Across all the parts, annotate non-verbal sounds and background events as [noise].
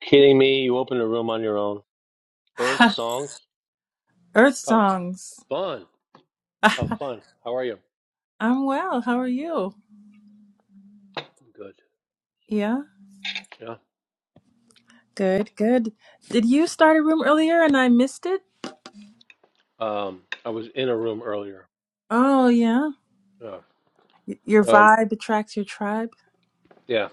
Kidding me? You opened a room on your own. Earth [laughs] songs. Earth How songs. fun! [laughs] How I'm fun! How are you? well. How are you? Good. Yeah, Yeah. good, good. Did you start a Mm-hmm. room earlier and I missed it? Um, I was in a room earlier. Oh, yeah. Yeah. Y- Your Um, vibe attracts your tribe. yeah.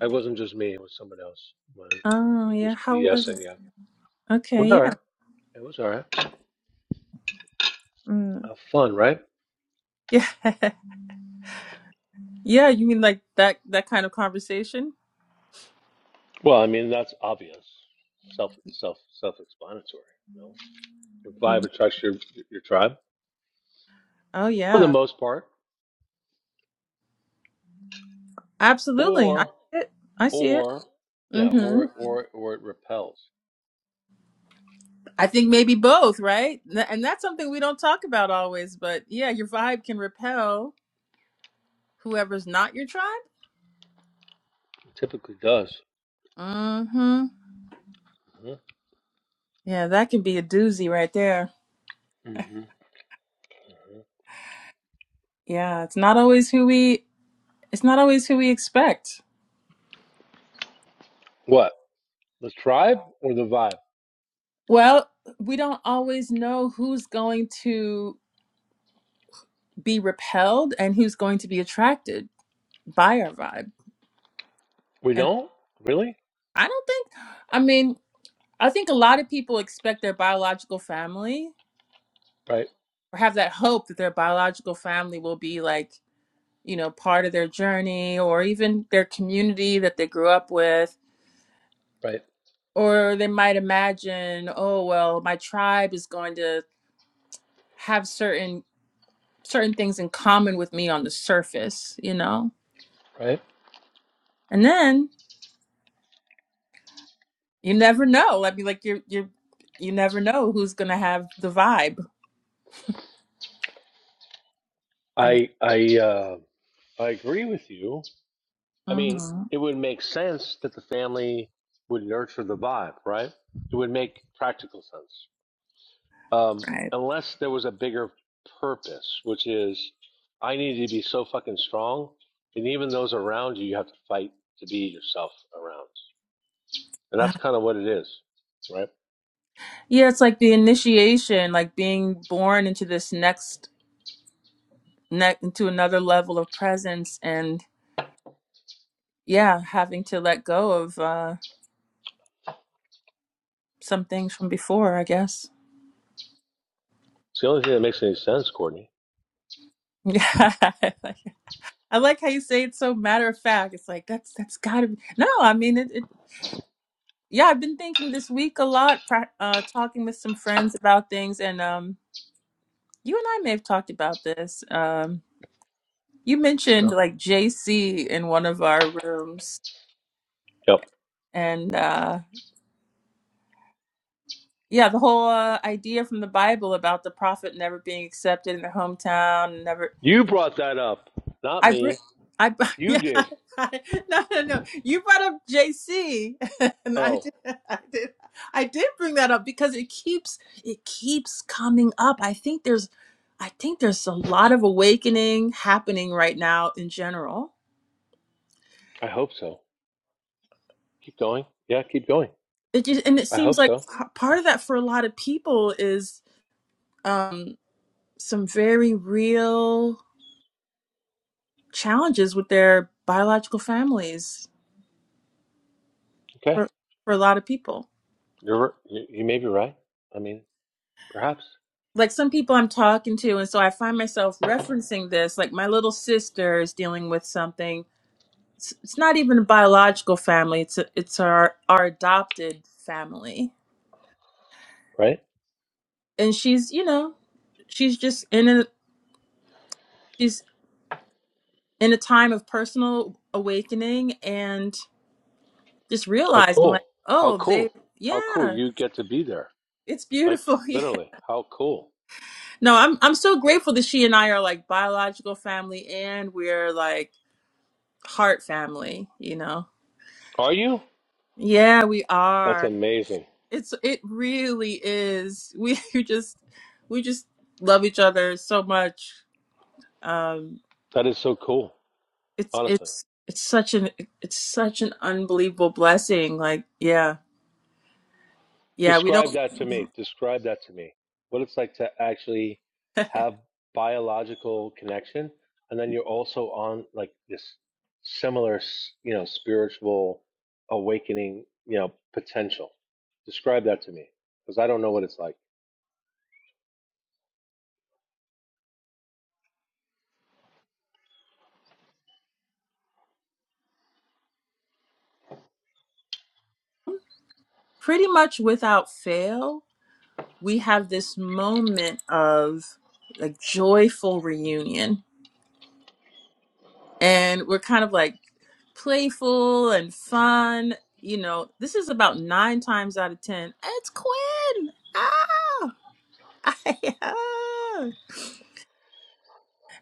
It wasn't just me. It was someone else. But Oh, yeah. just How was BSing. it? Yeah. It was Okay, all yeah. right. It was all right. Mm. How fun, right? Yeah. [laughs] Yeah, you mean like that that kind of conversation? Well, I mean that's obvious. Self, self, self-explanatory. You know, your Mm. vibe attracts your your tribe Oh, for the yeah. most part, Absolutely. I or see it. I see it. or yeah, Mm-hmm. or or or it repels. I think maybe both, right? Th- And that's something we don't talk about always, but yeah, your vibe can repel whoever's not your tribe. Typically does. Mm-hmm. hmm Yeah, that could be a doozy right there. hmm hmm Yeah, it's not always who we it's not always who we expect. What? The tribe or the vibe? Well, we don't always know who's going to be repelled and who's going to be attracted by our vibe. We And don't really. I don't think I mean, I think a lot of people expect their biological family Right. or have that hope that their biological family will be like, you know, part of their journey or even their community that they grew up with Right. or they might imagine oh well my tribe is going to have certain certain things in common with me on the surface you know Right. and then you never know i mean like you're you're you never know who's going to have the vibe yeah I I uh, I agree with you. I mean, Mhm. it would make sense that the family would nurture the vibe, right? It would make practical sense, um, right [sighs] unless there was a bigger purpose, which is I need to be so fucking strong, and even those around you, you have to fight to be yourself around, and Uh, that's kind of what it is, right? yeah it's like the initiation like being born into this next ne- into another level of presence and yeah having to let go of uh some things from before i guess It's the only thing that makes any sense, Courtney. [laughs] yeah I like how you say it so matter of fact. It's like that's that's gotta be no. I mean it. it yeah, I've been thinking this week a lot, pra- uh, talking with some friends about things, and um, you and I may have talked about this. Um, you mentioned No. like JC in one of our rooms, Yep. and uh, yeah, the whole uh, idea from the Bible about the prophet never being accepted in their hometown, never You brought that up, not I bring, me. I br- [laughs] You yeah, did. I, no, no, no. You brought up JC, [laughs] and I Oh, did, [laughs] I did, I did bring that up because it keeps, it keeps coming up. I think there's, I think there's a lot of awakening happening right now in general. I hope so. Keep going. Yeah, keep going. It just, and it I seems hope like so. p- part of that for a lot of people is um, some very real challenges with their biological families Okay. for for a lot of people. You're you, you may be right. I mean, perhaps, like some people I'm talking to, and so I find myself referencing this. Like my little sister is dealing with something. It's, it's not even a biological family. It's a, it's our our adopted family, right? and she's you know, she's just in a she's in a time of personal awakening and just How realizing like cool. How oh they cool. How cool yeah you get to be there. it's Like beautiful [laughs] yeah literally, how cool. no I'm I'm so grateful that she and I are like biological family and we're like heart family you know Are you? Yeah, we That's are. amazing. It's it really is. We [laughs] you just we just love each other so much. Um That is so cool. it's Honestly. it's it's such an it's such an unbelievable blessing. Like, yeah. Yeah, we Describe don't that to me. Describe that to me. What it's like to actually [laughs] have biological connection, and then you're also on like this similar, s- you know, spiritual awakening, you know, potential. Describe that to me, because I don't know what it's like. pretty much without fail, we have this moment of like joyful reunion and we're kind of like playful and fun. You know, this is about nine times out of ten. It's Quinn. Ah, [laughs]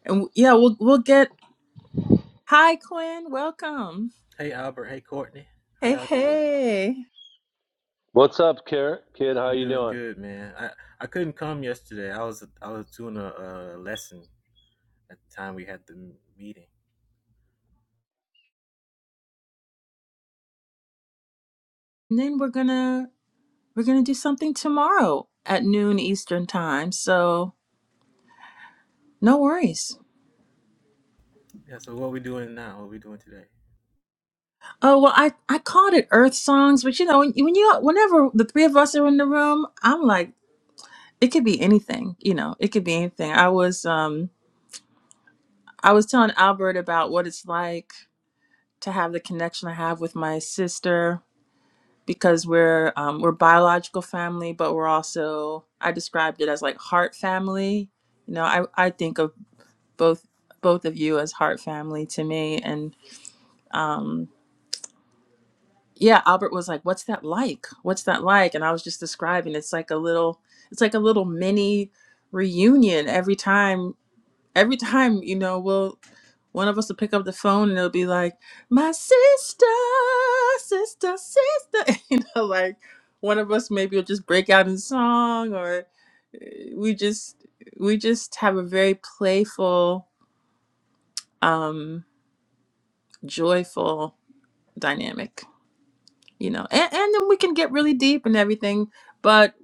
and yeah, we'll we'll get. Hi, Quinn. Welcome. Hey Albert, hey Courtney, how Hey, y'all doing? hey. What's up, Kara? Kid, how I'm you doing doing? good, man. I, I couldn't come yesterday. I was I was doing a, uh lesson at the time we had the m- meeting. And then we're gonna we're gonna do something tomorrow at noon Eastern time. So no worries. Yeah. So what we doing now? What we doing today? Oh well, I I called it Earth Songs, but you know when, when you whenever the three of us are in the room, I'm like. it could be anything you know it could be anything i was um i was telling albert about what it's like to have the connection i have with my sister because we're um, we're biological family but we're also i described it as like heart family you know i i think of both both of you as heart family to me and um yeah albert was like what's that like what's that like and i was just describing it's like a little it's like a little mini reunion every time every time, you know, we'll one of us will pick up the phone and it'll be like, My sister, sister, sister [laughs] you know, like one of us maybe will just break out in song or uh, we just we just have a very playful, um, joyful dynamic, you know. And and then we can get really deep and everything, but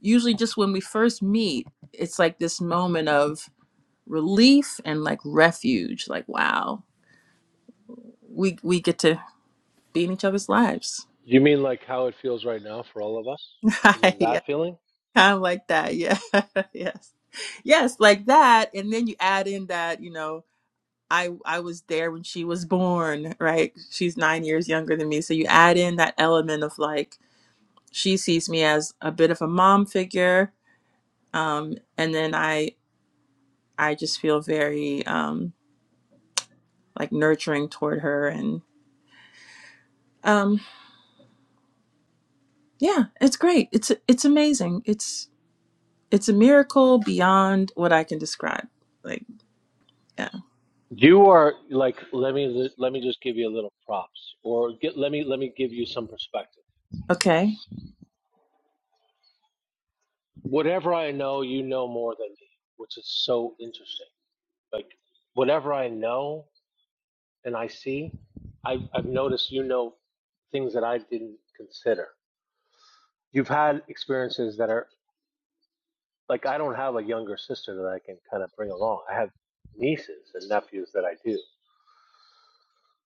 usually just when we first meet, it's like this moment of relief and like refuge, like wow we we get to be in each other's lives. You mean like how it feels right now for all of us? You mean [laughs] yeah, that feeling? kind of like that. Yeah, [laughs] yes, yes, like that. And then you add in that you know I I was there when she was born. Right, she's nine years younger than me. So you add in that element of like she sees me as a bit of a mom figure, um, and then I I just feel very um, like nurturing toward her and um yeah it's great it's it's amazing it's. It's a miracle beyond what I can describe. Like, yeah. You are like let me let me just give you a little props, or get, let me let me give you some perspective. Okay. whatever I know, you know more than me, which is so interesting. Like whatever I know and I see, I've, I've noticed you know things that I didn't consider. You've had experiences that are like I don't have a younger sister that I can kind of bring along. I have nieces and nephews that I do.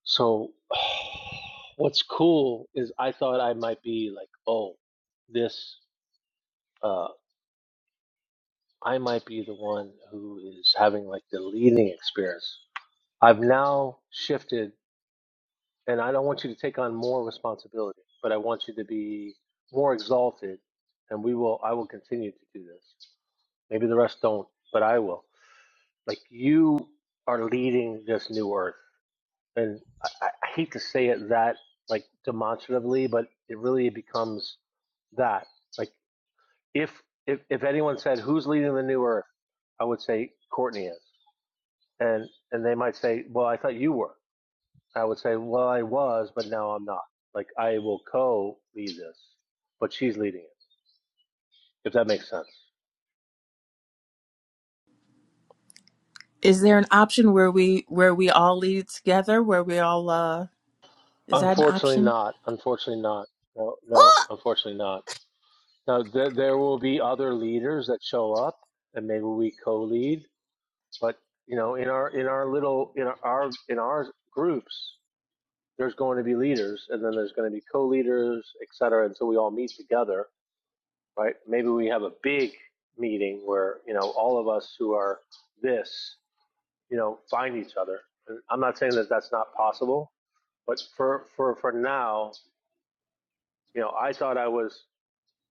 So [sighs] what's cool is I thought I might be like, oh, this uh, I might be the one who is having like the leading experience I've now shifted, and I don't want you to take on more responsibility, but I want you to be more exalted, and we will. I will continue to do this. Maybe the rest don't, but I will. Like you are leading this new earth, and I, I hate to say it that like demonstratively, but it really becomes that. Like if if if anyone said who's leading the new earth, I would say Courtney is, and and they might say, well, I thought you were I would say, well, I was, but now I'm not. Like, I will co lead this, but she's leading it, if that makes sense. Is there an option where we where we all lead together? Where we all uh is that an Unfortunately, option? not. Unfortunately, not. No, no, Oh, unfortunately, not. Now, th- there will be other leaders that show up, and maybe we co lead, but you know, in our in our little in our, our in our groups, there's going to be leaders, and then there's going to be co-leaders, et cetera, until we all meet together, right? Maybe we have a big meeting where you know all of us who are this you know, find each other. And I'm not saying that that's not possible, but for for for now, you know, I thought I was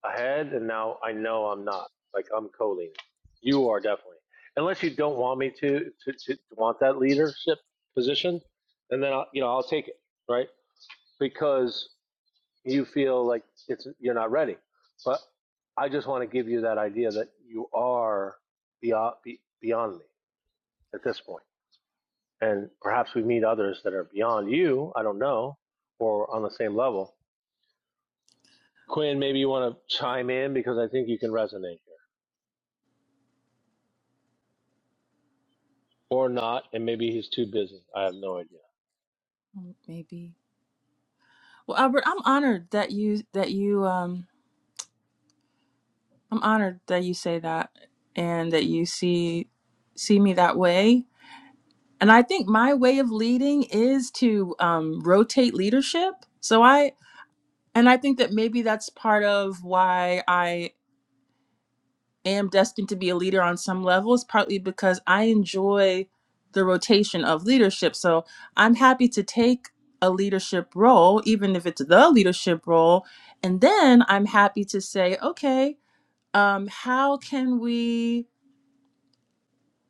ahead, and now I know I'm not. Like I'm co-leading. You are definitely, unless you don't want me to to, to, want that leadership position, and then I'll, you know I'll take it, right? Because you feel like it's you're not ready, but I just want to give you that idea that you are beyond beyond me at this point and perhaps we meet others that are beyond you. I don't know, or on the same level. Quinn, maybe you want to chime in because I think you can resonate here, or not, and maybe he's too busy. I have no idea. Mm, Maybe. Well, Albert, I'm honored that you that you um I'm honored that you say that and that you see see me that way. And I think my way of leading is to um rotate leadership. So I and I think that maybe that's part of why I. am destined to be a leader on some levels, partly because I enjoy the rotation of leadership. So I'm happy to take a leadership role, even if it's the leadership role. And then I'm happy to say, okay, um, how can we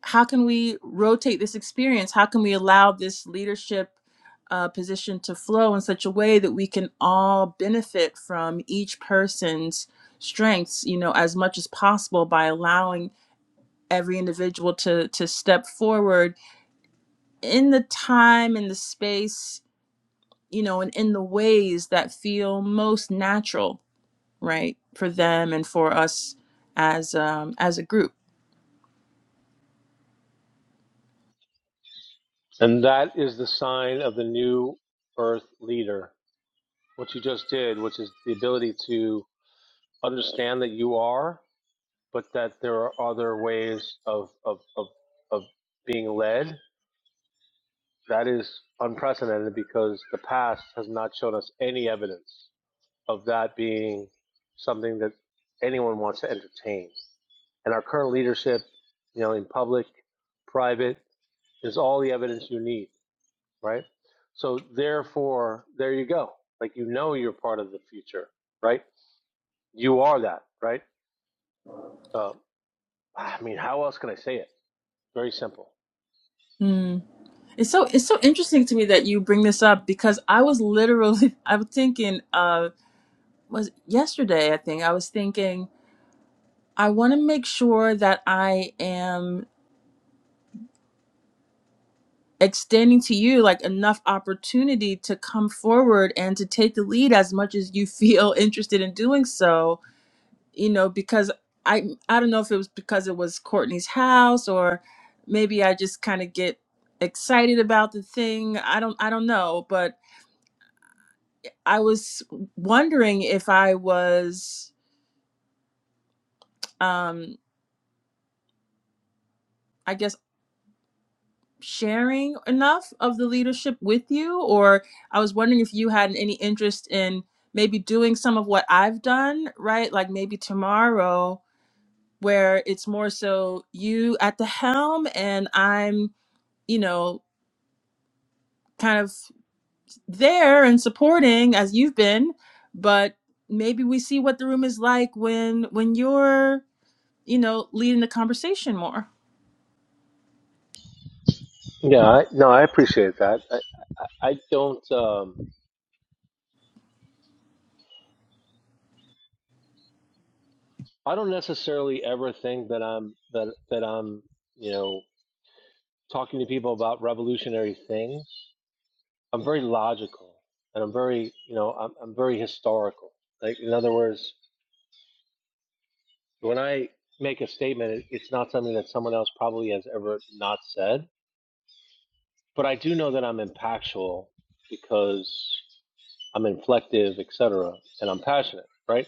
how can we rotate this experience? How can we allow this leadership uh, position to flow in such a way that we can all benefit from each person's strengths, you know, as much as possible by allowing every individual to to step forward in the time and the space you know and in the ways that feel most natural right for them and for us as um as a group And that is the sign of the new Earth leader. What you just did, which is the ability to understand that you are, but that there are other ways of of of, of being led. That is unprecedented because the past has not shown us any evidence of that being something that anyone wants to entertain. And our current leadership, you know, in public, private, is all the evidence you need, right? So therefore, there you go. Like you know, you're part of the future, right? You are that, right? Uh, I mean, how else can I say it? Very simple. Hmm. it's so it's so interesting to me that you bring this up because i was literally [laughs] i was thinking uh was yesterday i think i was thinking i want to make sure that i am extending to you like enough opportunity to come forward and to take the lead as much as you [laughs] feel interested in doing so you know because i i don't know if it was because it was courtney's house or maybe i just kind of get excited about the thing i don't i don't know but i was wondering if i was um I guess sharing enough of the leadership with you or i was wondering if you had any interest in maybe doing some of what i've done right like maybe tomorrow where it's more so you at the helm and i'm you know kind of there and supporting as you've been but maybe we see what the room is like when when you're you know leading the conversation more Yeah, I, no, I appreciate that. I, I I don't, um, I don't necessarily ever think that I'm that that I'm, you know, talking to people about revolutionary things, I'm very logical and I'm very, you know, I'm, I'm very historical. Like, in other words, when I make a statement, it's not something that someone else probably has ever not said, but I do know that I'm impactful because I'm inflective, et cetera, and I'm passionate, right?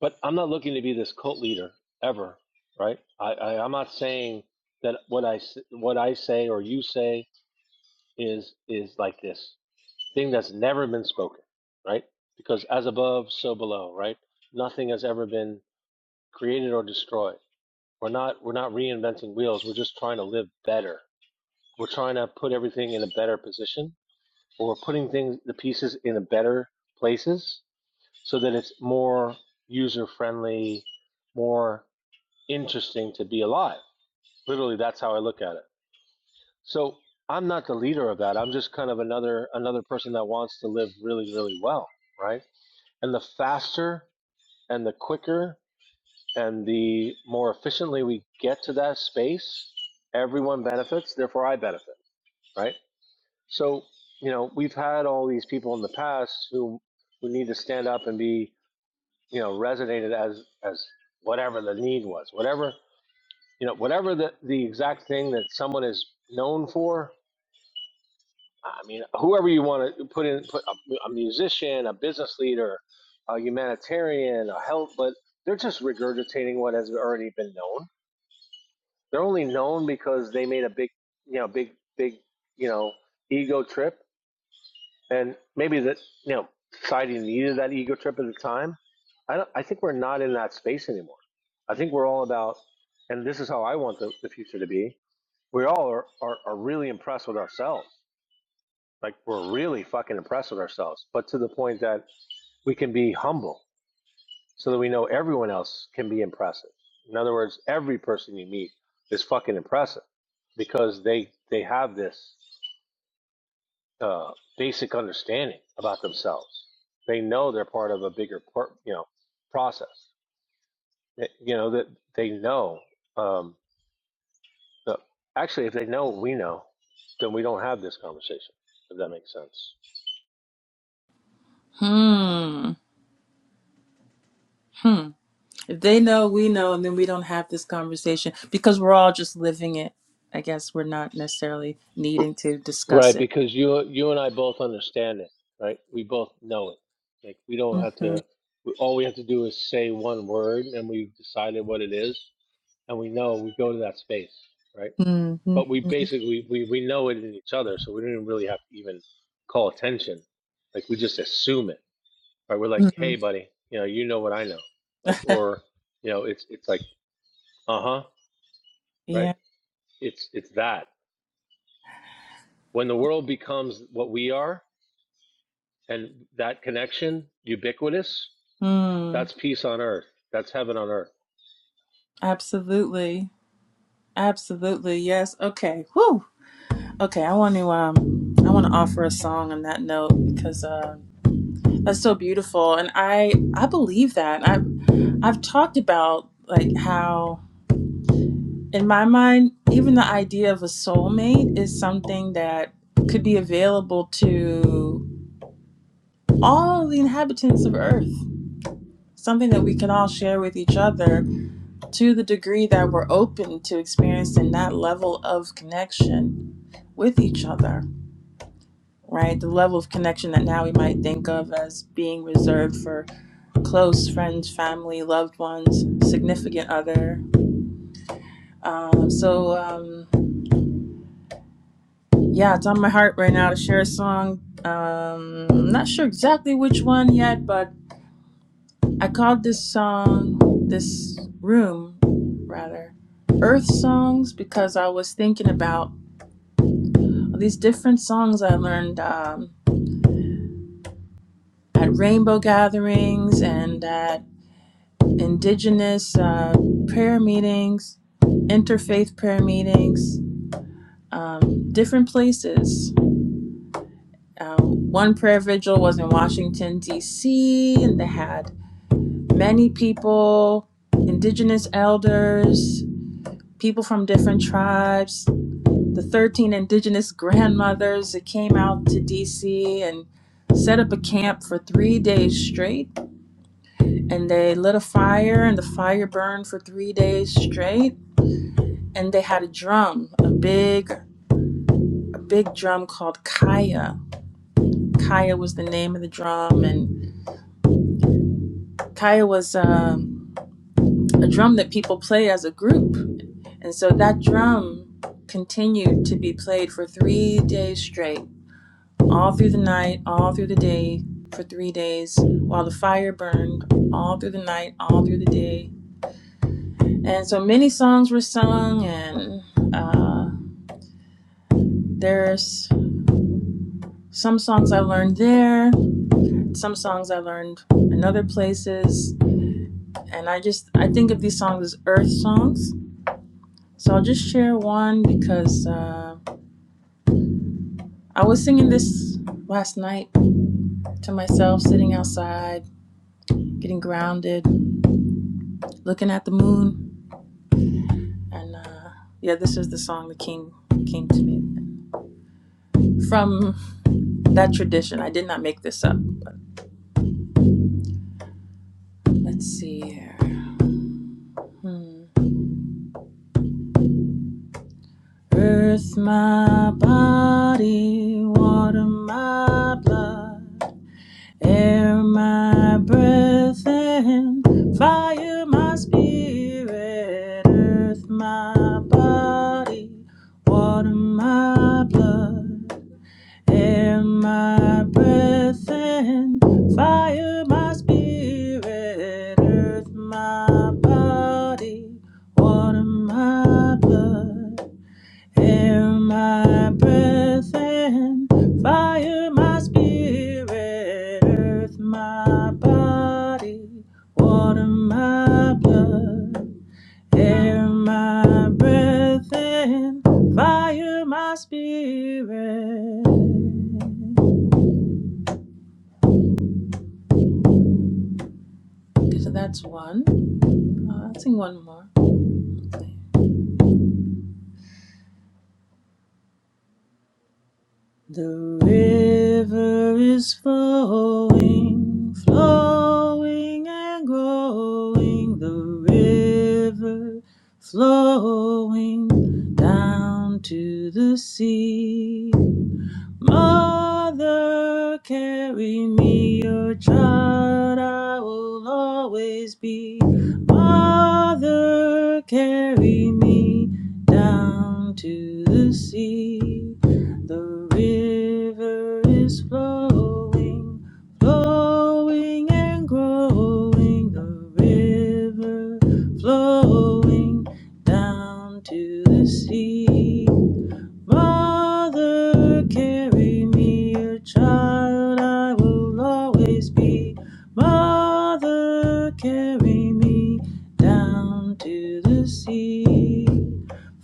But I'm not looking to be this cult leader ever, right? I, I I'm not saying that what I what I say or you say is is like this. thing that's never been spoken, right? Because as above, so below, right? Nothing has ever been created or destroyed. We're not we're not reinventing wheels. We're just trying to live better. We're trying to put everything in a better position, or we're putting things the pieces in a better places so that it's more user friendly, more interesting to be alive. Literally, that's how I look at it. So I'm not the leader of that. I'm just kind of another another person that wants to live really, really well, right? And the faster and the quicker and the more efficiently we get to that space, everyone benefits, therefore I benefit, right? So, you know, we've had all these people in the past who who need to stand up and be, you know, resonated as as whatever the need was, whatever you know, whatever the, the exact thing that someone is known for, I mean, whoever you want to put in, put a, a musician, a business leader, a humanitarian, a health, but they're just regurgitating what has already been known. They're only known because they made a big, you know, big, big, you know, ego trip, and maybe that, you know, society needed that ego trip at the time. I don't, I think we're not in that space anymore. I think we're all about, and this is how I want the, the future to be. We all are, are, are really impressed with ourselves like we're really fucking impressed with ourselves, but to the point that we can be humble so that we know everyone else can be impressive. In other words, every person you meet is fucking impressive because they they have this uh, basic understanding about themselves. They know they're part of a bigger you know process. you know that they know. Um, the, actually, if they know what we know, then we don't have this conversation. If that makes sense. hmm hmm If they know, we know, and then we don't have this conversation because we're all just living it. I guess we're not necessarily needing to discuss Right, it. because you you and I both understand it, right? We both know it. Like we don't have Mm-hmm. to. We, all we have to do is say one word, and we've decided what it is, and we know we go to that space, right? But we Mm-hmm. basically we we know it in each other, so we don't even really have to even call attention. Like we just assume it, right? We're like, hmm hey, buddy, you know, you know what I know, like, [laughs] or you know, it's it's like, uh huh, right? yeah. It's it's that when the world becomes what we are, And that connection, ubiquitous, Mm. that's peace on earth. That's heaven on earth. Absolutely. Absolutely. Yes. Okay. Whew. Okay. I want to um. I want to offer a song on that note because uh, that's so beautiful, and I I believe that I I've talked about like how. in my mind, even the idea of a soulmate is something that could be available to all the inhabitants of Earth. Something that we can all share with each other to the degree that we're open to experiencing that level of connection with each other, right? The level of connection that now we might think of as being reserved for close friends, family, loved ones, significant other. Um, so, um, Yeah, it's on my heart right now to share a song. Um, I'm not sure exactly which one yet, but I called this song, this room, rather, Earth Songs, because I was thinking about these different songs I learned um, at rainbow gatherings and at indigenous uh, prayer meetings, interfaith prayer meetings, um, different places. Uh, one prayer vigil was in Washington, D.C., and they had many people, indigenous elders, people from different tribes, the 13 indigenous grandmothers that came out to DC and set up a camp for three days straight. And they lit a fire, and the fire burned for three days straight. And they had a drum, a big, a big drum called Kaya. Kaya was the name of the drum, and Kaya was um, a drum that people play as a group And so that drum continued to be played for three days straight, all through the night, all through the day, for three days, while the fire burned, all through the night, all through the day. And so many songs were sung, and uh, there's some songs I learned there, some songs I learned in other places. And I just, I think of these songs as earth songs. So I'll just share one because uh, I was singing this last night to myself, sitting outside, getting grounded, looking at the moon. And uh, yeah, this is the song that came came to me from that tradition. I did not make this up. But Let's see here. Hmm. Earth, my body, water, my blood, air, my breath, and fire, my spirit. Earth, my body, water, my blood. Air my breath and fire my spirit, earth my body, water my blood. Air my breath and fire my spirit, earth my body, water my blood. Air my breath and fire my spirit. Okay, so that's one. Uh, I'll sing one more. Okay. The river is flowing, flowing and growing. The river flowing down to the sea. Mother, carry me, your child I will always be. Mother, carry me down to the sea. The river is flowing, flowing and growing. The river flowing down to the sea. Mother, carry me, a child I will always be. Mother, carry me down to the sea.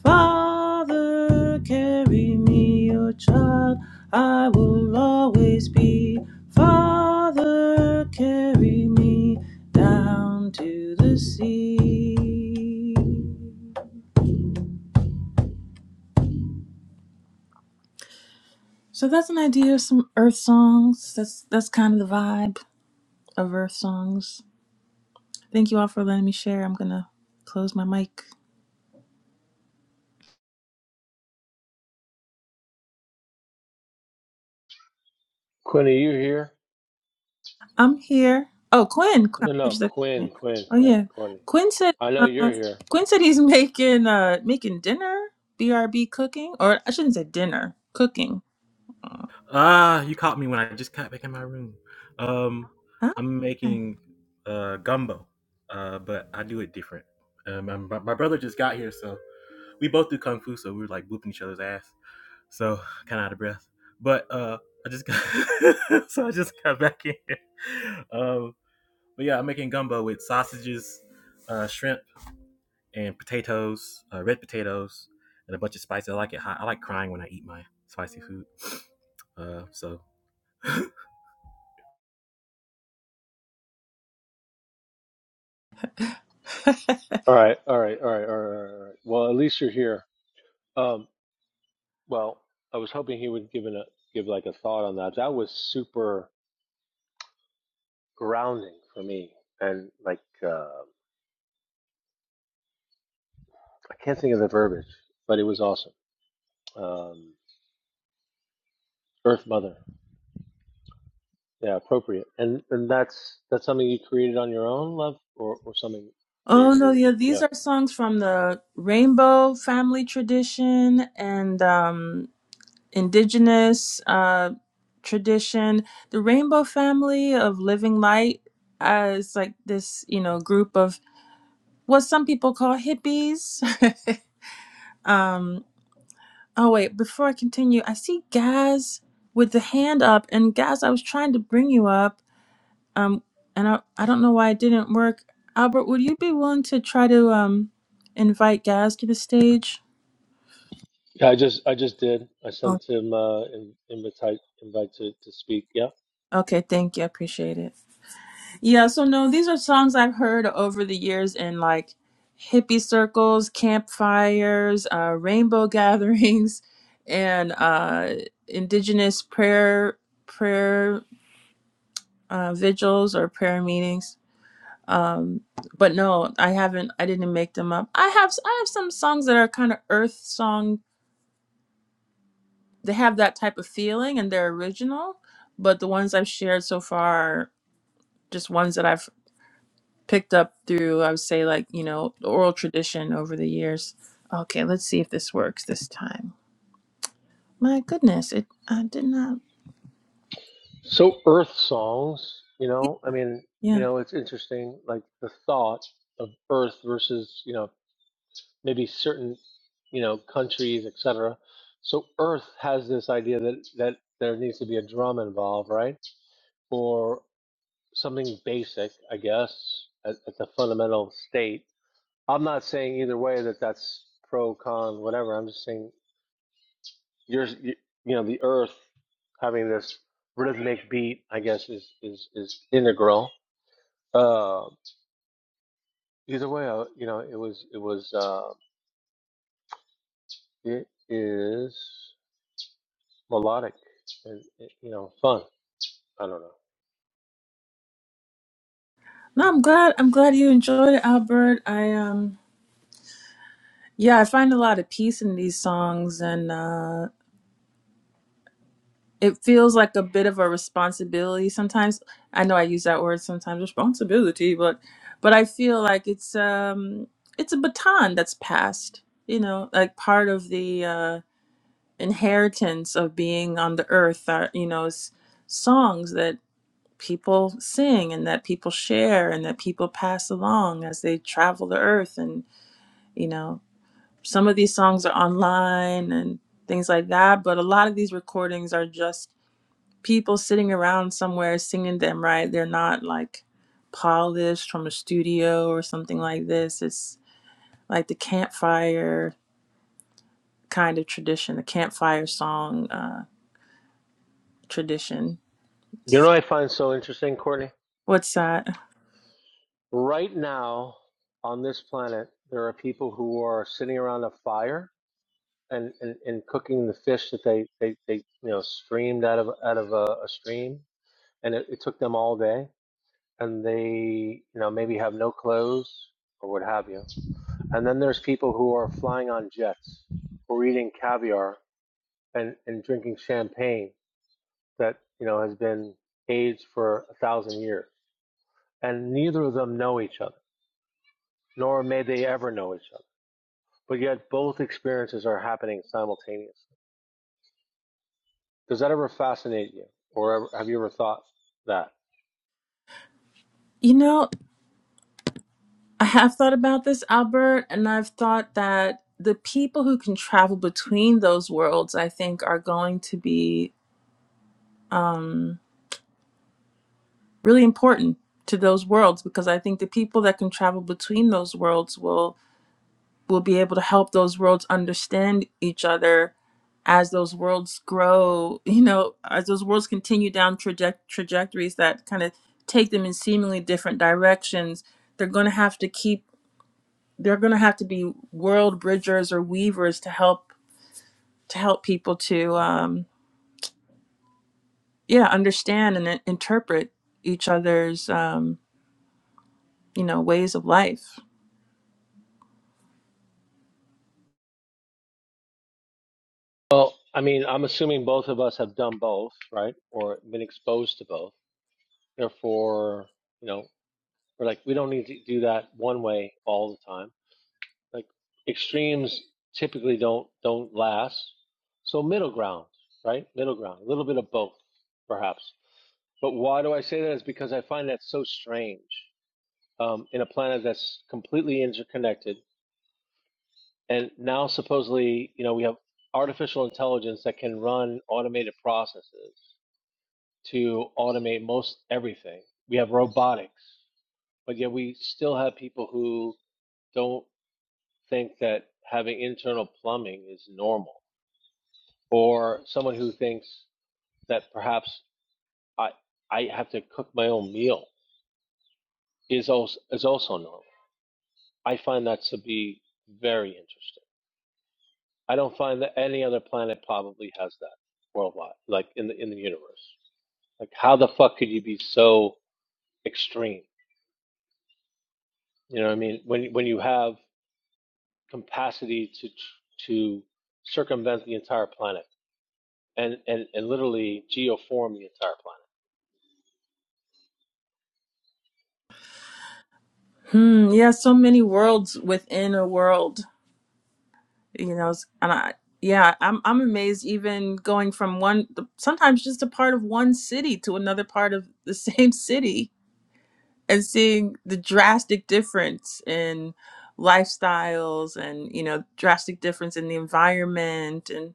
Father, carry me, a child I will always be. Father, carry me down to the sea. So that's an idea of some Earth songs. That's that's kind of the vibe of Earth songs. Thank you all for letting me share. I'm gonna close my mic. Quinn, are you here? I'm here. Oh, Quinn. Quinn- No, I no, just said Quinn. Quinn, Quinn, Oh Quinn, yeah, Courtney. Quinn said. I know Uh, you're here. Quinn said he's [laughs] making uh making dinner. BRB cooking, or I shouldn't say dinner, cooking. Huh? Ah, you caught me when I just got back in my room. Um, I'm making uh gumbo, uh, but I do it different. Um, my, my brother just got here, so we both do kung fu, so we were like whooping each other's ass. So kind of out of breath, but uh, I just got, [laughs] so I just got back in. Um, but yeah, I'm making gumbo with sausages, uh, shrimp, and potatoes, uh, red potatoes, and a bunch of spices. I like it hot. I like crying when I eat my spicy food. [sniffs] Uh, so [laughs] All right, all right, all right, all right, all right. all right. Well, at least you're here. Um, well, I was hoping he would give an, a give like a thought on that. That was super grounding for me, and like uh, I can't think of the verbiage, but it was awesome. Um, Earth Mother. Yeah, appropriate. And and that's that's something you created on your own, love, or or something that oh you're, no, you're yeah, these yeah. are songs from the Rainbow Family Tradition and um indigenous uh, tradition. The Rainbow Family of Living Light as like this, you know, group of what some people call hippies. [laughs] um, oh wait, before I continue, I see Gaz with the hand up, and Gaz, I was trying to bring you up, um, and I I don't know why it didn't work. Albert, would you be willing to try to um invite Gaz to the stage? Yeah, I just I just did. I Oh, sent him uh in, invite invite to to speak. Yeah. okay, thank you, I appreciate it. Yeah, so no, these are songs I've heard over the years in like hippie circles, campfires, uh, rainbow [laughs] gatherings, and uh, indigenous prayer prayer uh, vigils or prayer meetings. Um, but no, I haven't. I didn't make them up. I have s- I have some songs that are kind of earth song. They have that type of feeling and they're original. But the ones I've shared so far are just ones that I've picked up through i would say like you know oral tradition over the years okay let's see if this works this time my goodness it i did not So Earth songs, you yeah know, I mean, you yeah. know, it's interesting, like the thought of Earth versus you know maybe certain you know countries, etc. So Earth has this idea that that there needs to be a drum involved, right? Or something basic, I guess, at, at the fundamental state. I'm not saying either way that that's pro, con, whatever. I'm just saying you're, you, know, the Earth having this rhythmic beat, I guess, is is is integral. Uh, either way, I, you know, it was it was uh, it is melodic and it, you know fun. I don't know. no i'm glad i'm glad you enjoyed it albert i um yeah i find a lot of peace in these songs and uh it feels like a bit of a responsibility sometimes i know i use that word sometimes responsibility but but i feel like it's um it's a baton that's passed you know like part of the uh inheritance of being on the earth are you know s- songs that people sing and that people share and that people pass along as they travel the earth and you know some of these songs are online and things like that but a lot of these recordings are just people sitting around somewhere singing them right they're not like polished from a studio or something like this it's like the campfire kind of tradition the campfire song uh, tradition You know, what I find so interesting, Courtney. What's that? Right now on this planet, there are people who are sitting around a fire and, and, and cooking the fish that they, they, they you know streamed out of out of a, a stream, and it, it took them all day, and they you know maybe have no clothes or what have you, and then there's people who are flying on jets, or eating caviar and, and drinking champagne that you know has been aged for a thousand years, and neither of them know each other, nor may they ever know each other, but yet both experiences are happening simultaneously Does that ever fascinate you, or ever, have you ever thought that? You know, I have thought about this, Albert, and I've thought that the people who can travel between those worlds, I think, are going to be really important to those worlds because I think the people that can travel between those worlds will will be able to help those worlds understand each other as those worlds grow, you know, as those worlds continue down traje- trajectories that kind of take them in seemingly different directions. They're going to have to keep they're going to have to be world bridgers or weavers to help to help people to um, yeah understand and in- interpret each other's um, you know ways of life. Well, I mean, I'm assuming both of us have done both, right? Or been exposed to both. Therefore, you know, we're like, we don't need to do that one way all the time. Like extremes typically don't don't last. So middle ground, right? Middle ground, a little bit of both, perhaps. But why do I say that? Is because I find that so strange um, in a planet that's completely interconnected And now supposedly, you know, we have artificial intelligence that can run automated processes to automate most everything. We have robotics, but yet we still have people who don't think that having internal plumbing is normal, or someone who thinks that perhaps I I have to cook my own meal is also is also normal. I find that to be very interesting. I don't find that any other planet probably has that worldwide, like in the in the universe. Like, how the fuck could you be so extreme? You know what I mean? When when you have capacity to to circumvent the entire planet and and and literally geoform the entire planet. Hmm. Yeah. So many worlds within a world. You know. s- And I yeah I'm I'm amazed even going from one sometimes just a part of one city to another part of the [laughs] same city and seeing the drastic difference in lifestyles and you know drastic difference in the environment and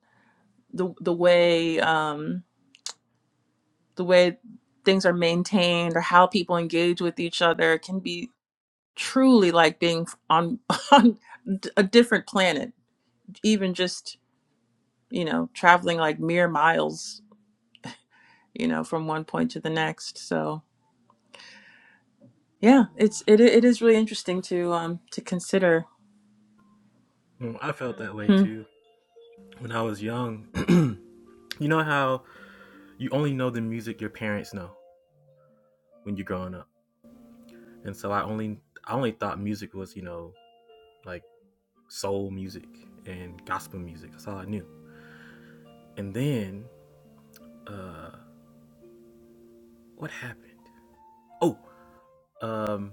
the the way um the way things are maintained or how people engage with each other can be truly like being on [laughs] on a different planet even just you know traveling like mere miles you know from one point to the next so yeah it's it, it is really interesting to um to consider [laughs] I felt that way Hmm. too when I was young. [clears throat] you know how you only know the music your parents know when you're growing up, and so I only I only thought music was you know like soul music and gospel music. That's all I knew. And then uh what happened? Oh, um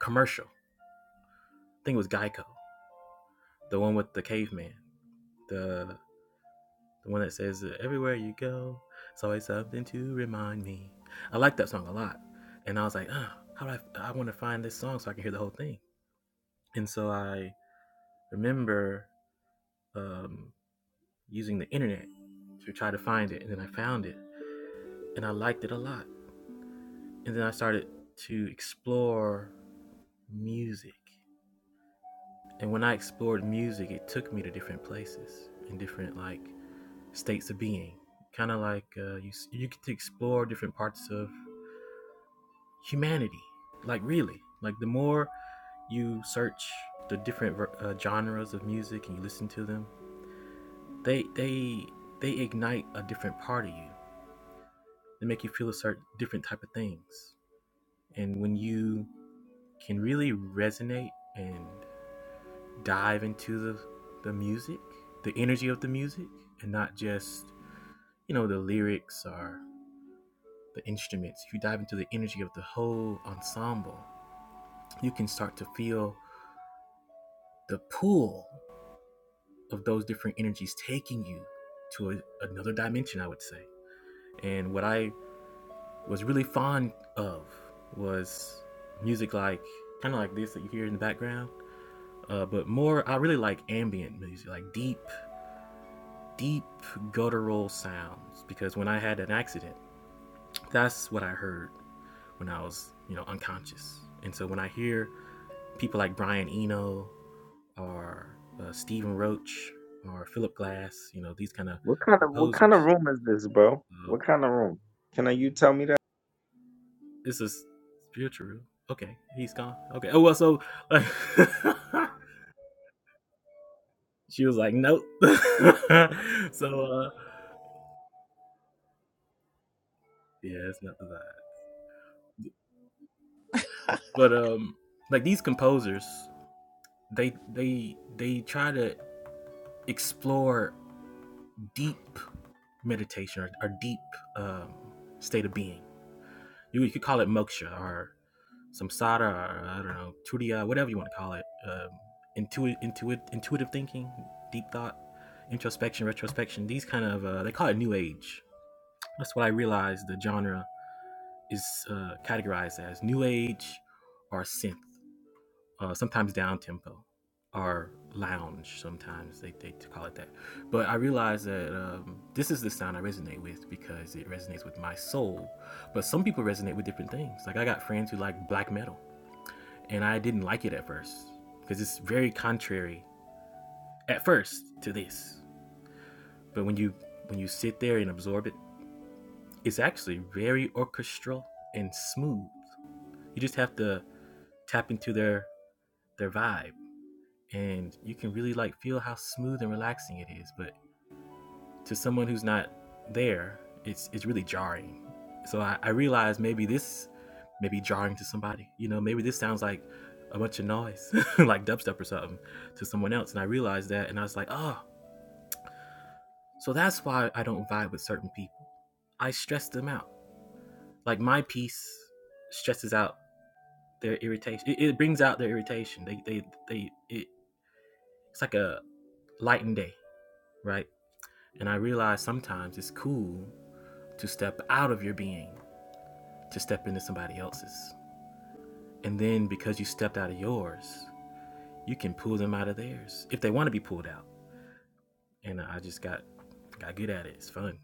commercial. I think it was Geico. The one with the caveman. The the one that says uh, everywhere you go, it's always something to remind me. I like that song a lot. And I was like, ah, how do I I want to find this song so I can hear the whole thing. And so I remember um using the internet to try to find it and then I found it and I liked it a lot. and then I started to explore music. And when I explored music, it took me to different places and different like states of being. Kind of like uh, you you get to explore different parts of humanity. Like really, like the more you search the different uh, genres of music and you listen to them, they they they ignite a different part of you. They make you feel a certain different type of things. And when you can really resonate and dive into the the music, the energy of the music, and not just you know the lyrics or the instruments. If you dive into the energy of the whole ensemble, you can start to feel the pull of those different energies taking you to a, another dimension. I would say, and what I was really fond of was music like kind of like this that you hear in the background, uh, but more I really like ambient music, like deep deep guttural sounds because when I had an accident, that's what I heard when I was, you know, unconscious. And so when I hear people like Brian Eno or uh, Stephen Roach or Philip Glass, you know, these kind of What kind of what kind of composers, room is this, bro? uh, What kind of room? Can I, you tell me that? this is spiritual. Okay, he's gone. Okay. Oh well, so like, [laughs] she was like, nope. [laughs] so uh, yeah, it's not that. But um, like these composers they they they try to explore deep meditation or, or deep um, state of being. You, you could call it moksha or samsara or I don't know turiya, whatever you want to call it. Um, intuitive, intuitive, intuitive thinking, deep thought, introspection, retrospection. These kind of uh, they call it new age. That's what I realized the genre is uh, categorized as new age or synth. uh, sometimes down tempo or lounge. Sometimes they, they call it that. But I realized that um, this is the sound I resonate with because it resonates with my soul. But some people resonate with different things. Like I got friends who like black metal, and I didn't like it at first because it's very contrary at first to this. But when you when you sit there and absorb it, it's actually very orchestral and smooth. You just have to tap into their their vibe and you can really like feel how smooth and relaxing it is. But to someone who's not there, it's it's really jarring. So I, I realized maybe this may be jarring to somebody. You know, maybe this sounds like a bunch of noise, [laughs] like dubstep or something, to someone else. And I realized that, and I was like, oh, so that's why I don't vibe with certain people. I stress them out. Like my piece stresses out their irritation. It, it brings out their irritation. They they they. It, it's like a light and day, right? And I realize sometimes it's cool to step out of your being to step into somebody else's. And then because you stepped out of yours, you can pull them out of theirs if they want to be pulled out. And I just got got good at it. It's fun.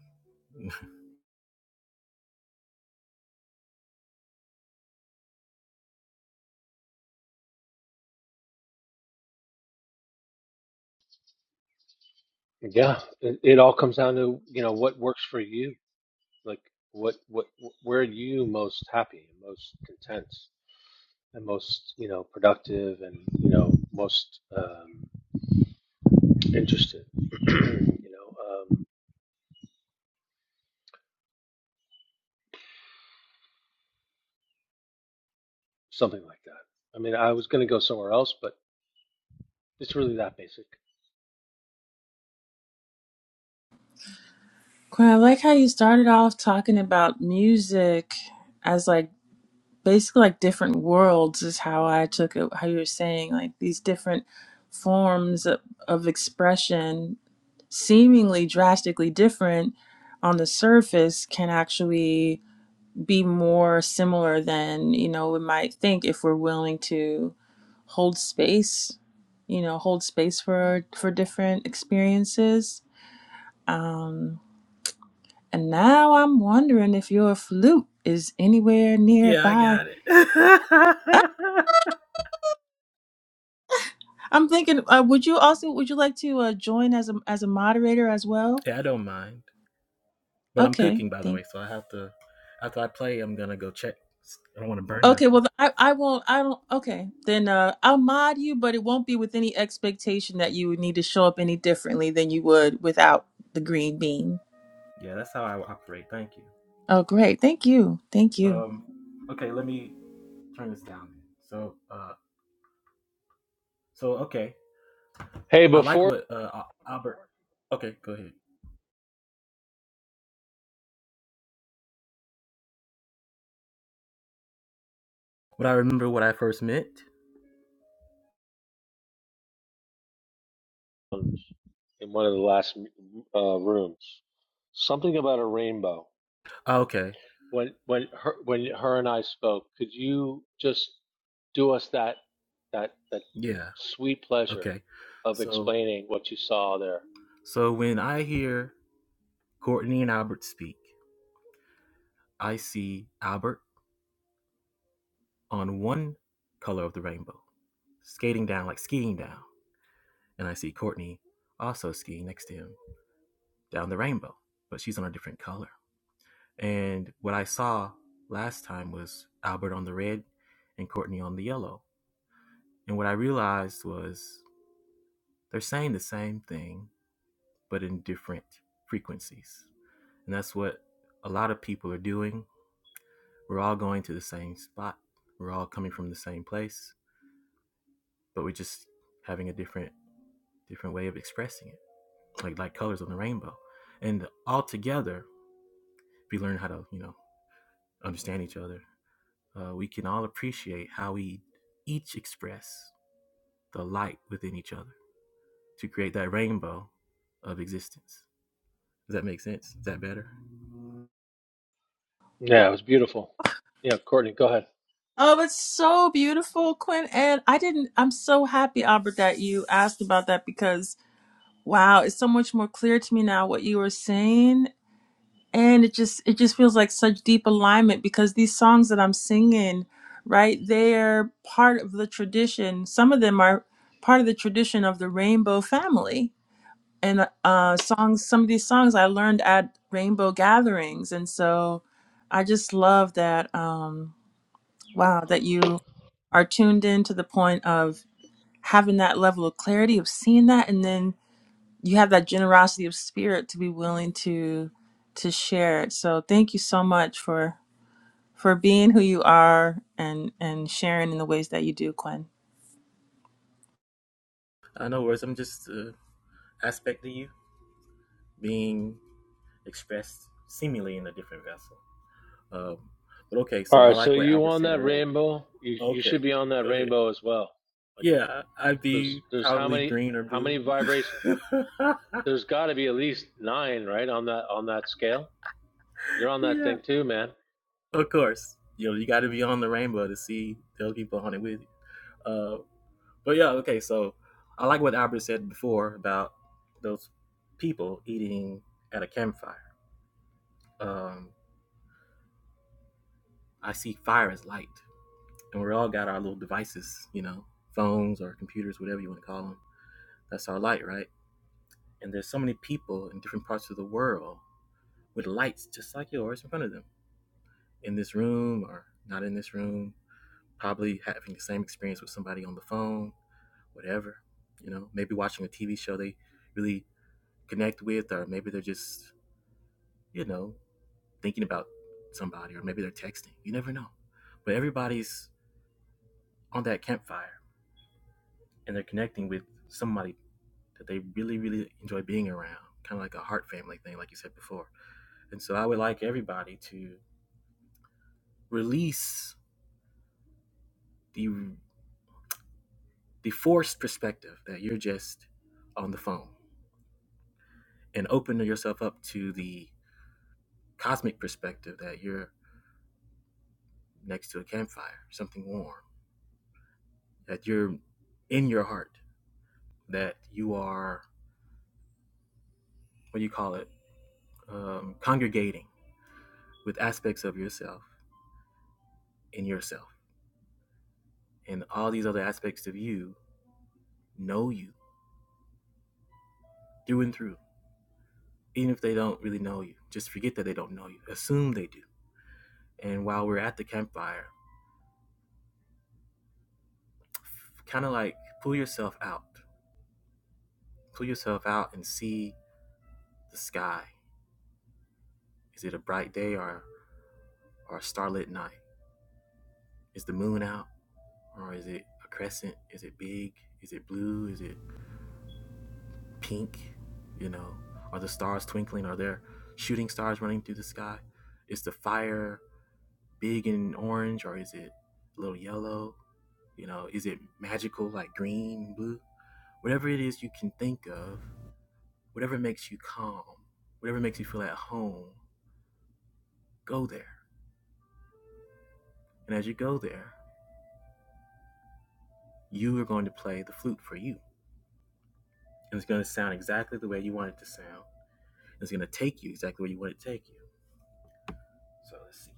Yeah, it, it all comes down to you know what works for you, like what what where are you most happy, most content, and most you know productive, and you know most. um, interested, [clears throat] you know, um, something like that. I mean, I was going to go somewhere else, but it's really that basic. Quinn, I like how you started off talking about music as like basically like different worlds is how I took it, how you were saying like these different forms of, of expression, seemingly drastically different on the surface, can actually be more similar than you know we might think if we're willing to hold space, you know, hold space for for different experiences. Um, and now I'm wondering if your flute is anywhere Yeah, I nearby. got it. Ah, [laughs] I'm thinking, uh, would you also would you like to uh, join as a as a moderator as well? yeah, I don't mind. But I'm Okay, cooking by the thank. way, so I have to after I play, I'm gonna go check. I don't want to burn Okay, nothing. well I I won't I don't. Okay, then uh, I'll mod you, but it won't be with any expectation that you would need to show up any differently than you would without the green bean. Yeah, that's how I operate. Thank you. Oh, great! Thank you, thank you. Um, okay, let me turn this down. So, uh, so okay, Hey, I like before what uh, Albert. Okay, go ahead. What I remember what I first meant. [clears throat] in one of the last uh, rooms, something about a rainbow. Ah, okay, When when her when her and I spoke, could you just do us that that that yeah, sweet pleasure okay. of So, explaining what you saw there? so when I hear Courtney and Albert speak, I see Albert on one color of the rainbow, skating down like skiing down, and I see Courtney also skiing next to him down the rainbow, but she's on a different color. And what I saw last time was Albert on the red and Courtney on the yellow. And what I realized was They're saying the same thing, but in different frequencies. And that's what a lot of people are doing. We're all going to the same spot. We're all coming from the same place, but we're just having a different different way of expressing it. Like like colors on the rainbow. And all together, if we learn how to, you know, understand each other, uh, we can all appreciate how we each express the light within each other to create that rainbow of existence. Does that make sense? Is that better? Yeah, it was beautiful. Yeah, Courtney, go ahead. Oh, it's so beautiful, Quinn. And I didn't. I'm so happy, Albert, that you asked about that because Wow, it's so much more clear to me now what you were saying, and it just it just feels like such deep alignment because these songs that I'm singing, right, they're part of the tradition. Some of them are part of the tradition of the Rainbow Family, and uh, songs. Some of these songs I learned at Rainbow gatherings, and so I just love that. Um, wow, that you are tuned in to the point of having that level of clarity of seeing that, and then you have that generosity of spirit to be willing to to share it so thank you so much for for being who you are and and sharing in the ways that you do quinn [gasps] Uh, no worries. I'm just uh, aspect of you being expressed seemingly in a different vessel. Um, but okay, so All I right, so like what you Albert on said that earlier. rainbow? You you should Okay, be on that go ahead. rainbow as well. like. Yeah, I'd be Because there's how probably many green or how blue. many vibrations? [laughs] There's got to be at least nine, right, on that on that scale. You're on that yeah, thing too, man. of course. You know, you got to be on the rainbow to see the other people on it with you. Uh, but yeah, okay, so I like what Albert said before about those people eating at a campfire. Um, I see fire as light. and we all got our little devices, you know, phones or computers, whatever you want to call them. That's our light, right? And there's so many people in different parts of the world with lights just like yours in front of them in this room or not in this room, probably having the same experience with somebody on the phone, whatever, you know, maybe watching a TV show they really connect with, or maybe they're just, you know, thinking about somebody, or maybe they're texting. You never know. But everybody's on that campfire and they're connecting with somebody that they really, really enjoy being around, kind of like a heart family thing, like you said before. And so I would like everybody to release the the forced perspective that you're just on the phone and open yourself up to the cosmic perspective that you're next to a campfire, something warm, that you're in your heart, that you are what do you call it, um, congregating with aspects of yourself in yourself, and all these other aspects of you know you through and through. Even if they don't really know you, just forget that they don't know you. Assume they do. And while we're at the campfire, kind of like pull yourself out. Pull yourself out and see the sky. Is it a bright day or, or a starlit night? Is the moon out or is it a crescent? Is it big? Is it blue? Is it pink? You know, are the stars twinkling? Are there shooting stars running through the sky? Is the fire big and orange or is it a little yellow? You know, is it magical, like green, blue? Whatever it is you can think of, whatever makes you calm, whatever makes you feel at home, go there. And as you go there, you are going to play the flute for you. And it's going to sound exactly the way you want it to sound. It's going to take you exactly where you want it to take you. So let's see.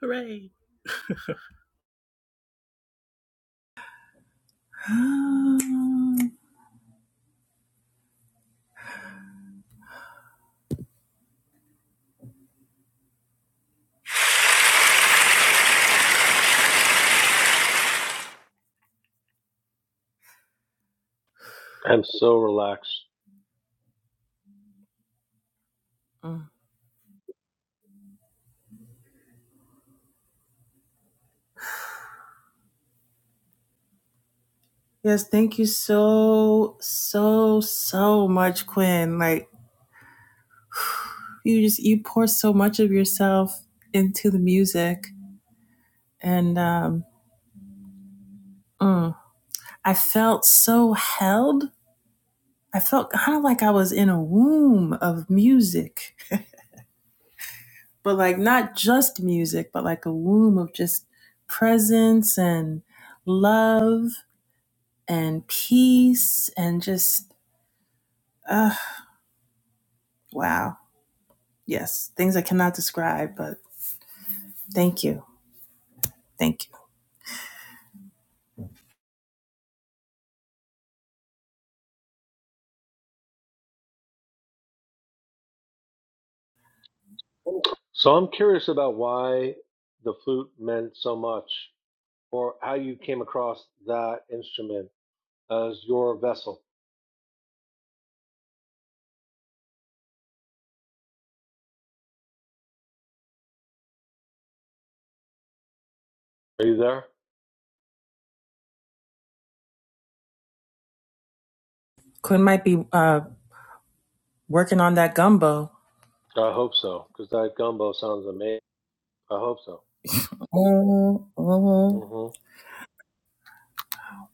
Hooray! [sighs] I'm so relaxed. Mm. yes thank you so so so much quinn like you just you pour so much of yourself into the music and um mm, i felt so held i felt kind of like i was in a womb of music but like not just music, but like a womb of just presence and love and peace and just, uh, wow. Yes, things I cannot describe, but thank you. Thank you. So I'm curious about why the flute meant so much, or how you came across that instrument as your vessel. Are you there? Quinn might be uh, working on that gumbo. I hope so, because that gumbo sounds amazing. I hope so. Mhm, mhm. hmm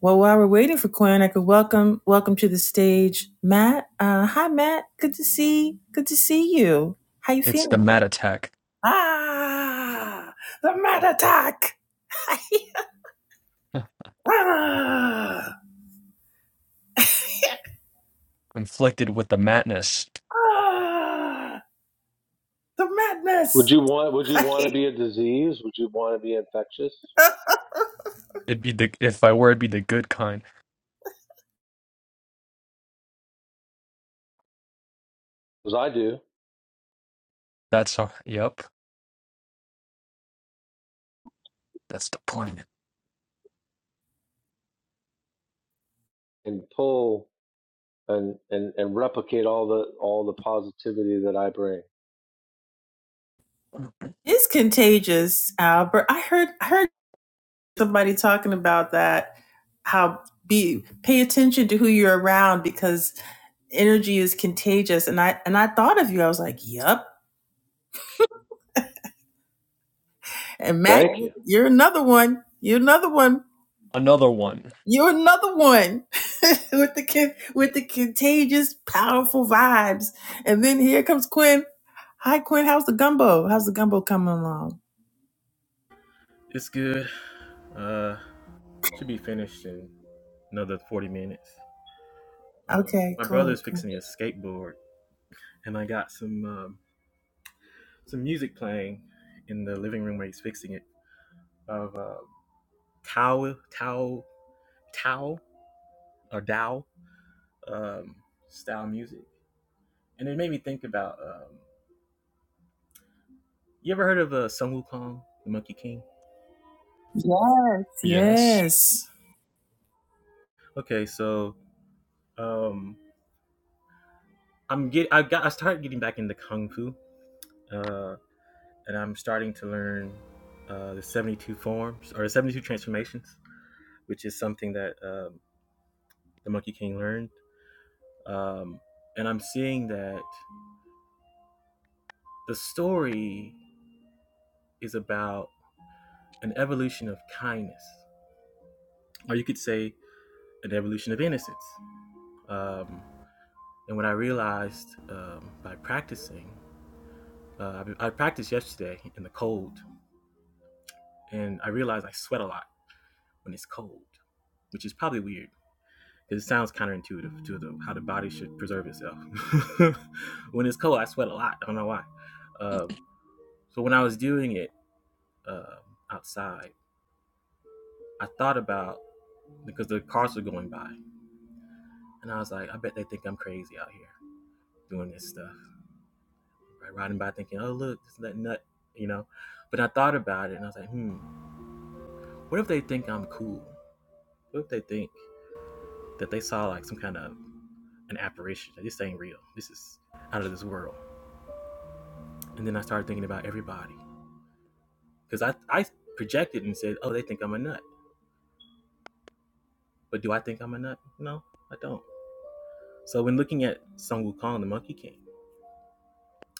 Well, while we're waiting for Quinn, I could welcome welcome to the stage Matt. Uh, hi, Matt. Good to see. Good to see you. How you It's the feeling? mat attack. Ah, the Matt attack. [laughs] [laughs] Ah! Inflicted with the madness. Ah! the Would madness. you want? Would you [laughs] want to be a disease? Would you want to be infectious? It'd be the if I were it'd be the good kind. Because I do, That's all yep. That's the point. and pull and and and replicate all the all the positivity that I bring. it's contagious, Albert. I heard I heard somebody talking about that. How be pay attention to who you're around because energy is contagious. And I and I thought of you. I was like, "Yep." And Matt, Thank you. you're another one. You're another one. Another one. You're another one [laughs] with the with the contagious, powerful vibes. And then here comes Quinn. Hi, Quinn. How's the gumbo? How's the gumbo coming along? It's good. Uh, should be finished in another 40 minutes. Um, Okay, my brother's cool, cool. fixing his skateboard, and I got some um, some music playing in the living room where he's fixing it. of uh, Tao Tao Tao or Dao um, style music, and it made me think about. Um, you ever heard of uh, Sun Wukong, the Monkey King? Yes, Yes. yes. Okay, so um, I'm get I got I started getting back into kung fu, uh, and I'm starting to learn uh, the 72 forms or the 72 transformations, which is something that um, the Monkey King learned. Um, and I'm seeing that the story is about an evolution of kindness or you could say an evolution of innocence. Um, and when I realized um, by practicing, uh, I, I practiced yesterday in the cold, and I realized I sweat a lot when it's cold, which is probably weird it sounds counterintuitive to the, how the body should preserve itself. [laughs] when it's cold, I sweat a lot. I don't know why. Um, so when I was doing it uh, outside, I thought about because the cars were going by, and I was like, I bet they think I'm crazy out here doing this stuff. right? Riding by thinking, oh, look, this nut, nut, you know? But I thought about it and I was like, hmm, what if they think I'm cool? What if they think that they saw like some kind of an apparition? That this ain't real. This is out of this world. And then I started thinking about everybody. Because I, I projected and said, oh, they think I'm a nut. But do I think I'm a nut? No, I don't. So when looking at Sun Wukong, the Monkey King,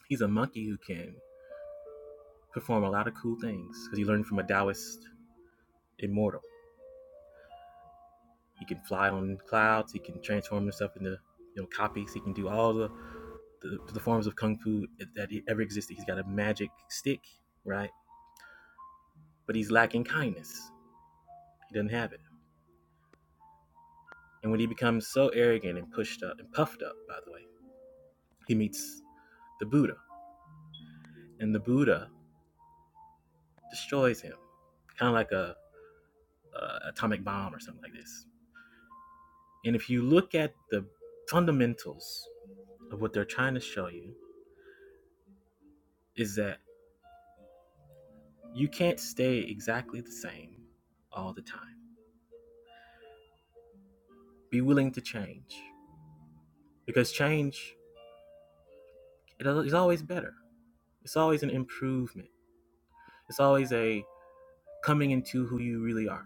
he's a monkey who can perform a lot of cool things because he learned from a Taoist immortal. He can fly on clouds. He can transform himself into you know copies. He can do all the, the, the forms of kung fu that e, ever existed. He's got a magic stick, right? But he's lacking kindness. He doesn't have it. And when he becomes so arrogant and pushed up and puffed up, by the way, he meets the Buddha, and the Buddha destroys him, kind of like a, a atomic bomb or something like this. And if you look at the fundamentals of what they're trying to show you, is that You can't stay exactly the same all the time. Be willing to change because change it is always better. It's always an improvement. It's always a coming into who you really are,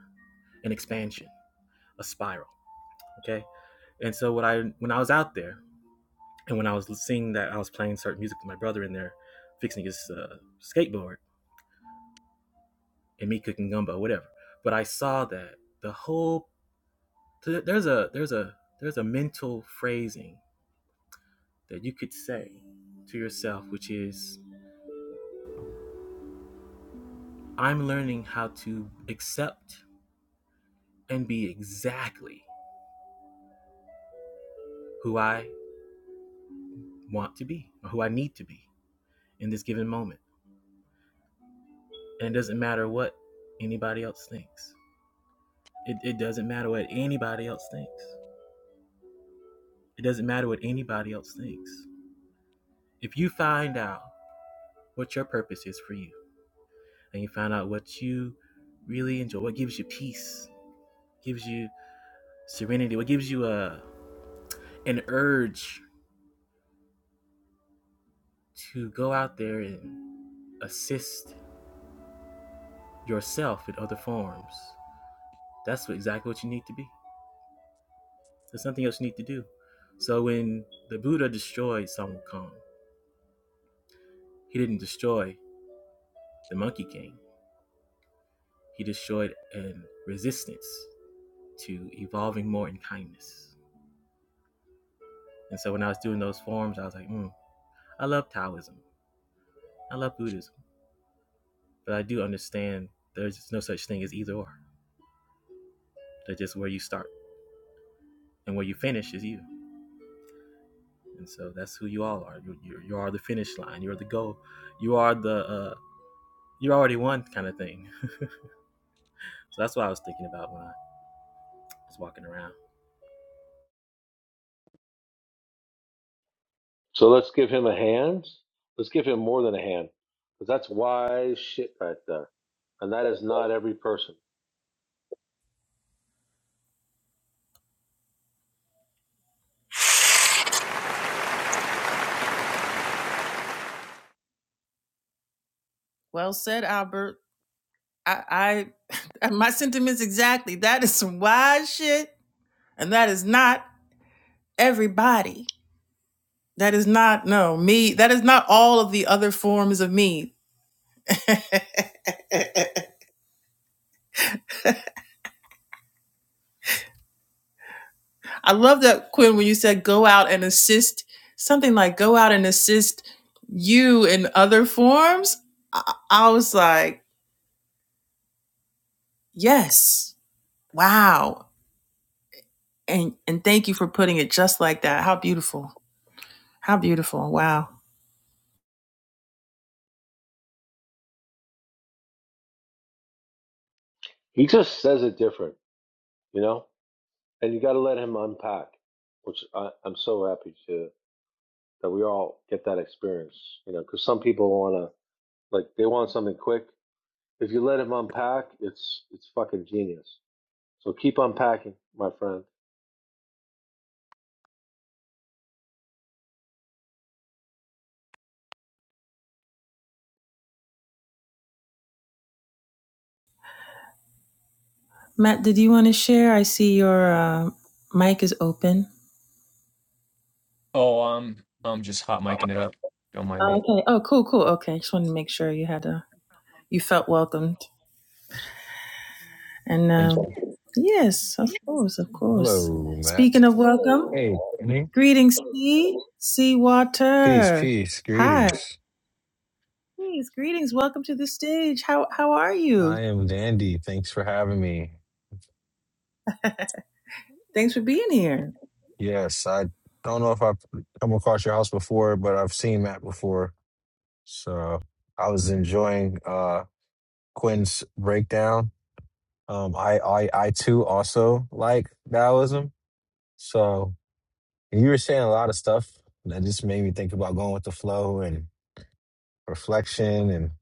an expansion, a spiral. Okay. And so what I when I was out there and when I was seeing that I was playing certain music with my brother in there, fixing his uh, skateboard and me cooking gumbo, whatever. But I saw that the whole there's a there's a there's a mental phrasing that you could say to yourself, which is, I'm learning how to accept and be exactly who I want to be or who I need to be in this given moment. And it doesn't matter what anybody else thinks. It, it doesn't matter what anybody else thinks. It doesn't matter what anybody else thinks. If you find out what your purpose is for you and you find out what you really enjoy, what gives you peace, gives you serenity, what gives you a, an urge to go out there and assist yourself in other forms. That's exactly what you need to be. There's nothing else you need to do. So when the Buddha destroyed Sun Wukong, he didn't destroy the Monkey King. He destroyed a resistance to evolving more in kindness. And so when I was doing those forms, I was like, "Hmm, I love Taoism. I love Buddhism. But I do understand there's no such thing as either or. That's just where you start and where you finish is you. and so that's who you all are. You you, you are the finish line. You're the goal. You are the uh, you already won kind of thing. So that's what I was thinking about when I was walking around. So let's give him a hand. Let's give him more than a hand, because that's wise shit right there, and that is not every person. Well said, Albert. I, I my sentiments exactly. That is some wise shit, and that is not everybody. That is not no me. That is not all of the other forms of me. [laughs] I love that Quinn when you said go out and assist something like go out and assist you in other forms. I, I was like, yes, wow, and and thank you for putting it just like that. How beautiful! How beautiful! Wow, He just says it different, you know. And you got to let him unpack, which I, I'm so happy to that we all get that experience, you know. Because some people want to like they want something quick. If you let him unpack, it's it's fucking genius. So keep unpacking, my friend. Matt, did you want to share? I see your uh, mic is open. Oh um I'm just hot micing it up. Don't mind Oh, me. Okay. Oh, cool, cool. Okay, just wanted to make sure you had a you felt welcomed and. Thank Um, you. Yes, of course, of course. Hello, Matt. Speaking of welcome. Hey, Danny. Greetings, Sea, Sea Peace, Water. peace. Hi. Greetings. Please, greetings. Welcome to the stage. How how are you? I am Dandy. Thanks for having me. Thanks for being here. Yes, I don't know if I've come across your house before, but I've seen Matt before. So I was enjoying uh Quinn's breakdown. Um I I I too also like Taoism. So and you were saying a lot of stuff that just made me think about going with the flow and reflection and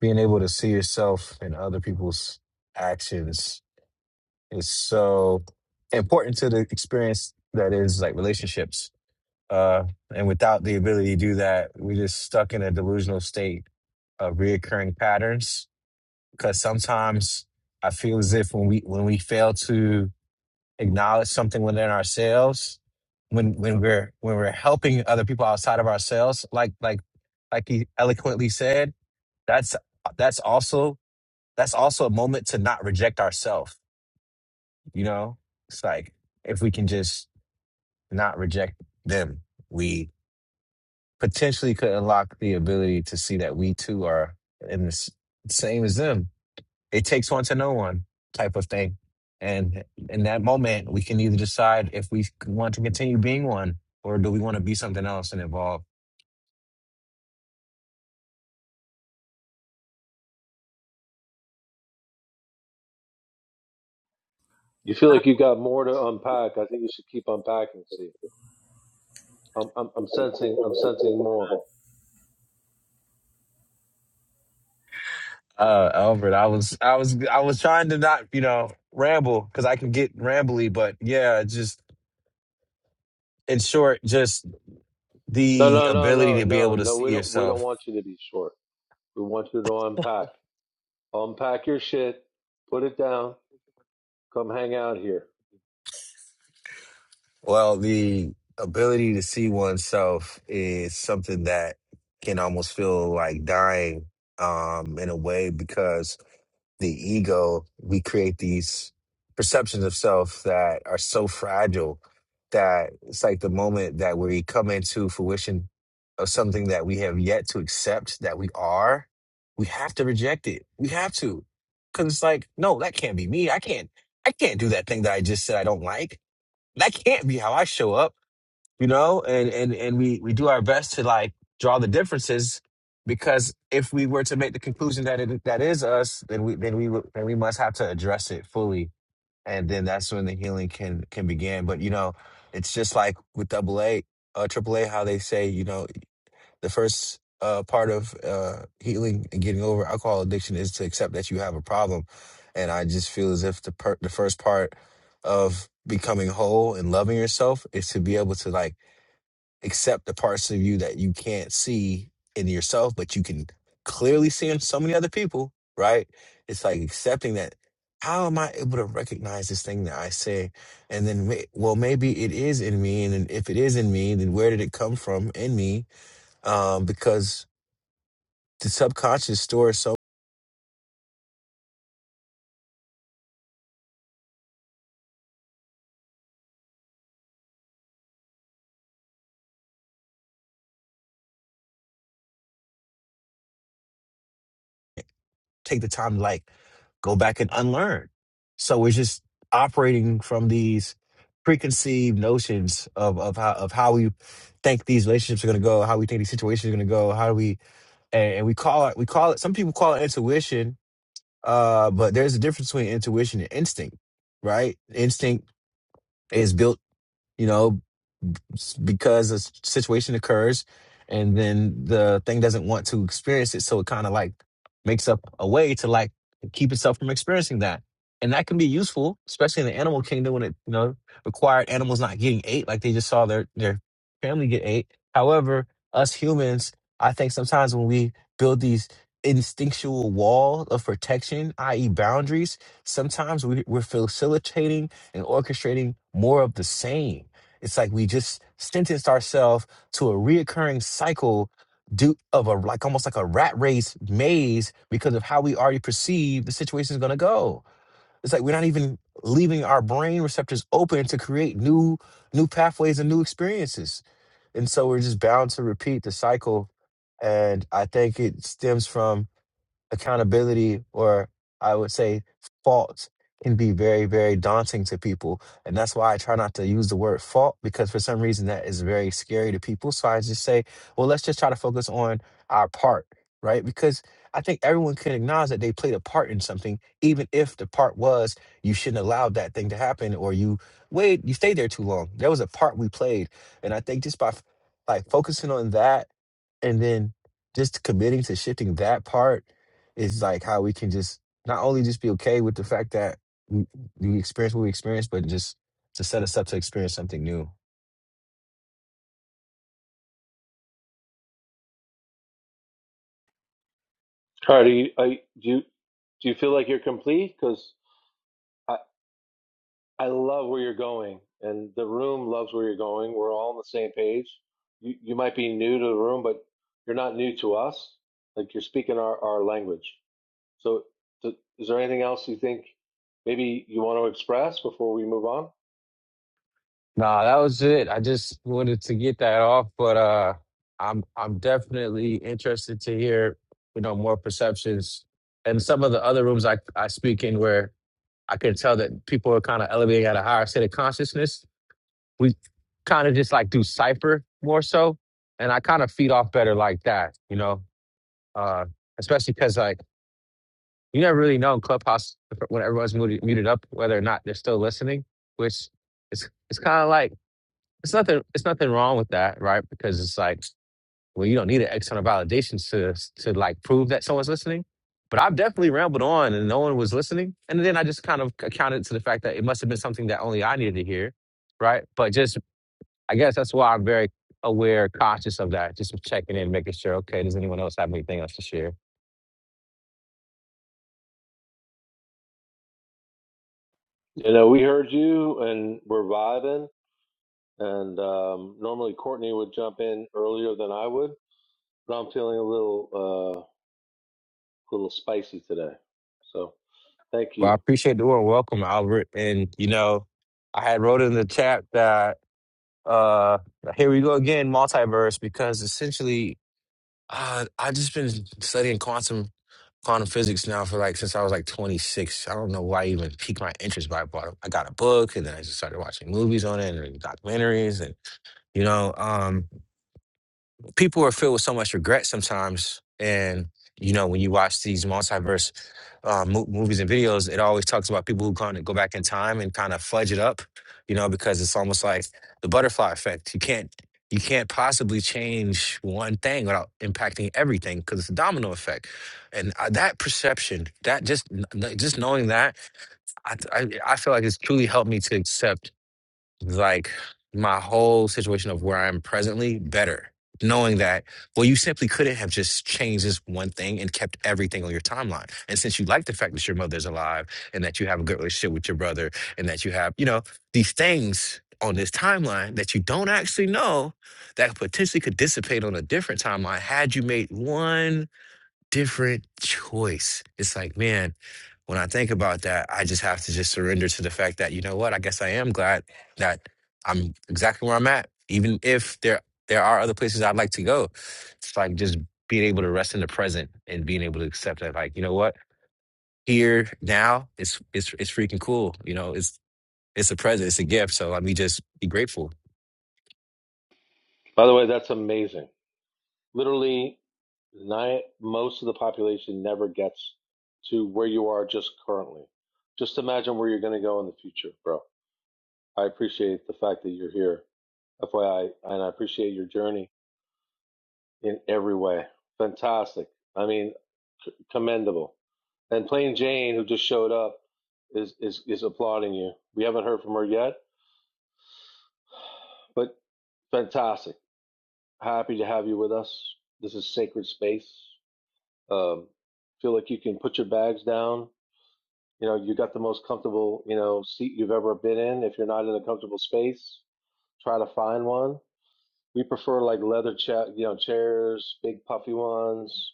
being able to see yourself in other people's actions is so important to the experience that is like relationships. Uh, and without the ability to do that, we're just stuck in a delusional state of reoccurring patterns. Because sometimes I feel as if when we when we fail to acknowledge something within ourselves, when when we're when we're helping other people outside of ourselves, like like like he eloquently said, that's that's also that's also a moment to not reject ourselves you know, it's like if we can just not reject them, we potentially could unlock the ability to see that we too are in the s- same as them it takes one to know one type of thing. And in that moment, we can either decide if we want to continue being one or do we want to be something else and evolve. You feel like you got more to unpack. I think you should keep unpacking. See, I'm, I'm, I'm sensing, I'm sensing more. Uh, Albert, I was, I was, I was trying to not, you know, ramble because I can get rambly, but yeah, just in short, just No, the no, no, ability no, to be no, able to no. see We don't, we don't yourself want you to be short. We want you to unpack, unpack your shit, put it down, come hang out here. well the ability to see oneself is something that can almost feel like dying um in a way because the ego, we create these perceptions of self that are so fragile that it's like the moment that we come into fruition of something that we have yet to accept that we are, we have to reject it. We have to. Cause it's like, no, that can't be me. I can't, I can't do that thing that I just said I don't like. That can't be how I show up you know and and and we we do our best to like draw the differences because if we were to make the conclusion that it that is us then we then we would- then we must have to address it fully and then that's when the healing can can begin but you know it's just like with double a uh triple a how they say you know the first uh part of uh healing and getting over alcohol addiction is to accept that you have a problem and i just feel as if the per- the first part of becoming whole and loving yourself is to be able to like accept the parts of you that you can't see in yourself, but you can clearly see in so many other people, right? It's like accepting that. How am I able to recognize this thing that I say? And then, ma- well, maybe it is in me. And then if it is in me, then where did it come from in me? Um, because the subconscious stores so take the time to like go back and unlearn. So we're just operating from these preconceived notions of of how of how we think these relationships are going to go, how we think these situations are going to go, how do we and, and we call it we call it some people call it intuition, uh, but there's a difference between intuition and instinct, right? Instinct is built you know, because a s- situation occurs and then the thing doesn't want to experience it so it kind of like makes up a way to like keep itself from experiencing that and that can be useful especially in the animal kingdom when it you know required animals not getting ate like they just saw their their family get ate however us humans i think sometimes when we build these instinctual wall of protection i.e boundaries sometimes we, we're facilitating and orchestrating more of the same it's like we just sentenced ourselves to a reoccurring cycle due of a like almost like a rat race maze because of how we already perceive the situation is going to go. It's like we're not even leaving our brain receptors open to create new new pathways and new experiences. And so we're just bound to repeat the cycle and I think it stems from accountability or I would say fault can be very, very daunting to people. And that's why I try not to use the word fault because for some reason that is very scary to people. So I just say, well, let's just try to focus on our part, right? Because I think everyone can acknowledge that they played a part in something, even if the part was you shouldn't allow that thing to happen or you wait, you stayed there too long. There was a part we played. And I think just by f- like focusing on that and then just committing to shifting that part is like how we can just not only just be okay with the fact that we, we experience what we experience, but just to set us up to experience something new. All right, are you, are you- do you, do you feel like you're complete? Because I, I love where you're going, and the room loves where you're going. We're all on the same page. You, you might be new to the room, but you're not new to us. Like you're speaking our, our language. So, th- is there anything else you think maybe you want to express before we move on? Nah, that was it. I just wanted to get that off, but uh I'm I'm definitely interested to hear, you know, more perceptions and some of the other rooms I I speak in where I can tell that people are kind of elevating at a higher state of consciousness. We kind of just like do cipher more so, and I kind of feed off better like that, you know. Uh especially cuz like You never really know in Clubhouse when everyone's muted, muted up whether or not they're still listening, which it's it's kind of like it's nothing it's nothing wrong with that, right? Because it's like well, you don't need an external validation to to like prove that someone's listening. But I've definitely rambled on and no one was listening, and then I just kind of accounted to the fact that it must have been something that only I needed to hear, right? But just I guess that's why I'm very aware, conscious of that, just checking in, making sure okay, does anyone else have anything else to share? You know, we heard you and we're vibing, and um, normally Courtney would jump in earlier than I would, but I'm feeling a little, uh, little spicy today. So, thank Well, I you. appreciate the warm welcome, Albert. And you know, I had wrote in the chat that uh here we go again, multiverse, because essentially uh I've just been studying quantum quantum physics now for like since I was like 26. I don't know why I even piqued my interest, but I bought I got a book and then I just started watching movies on it and documentaries and you know, um people are filled with so much regret sometimes. And you know, when you watch these multiverse uh, mo- movies and videos, it always talks about people who kind of go back in time and kind of fudge it up. You know, because it's almost like the butterfly effect. You can't you can't possibly change one thing without impacting everything because it's a domino effect. And uh, that perception, that just kn- kn- just knowing that, I, I I feel like it's truly helped me to accept like my whole situation of where I am presently better, knowing that, well, you simply couldn't have just changed this one thing and kept everything on your timeline. And since you like the fact that your mother's alive and that you have a good relationship with your brother and that you have, you know, these things on this timeline that you don't actually know that potentially could dissipate on a different timeline had you made one different choice. It's like, man, when I think about that, I just have to just surrender to the fact that, you know what, I guess I am glad that I'm exactly where I'm at, even if there there are other places I'd like to go. It's like just being able to rest in the present and being able to accept that, like, you know what, here now it's it's it's freaking cool. You know, it's it's a present, it's a gift. So let me just be grateful. By the way, that's amazing. Literally, nine, most of the population never gets to where you are just currently. Just imagine where you're going to go in the future, bro. I appreciate the fact that you're here, FYI, and I appreciate your journey in every way. Fantastic. I mean, c- commendable. And Plain Jane, who just showed up, is, is is applauding you. We haven't heard from her yet, but fantastic. Happy to have you with us. This is sacred space. Um, feel like you can put your bags down. You know, you got the most comfortable you know seat you've ever been in. If you're not in a comfortable space, try to find one We prefer like leather cha- you know, chairs, big puffy ones.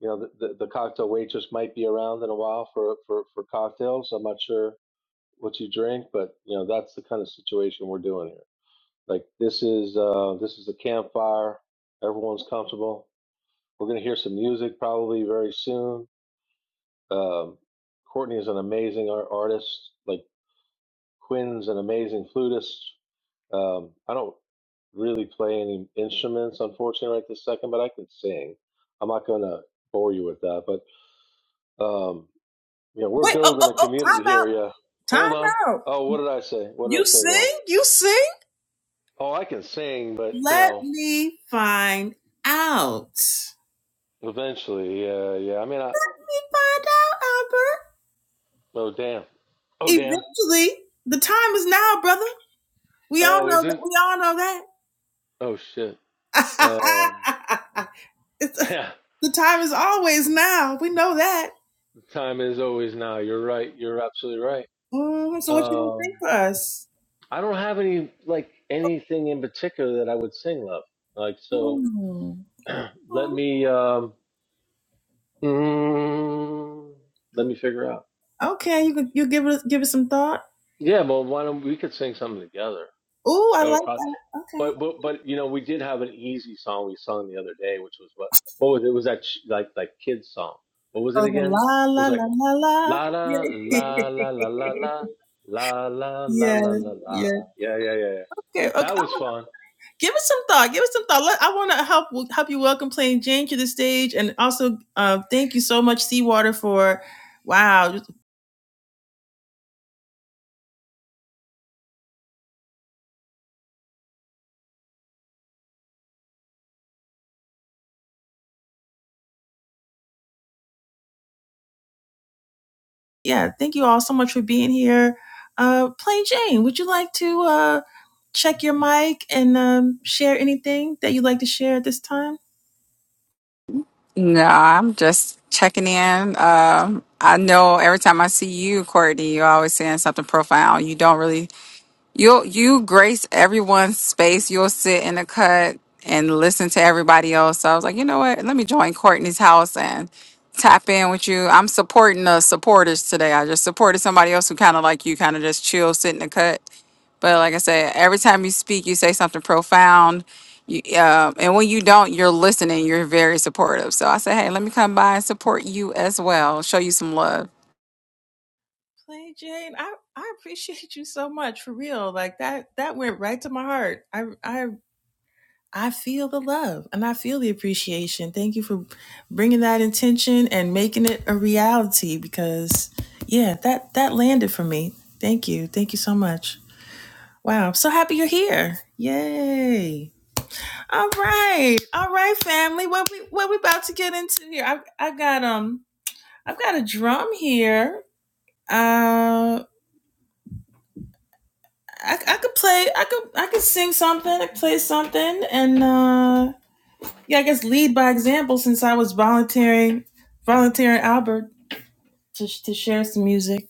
You know, the, the, the cocktail waitress might be around in a while for, for, for cocktails. I'm not sure what you drink, but you know, that's the kind of situation we're doing here. Like this is uh, this is a campfire. Everyone's comfortable. We're gonna hear some music probably very soon. Um, Courtney is an amazing ar- artist. Like Quinn's an amazing flutist. Um, I don't really play any instruments, unfortunately, right this second, but I can sing. I'm not going to bore you with that. But, um, you know, we're Wait, oh, oh, building a oh, community time out. here. Yeah. Hold Time on. out. Oh, what did I say? What did I You say wrong? sing? You sing? Oh, I can sing, but, you Let know, me find out. eventually, uh, yeah. I mean, I, Let me find out, Albert. oh, damn. Oh, damn. Eventually, the time is now, brother. We all Oh, know is that. it? We all know that. Oh, shit. Um, [laughs] [laughs] it's, uh, yeah, the time is always now. We know that. The time is always now. You're right. You're absolutely Mhm. right. So what you gonna sing Um, for us? I don't have any like anything in particular that I would sing, love. Like so, Ooh. let Ooh. me um, mm, let me figure out. Okay, you can you give it give it some thought. Yeah, well, why don't we could sing something together? Ooh, I That like would probably, that. Okay. but but but you know, we did have an easy song we sung the other day, which was what what was it? It was that ch- like like kids song? What was it Oh, the again? It la la was like la la la. [laughs] la la la la la la la la la la Yes, la la la. yes. Yeah yeah yeah. yeah. Okay, okay. I'm That was gonna- fun. give it some thought. Give it some thought. Let, I want to help help you welcome Plain Jane to the stage, and also uh, thank you so much, Seawater, for wow. just- Yeah, thank you all so much for being here. Uh, Plain Jane, would you like to uh, check your mic and um, share anything that you'd like to share at this time? No, I'm just checking in. Um, I know every time I see you, Courtney, you're always saying something profound. You don't really you you grace everyone's space. You'll sit in the cut and listen to everybody else. So I was like, you know what? Let me join Courtney's house and tap in with you. I'm supporting the supporters today. I just supported somebody else who kind of like you, kind of just chill, sit in the cut. But like I said, every time you speak, you say something profound. You, um, and when you don't, you're listening. You're very supportive. So I say, hey, let me come by and support you as well. Show you some love. Play Jane, I, I appreciate you so much for real. Like that that went right to my heart. I I I feel the love and I feel the appreciation. Thank you for bringing that intention and making it a reality because yeah, that that landed for me. Thank you. Thank you so much. Wow, I'm so happy you're here. Yay. All right. All right, family. What we what we about to get into here? I I got um I've got a drum here. Uh. I, I could play. I could I could sing something. I could play something, and uh, yeah, I guess lead by example since I was volunteering volunteering Albert to to share some music.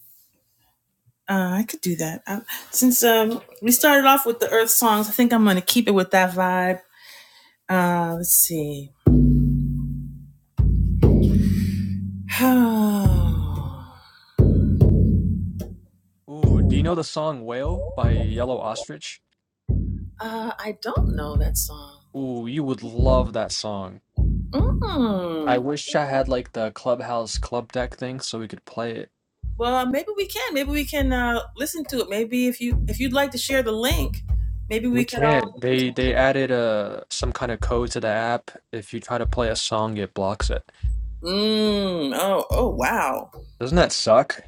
Uh, I could do that. I, since um, we started off with the Earth songs, I think I'm gonna keep it with that vibe. Uh, let's see. [sighs] uh, Ooh, do you know the song Whale by Yellow Ostrich? I don't know that song. Ooh, you would love that song. I Mm. wish I had like the clubhouse club deck thing so we could play it. Well, uh, maybe we can. Maybe we can uh, listen to it. Maybe if you if you'd like to share the link, maybe we We could all. can't. listen They they added uh some kind of code to the app. If you try to play a song, it blocks it. Mm, oh, oh, wow. Doesn't that suck?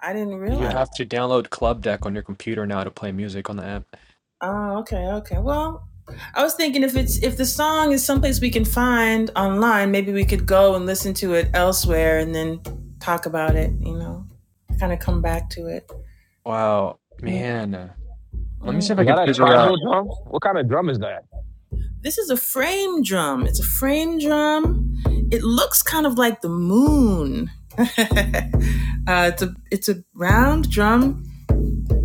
I didn't You realize. have to download Club Deck on your computer now to play music on the app. Oh, okay, okay. Well, I was thinking if it's if the song is someplace we can find online, maybe we could go and listen to it elsewhere and then talk about it, you know, kind of come back to it. Wow, Mm, man. Let me see if mm. I Was can that a figure [laughs] tribal out. drum? What kind of drum is that? This is a frame drum. It's a frame drum. It looks kind of like the moon. [laughs] uh, it's a it's a round drum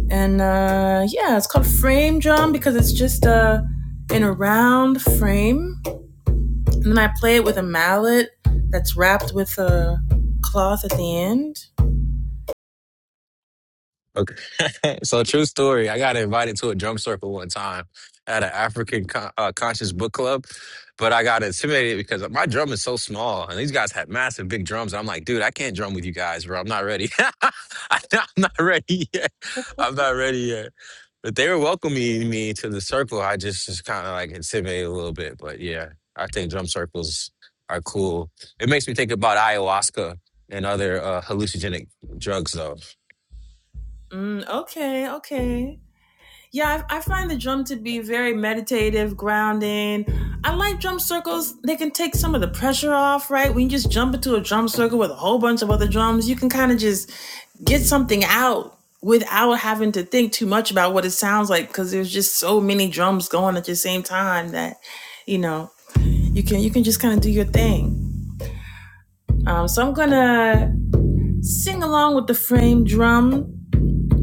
and uh, yeah, it's called frame drum because it's just uh, in a round frame, and then I play it with a mallet that's wrapped with a cloth at the end. Okay. [laughs] so true story. I got invited to a drum circle one time at an African con- uh, conscious book club, but I got intimidated because my drum is so small and these guys had massive big drums. And I'm like, dude, I can't drum with you guys, bro. I'm not ready. [laughs] I- I'm not ready yet. I'm not ready yet. But they were welcoming me to the circle. I just was kind of like intimidated a little bit. But yeah, I think drum circles are cool. It makes me think about ayahuasca and other uh, hallucinogenic drugs, though. Mm, okay, okay. Yeah, I, I find the drum to be very meditative, grounding. I like drum circles. They can take some of the pressure off, right? When you just jump into a drum circle with a whole bunch of other drums, you can kind of just get something out without having to think too much about what it sounds like because there's just so many drums going at the same time that you know you can you can just kind of do your thing um, so i'm gonna sing along with the frame drum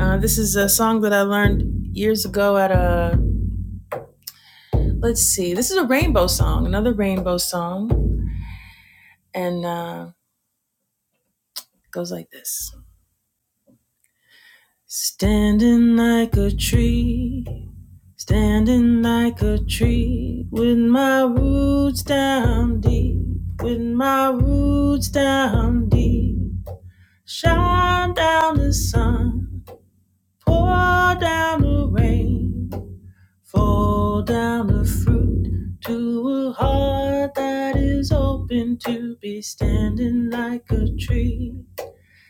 uh, this is a song that i learned years ago at a Let's see. This is a rainbow song, another rainbow song, and uh, it goes like this: Standing like a tree, standing like a tree, with my roots down deep, with my roots down deep. Shine down the sun, pour down the rain. Fall down the fruit to a heart that is open to be standing like a tree,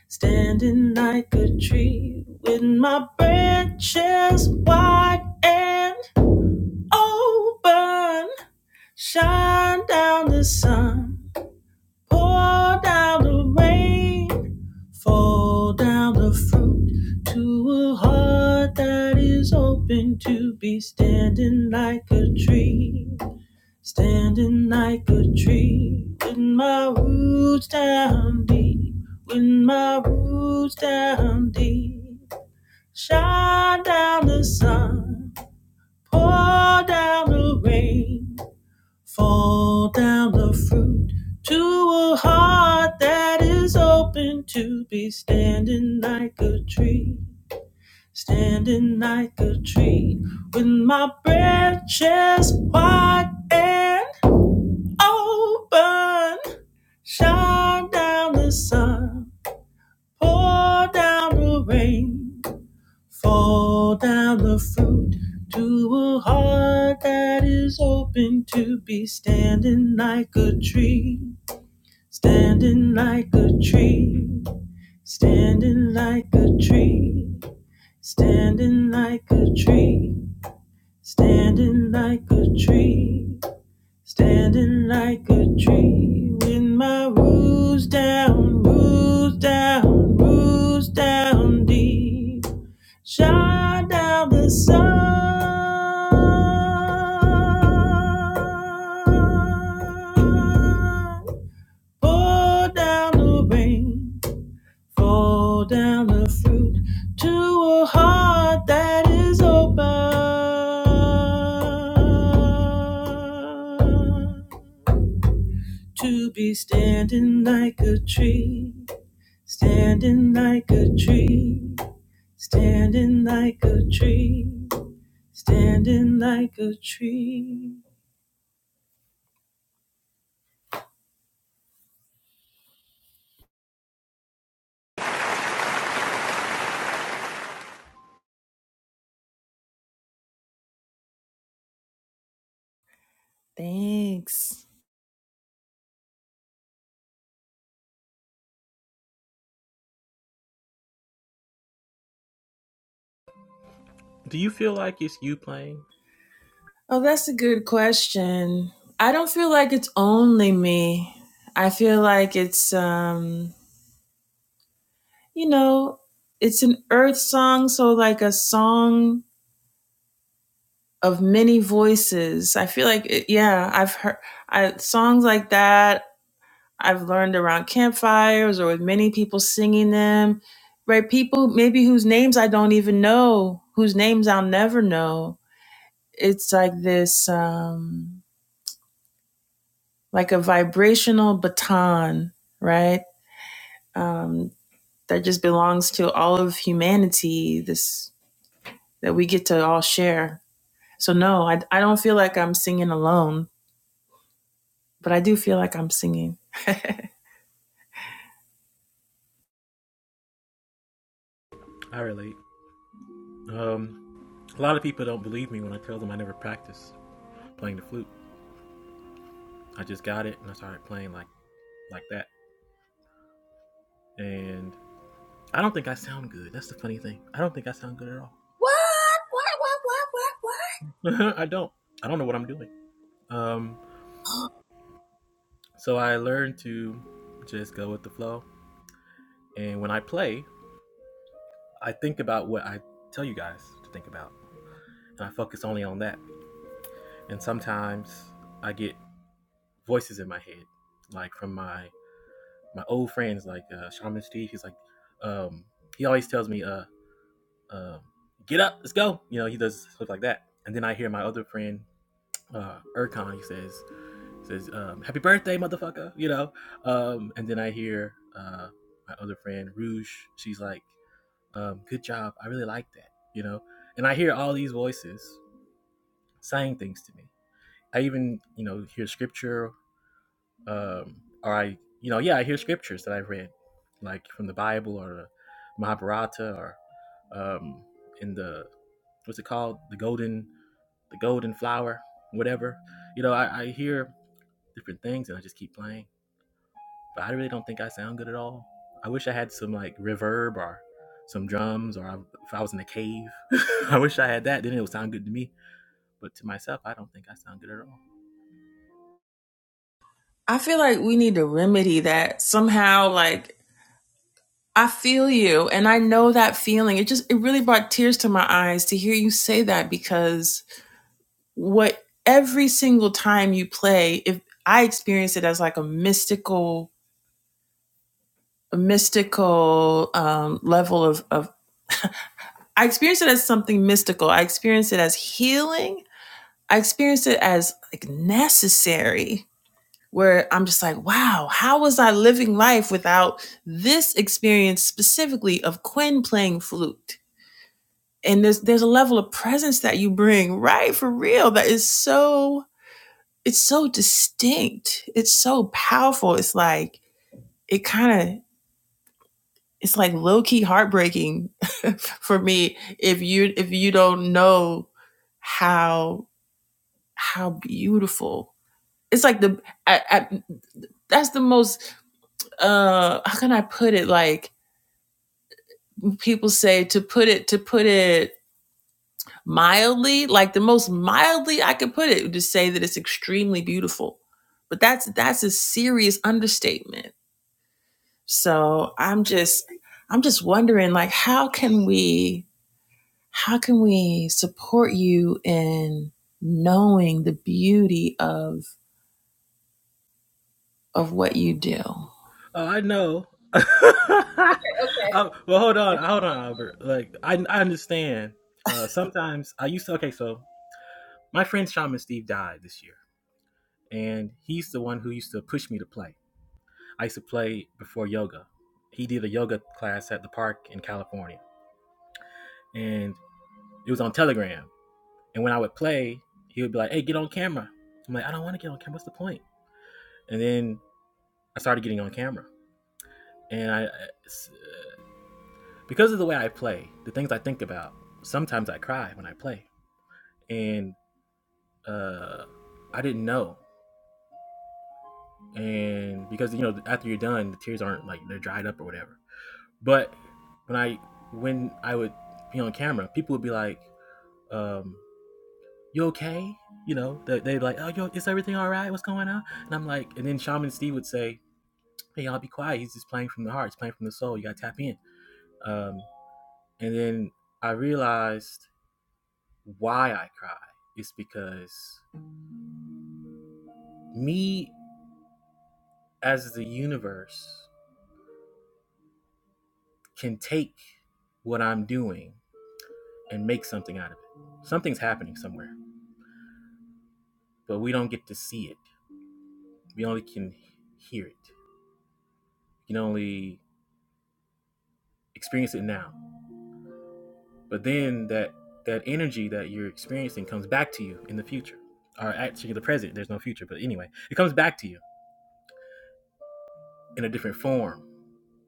standing like a tree with my branches wide and open. Shine down the sun Pour down the rain, fall down the fruit to a heart that is open to be standing like a tree, standing like a tree. With my roots down deep, with my roots down deep. Shine down the sun, pour down the rain. Fall down the fruit to a heart that is open to be standing like a tree, standing like a tree, with my branches wide and open. Shine down the sun, pour down the rain, fall down the fruit to a heart that is open to be standing like a tree Standing like a tree, standing like a tree, standing like a tree, standing like a tree, standing like a tree. With my roots down, roots down, roots down deep, shine down the sun. Pour down the rain. Fall down the fruit to a heart that is open to be standing like a tree, standing like a tree, standing like a tree, standing like a tree. Thanks. Do you feel like it's you playing? Oh, that's a good question. I don't feel like it's only me. I feel like it's um you know, it's an earth song, so like a song of many voices. I feel like, it, yeah, I've heard I, songs like that. I've learned around campfires or with many people singing them, right? People maybe whose names I don't even know, whose names I'll never know. It's like this, um, like a vibrational baton, right? Um, that just belongs to all of humanity. This that we get to all share. So no, I, I don't feel like I'm singing alone, but I do feel like I'm singing. I relate. Um, a lot of people don't believe me when I tell them I never practiced playing the flute. I just got it and I started playing like like that. And I don't think I sound good. That's the funny thing. I don't think I sound good at all. What? What? What? What? What? What? [laughs] I don't. I don't know what I'm doing. Um, so I learned to just go with the flow. And when I play, I think about what I tell you guys to think about, and I focus only on that. And sometimes I get voices in my head, like from my my old friends, like uh, Shaman Steve. He's like, um, he always tells me, uh, um, "Get up, let's go." You know, he does stuff like that. And then I hear my other friend, uh, Erkan. He says, says, um, "Happy birthday, motherfucker!" You know. Um, and then I hear uh, my other friend Rouge. She's like, um, "Good job, I really like that." You know. And I hear all these voices saying things to me. I even, you know, hear scripture, um, or I, you know, yeah, I hear scriptures that I've read, like from the Bible or Mahabharata or um, in the what's it called, the golden, the golden flower, whatever. You know, I, I hear different things and I just keep playing. But I really don't think I sound good at all. I wish I had some like reverb or some drums, or I, if I was in a cave, [laughs] I wish I had that. Then it would sound good to me. But to myself, I don't think I sound good at all. I feel like we need to remedy that somehow. Like I feel you, and I know that feeling. It just it really brought tears to my eyes to hear you say that because what every single time you play, if I experience it as like a mystical, a mystical um, level of of. I experience it as something mystical. I experience it as healing I experienced it as like necessary, where I'm just like, wow, how was I living life without this experience specifically of Quinn playing flute? And there's there's a level of presence that you bring, right? For real, that is so it's so distinct. It's so powerful. It's like it kind of it's like low key heartbreaking [laughs] for me if you if you don't know how how beautiful it's like the at. at that's the most uh how can i put it like people say to put it to put it mildly like the most mildly i could put it to say that it's extremely beautiful but that's that's a serious understatement so i'm just i'm just wondering like how can we how can we support you in knowing the beauty of of what you do Oh, I know. [laughs] Okay. Um, well, hold on, hold on, Albert. Like, I, I understand. Uh, sometimes I used to. Okay, so my friend Shaman Steve died this year, and he's the one who used to push me to play. I used to play before yoga. He did a yoga class at the park in California, and it was on Telegram. And when I would play, he would be like, "Hey, get on camera." I'm like, "I don't want to get on camera. What's the point?" And then I started getting on camera, and I because of the way I play, the things I think about, sometimes I cry when I play. And uh, I didn't know. And because, you know, after you're done, the tears aren't like they're dried up or whatever. But when I when I would be on camera, people would be like, um, you okay? You know, they, they'd like, oh, yo, is everything all right? What's going on? And I'm like, and then Shaman Steve would say, hey, y'all be quiet. He's just playing from the heart. He's playing from the soul. You got to tap in. Um, and then I realized why I cry is because me as the universe can take what I'm doing and make something out of it. Something's happening somewhere, but we don't get to see it. We only can hear it. You can only experience it now. But then that that energy that you're experiencing comes back to you in the future. Or actually the present, there's no future, but anyway, it comes back to you in a different form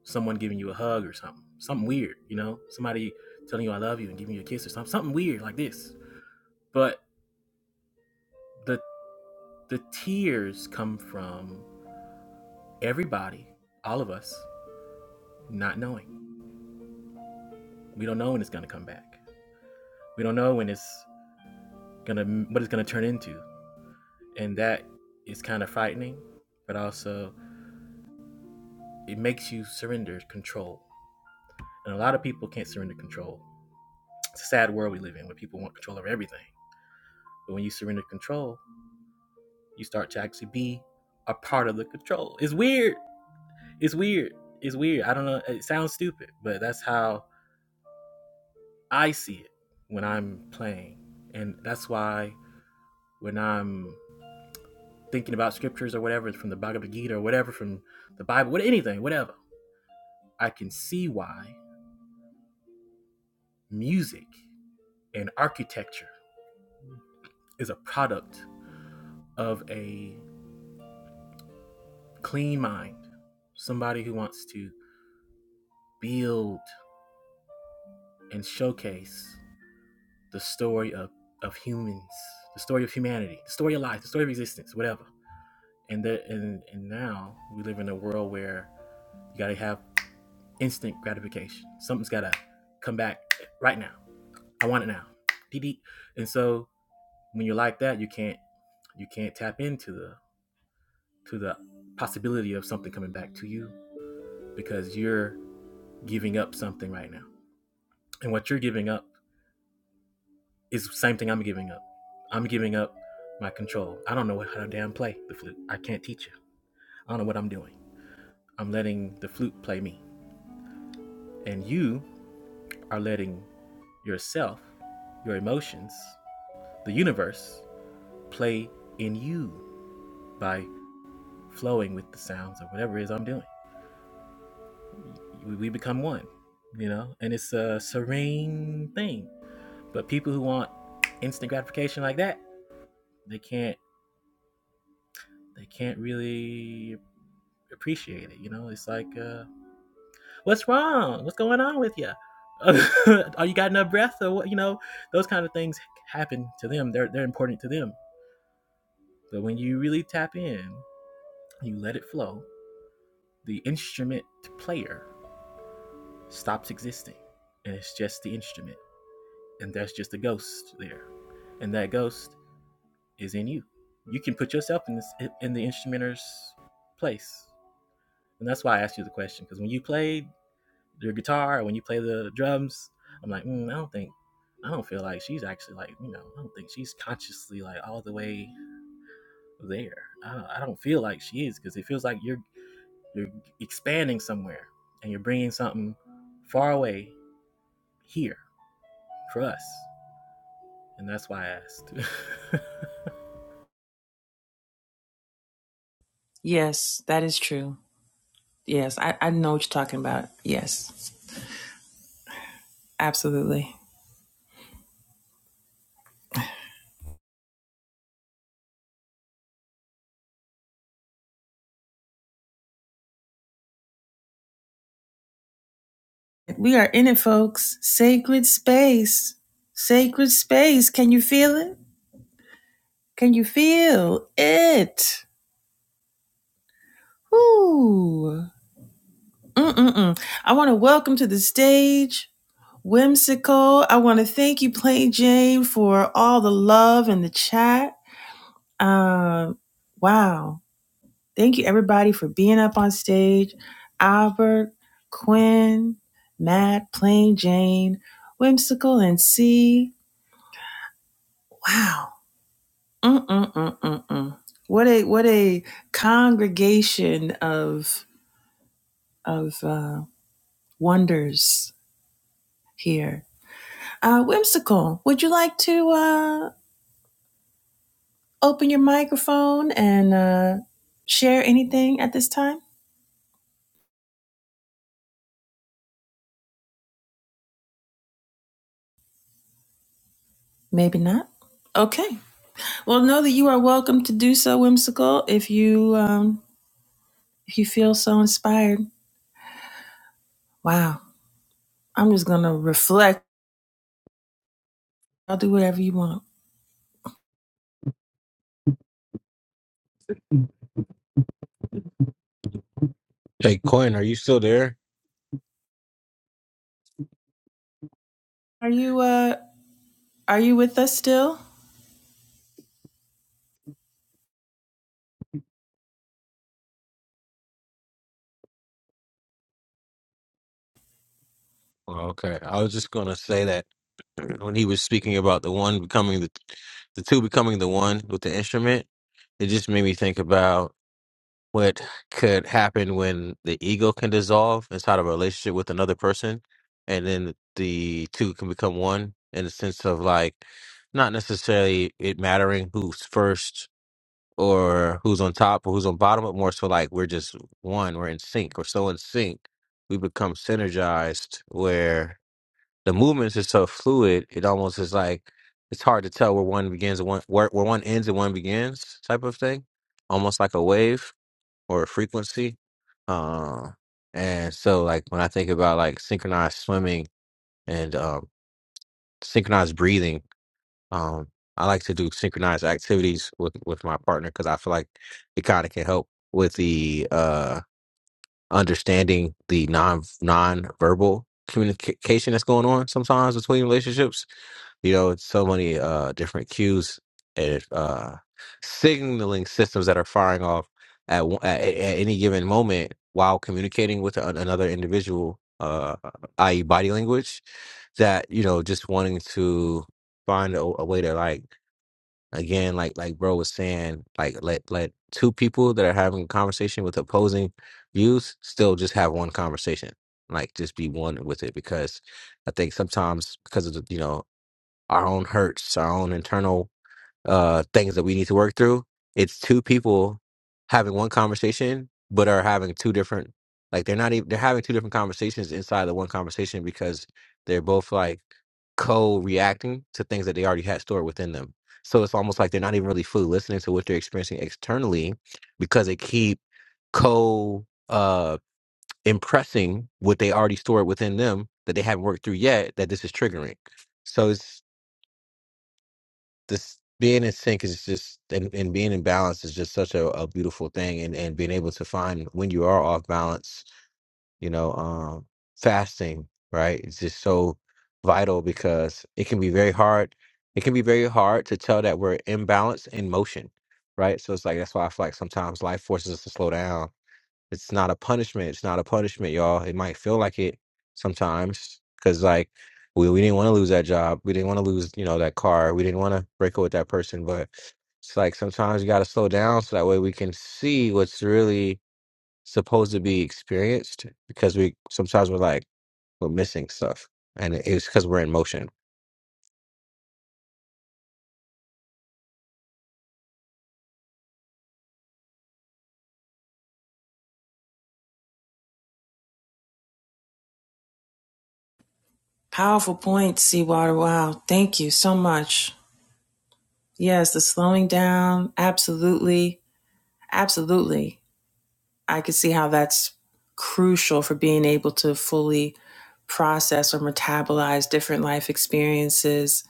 someone giving you a hug or something, something weird, you know, somebody telling you I love you and giving you a kiss or something, something weird like this. But the the tears come from everybody, all of us, not knowing. We don't know when it's gonna come back. We don't know when it's gonna what it's gonna turn into, and that is kind of frightening, but also it makes you surrender control. And a lot of people can't surrender control. It's a sad world we live in where people want control over everything. But when you surrender control, you start to actually be a part of the control. It's weird. It's weird. It's weird. I don't know. It sounds stupid, but that's how I see it when I'm playing. And that's why when I'm thinking about scriptures or whatever from the Bhagavad Gita or whatever from the Bible, what anything, whatever, I can see why music and architecture is a product of a clean mind, somebody who wants to build and showcase the story of, of humans, the story of humanity, the story of life, the story of existence, whatever. And that and, and now we live in a world where you gotta have instant gratification. Something's gotta come back right now. I want it now. Dee dee. And so when you're like that, you can't you can't tap into the to the possibility of something coming back to you because you're giving up something right now. And what you're giving up is the same thing I'm giving up. I'm giving up my control. I don't know how to damn play the flute. I can't teach you. I don't know what I'm doing. I'm letting the flute play me. And you are letting yourself, your emotions, the universe play in you by flowing with the sounds or whatever it is I'm doing. We, we become one, you know? And it's a serene thing. But people who want instant gratification like that, they can't they can't really appreciate it, you know? It's like uh what's wrong? What's going on with you? [laughs] Are you got enough breath? Or what? You know, those kind of things happen to them. They're they're important to them. But when you really tap in, you let it flow. The instrument player stops existing, and it's just the instrument, and there's just a ghost there, and that ghost is in you. You can put yourself in this in the instrumenter's place, and that's why I asked you the question because when you played, your guitar or when you play the drums, I'm like, mm, I don't think, I don't feel like she's actually like, you know, I don't think she's consciously like all the way there. I don't, I don't feel like she is because it feels like you're you're expanding somewhere and you're bringing something far away here for us, and that's why I yes that is true yes i, I know what you're talking about yes Absolutely. We are in it, folks. Sacred space. Sacred space. Can you feel it? Can you feel it? Ooh. Mm-mm-mm. I want to welcome to the stage Whimsical. I want to thank you, Plain Jane, for all the love in the chat. Uh, wow. Thank you, everybody, for being up on stage. Albert, Quinn, Matt, Plain Jane, Whimsical, and C. Wow. Mm-mm-mm-mm-mm. What a what a congregation of of uh, wonders here. Uh, Whimsical, would you like to uh, open your microphone and uh, share anything at this time? Maybe not. Okay. Well, know that you are welcome to do so, Whimsical, if you um, if you feel so inspired. Wow. I'm just gonna reflect. I'll do whatever you want. Hey, Quinn, are you still there? Are you uh, are you with us still? Well, Okay. I was just gonna say that [clears throat] when he was speaking about the one becoming the the two becoming the one with the instrument, it just made me think about what could happen when the ego can dissolve inside of a relationship with another person and then the two can become one in the sense of like not necessarily it mattering who's first or who's on top or who's on bottom but more so like we're just one we're in sync we're so in sync we become synergized where the movements is so fluid it almost is like it's hard to tell where one begins and one where, where one ends and one begins type of thing almost like a wave or a frequency. Uh, and so, like when I think about like synchronized swimming and um, synchronized breathing, um, I like to do synchronized activities with with my partner because I feel like it kind of can help with the uh, understanding the non non verbal communication that's going on sometimes between relationships you know, it's so many uh, different cues and uh, signaling systems that are firing off at, one- at at any given moment while communicating with an, another individual, uh, i.e., body language. That you know, just wanting to find a, a way to like again, like like bro was saying, like let let two people that are having a conversation with opposing views still just have one conversation, like just be one with it because I think sometimes because of the, you know our own hurts, our own internal uh, things that we need to work through. It's two people having one conversation, but are having two different, like they're not even, they're having two different conversations inside the one conversation because they're both like co reacting to things that they already had stored within them. So it's almost like they're not even really fully listening to what they're experiencing externally because they keep co uh impressing what they already stored within them that they haven't worked through yet that this is triggering. So it's this being in sync is just and, and being in balance is just such a, a beautiful thing and and being able to find when you are off balance you know um fasting right it's just so vital because it can be very hard it can be very hard to tell that we're imbalanced in motion right so it's like that's why i feel like sometimes life forces us to slow down it's not a punishment. It's not a punishment, y'all. It might feel like it sometimes because, like, we, we didn't want to lose that job. We didn't want to lose, you know, that car. We didn't want to break up with that person. But it's like sometimes you got to slow down so that way we can see what's really supposed to be experienced because we sometimes we're like, we're missing stuff. And it's because we're in motion. Powerful point, Seawater. Wow. Thank you so much. Yes, the slowing down. Absolutely. Absolutely. I could see how that's crucial for being able to fully process or metabolize different life experiences.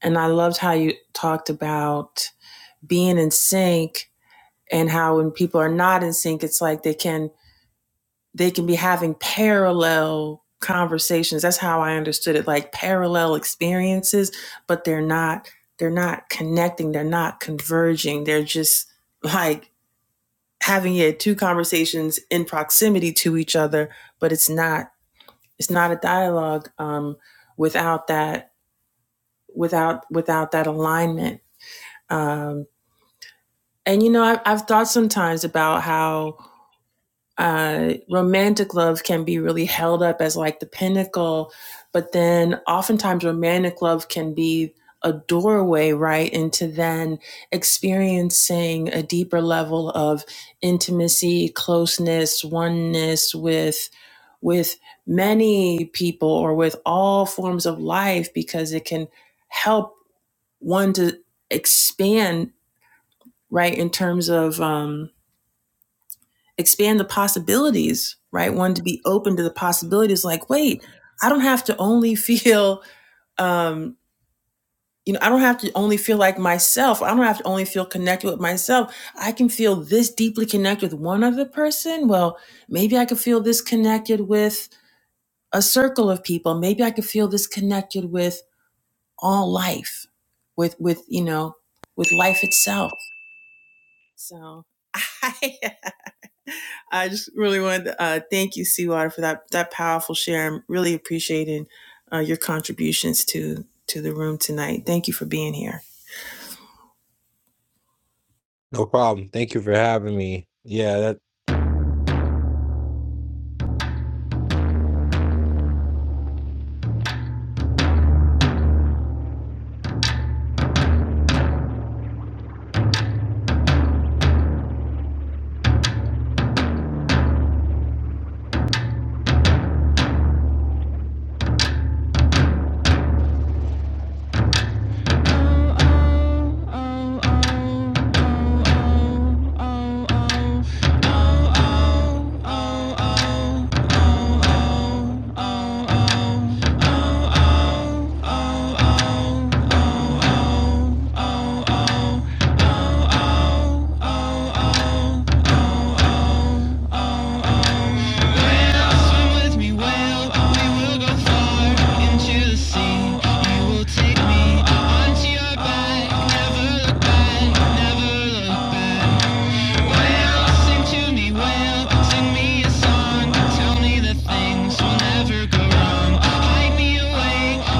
And I loved how you talked about being in sync and how when people are not in sync, it's like they can they can be having parallel conversations that's how i understood it like parallel experiences but they're not they're not connecting they're not converging they're just like having yeah two conversations in proximity to each other but it's not it's not a dialogue um without that without without that alignment um and you know I, i've thought sometimes about how uh, romantic love can be really held up as like the pinnacle, but then oftentimes romantic love can be a doorway right into then experiencing a deeper level of intimacy, closeness, oneness with with many people or with all forms of life because it can help one to expand right in terms of um, expand the possibilities, right? One to be open to the possibilities like, wait, I don't have to only [laughs] feel um you know, I don't have to only feel like myself. I don't have to only feel connected with myself. I can feel this deeply connected with one other person. Well, maybe I could feel this connected with a circle of people. Maybe I could feel this connected with all life, with with you know, with life itself. So [laughs] I I just really wanted to uh, thank you, Seawater, for that that powerful share. I'm really appreciating uh, your contributions to to the room tonight. Thank you for being here. No problem. Thank you for having me. Yeah, that,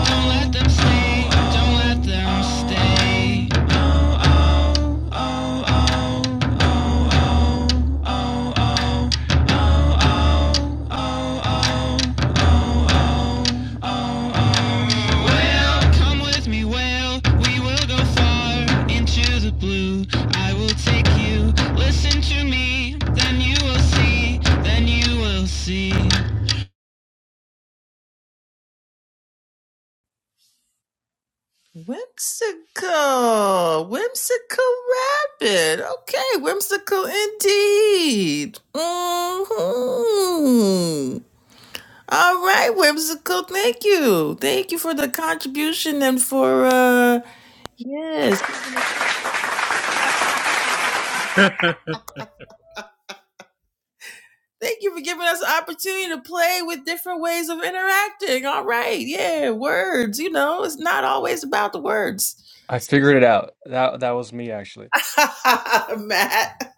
Don't let them stay. Well, come with me, whale. We will go far into the blue. I will take you. Listen to me, then you will see. Then you will see. Whimsical, whimsical rabbit. Okay, whimsical indeed. hmm All right, whimsical. Thank you, thank you for the contribution and for uh, yes. [laughs] asked. [laughs] Thank you for giving us an opportunity to play with different ways of interacting. All right. Yeah, words, you know, it's not always about the words. I figured it out. That that was me actually. [laughs] Matt.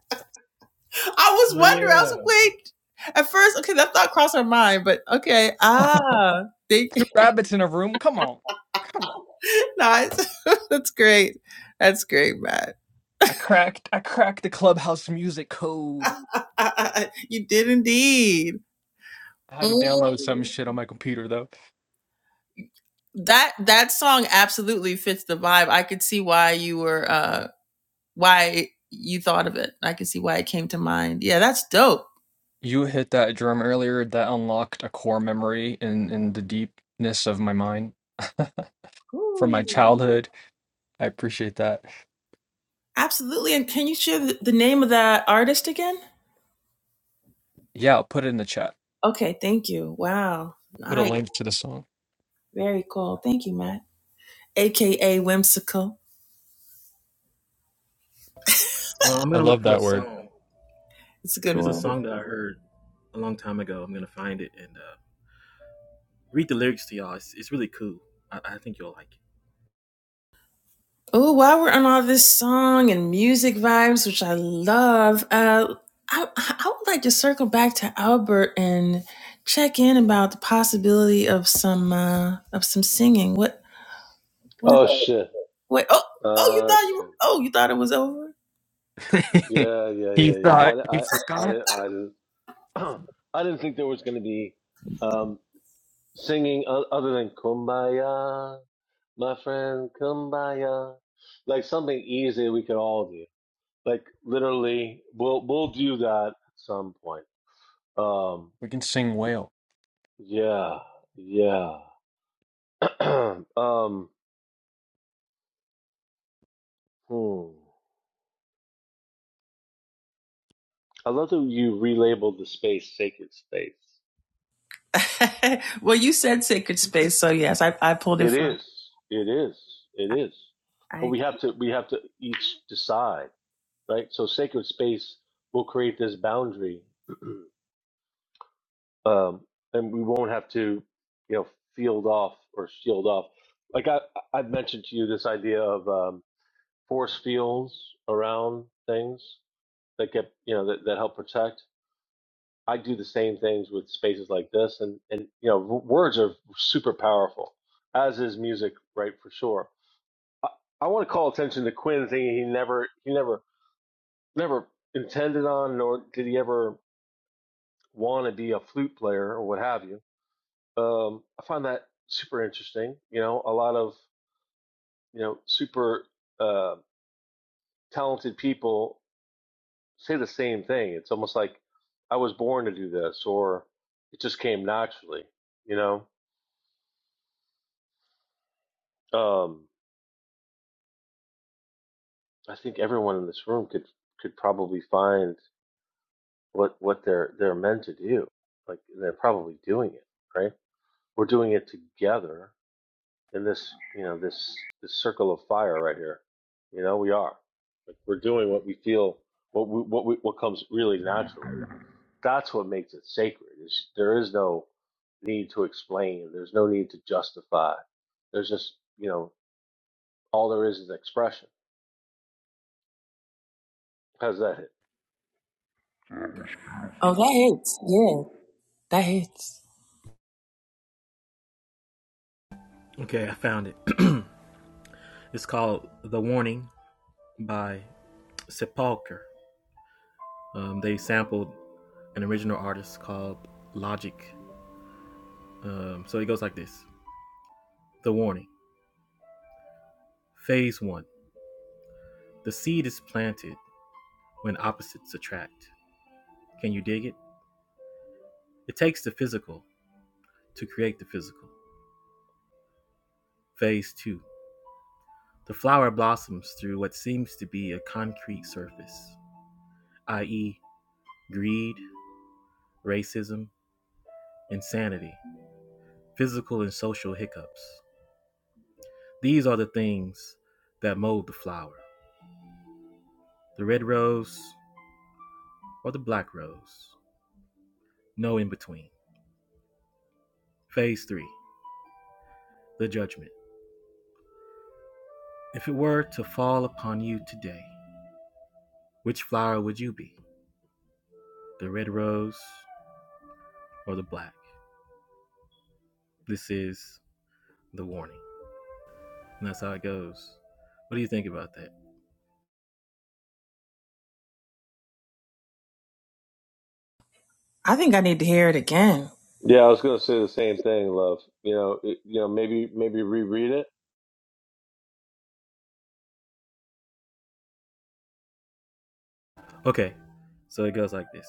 I was oh wondering, I was yeah, like, wait. At first, okay, that thought crossed my mind, but okay. [laughs] Two Ah, thank you, rabbits in a room. Come on, come on. [laughs] nice. [laughs] That's great. That's great, Matt. I cracked. I cracked the clubhouse music code. I, I, I, you did indeed. I had to download some Mm shit on my computer though. that that song absolutely fits the vibe. I could see why you were uh why you thought of it. I can see why it came to mind. Yeah, that's dope. You hit that drum earlier. That unlocked a core memory in in the deepness of my mind [laughs] from my Ooh. childhood. I appreciate that. Absolutely. And can you share the, the name of that artist again? Yeah, I'll put it in the chat. Okay, thank you. Wow. Put a Nice. link to the song. Very cool. Thank you, Matt. AKA Whimsical. uh, I'm I gonna look love for a that word. song. It's a good It's a one. song that I heard a long time ago. I'm gonna find it and uh, read the lyrics to y'all. It's, it's really cool. I, I think you'll like it. Oh, while we're on all this song and music vibes, which I love, uh, I, I would like to circle back to Albert and check in about the possibility of some uh, of some singing. What Oh what? shit. Wait, oh, oh, you Oh thought you, shit. oh, you thought it was over. [laughs] Yeah, yeah, he yeah, yeah. thought he I, I, I forgot. didn't, I didn't, [clears throat] I didn't think there was going to be um, singing o- other than "Kumbaya, my friend, Kumbaya," like something easy we could all do. Like literally, we'll we'll do that at some point. Um, We can sing whale. yeah, yeah. [clears throat] um, hmm. I love that you relabeled the space sacred space. [laughs] well, you said sacred space, so yes, I, I pulled it It from. is. It is. It is. But I we have to we have to each decide, right? So sacred space will create this boundary, [clears throat] um, and we won't have to, you know, field off or shield off. Like I I've mentioned to you this idea of um, force fields around things that get you know that, that help protect. I do the same things with spaces like this, and and you know w- words are super powerful, as is music, right? For sure I, I want to call attention to Quinn thinking he never he never never intended on nor did he ever want to be a flute player or what have you. Um, I find that super interesting. You know, a lot of you know super uh, talented people say the same thing. It's almost like I was born to do this, or it just came naturally. You know, um, I think everyone in this room could could probably find what what they're they're meant to do. Like they're probably doing it, right? We're doing it together in this, you know, this this circle of fire right here. You know, we are. Like we're doing what we feel, what we, what we, what comes really naturally. That's what makes it sacred. Is there is no need to explain. There's no need to justify. There's just, you know, all there is is expression. How's that hit? oh, that hits. Yeah, that hits. Okay, I found it. [clears throat] It's called The Warning by Sepulcher. Um, they sampled an original artist called Logic. Um, so it goes like this The Warning. Phase one The seed is planted when opposites attract. Can you dig it? It takes the physical to create the physical. Phase two The flower blossoms through what seems to be a concrete surface, i.e., greed, racism, insanity, physical and social hiccups. These are the things that mold the flower the red rose or the black rose, no in between. Phase three the judgment. If it were to fall upon you today, which flower would you be? The red rose or the black? This is the warning. And that's how it goes. What do you think about that? I think I need to hear it again. Yeah, I was gonna say the same thing, love. You know, it, you know, maybe maybe reread it Okay, so it goes like this.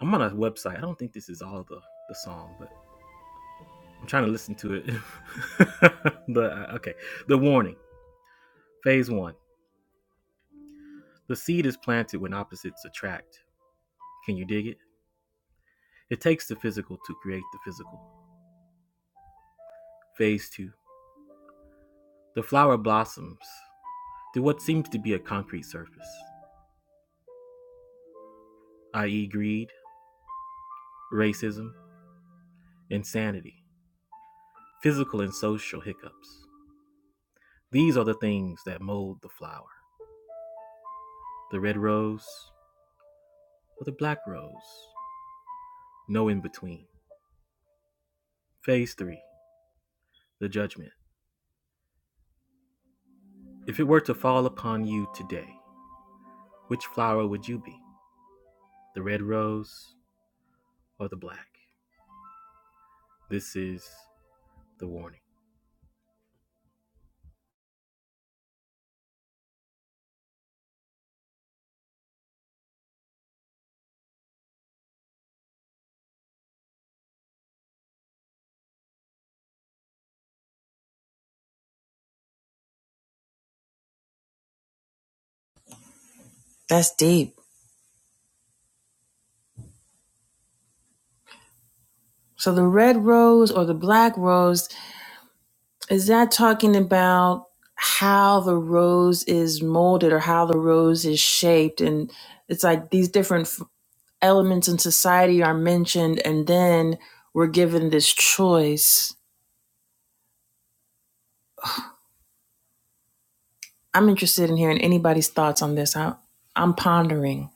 I'm on a website. I don't think this is all the, the song, but I'm trying to listen to it. [laughs] the, okay, the warning. Phase one The seed is planted when opposites attract. Can you dig it? It takes the physical to create the physical. Phase 2. The flower blossoms through what seems to be a concrete surface, i.e., greed, racism, insanity, physical and social hiccups. These are the things that mold the flower the red rose or the black rose, no in between. Phase 3. The judgment. If it were to fall upon you today, which flower would you be? The red rose or the black? This is the warning. That's deep. So the red rose or the black rose is that talking about how the rose is molded or how the rose is shaped, and it's like these different elements in society are mentioned, and then we're given this choice I'm interested in hearing anybody's thoughts on this. I, I'm pondering.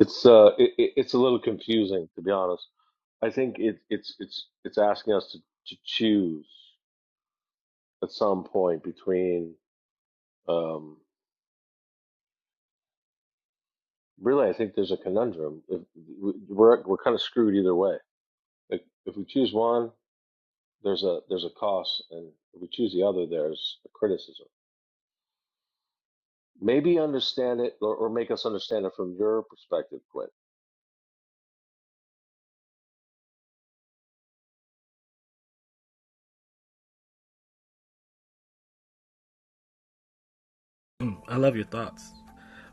It's uh, it, it- it's a little confusing to be honest. I think it, it's it's it's asking us to, to choose at some point between. Um, really, I think there's a conundrum. If we- we're we're kind of screwed either way. Like if we choose one, there's a there's a cost, and if we choose the other, there's a criticism. Maybe understand it or, or make us understand it from your perspective, Quinn. Mm, I love your thoughts.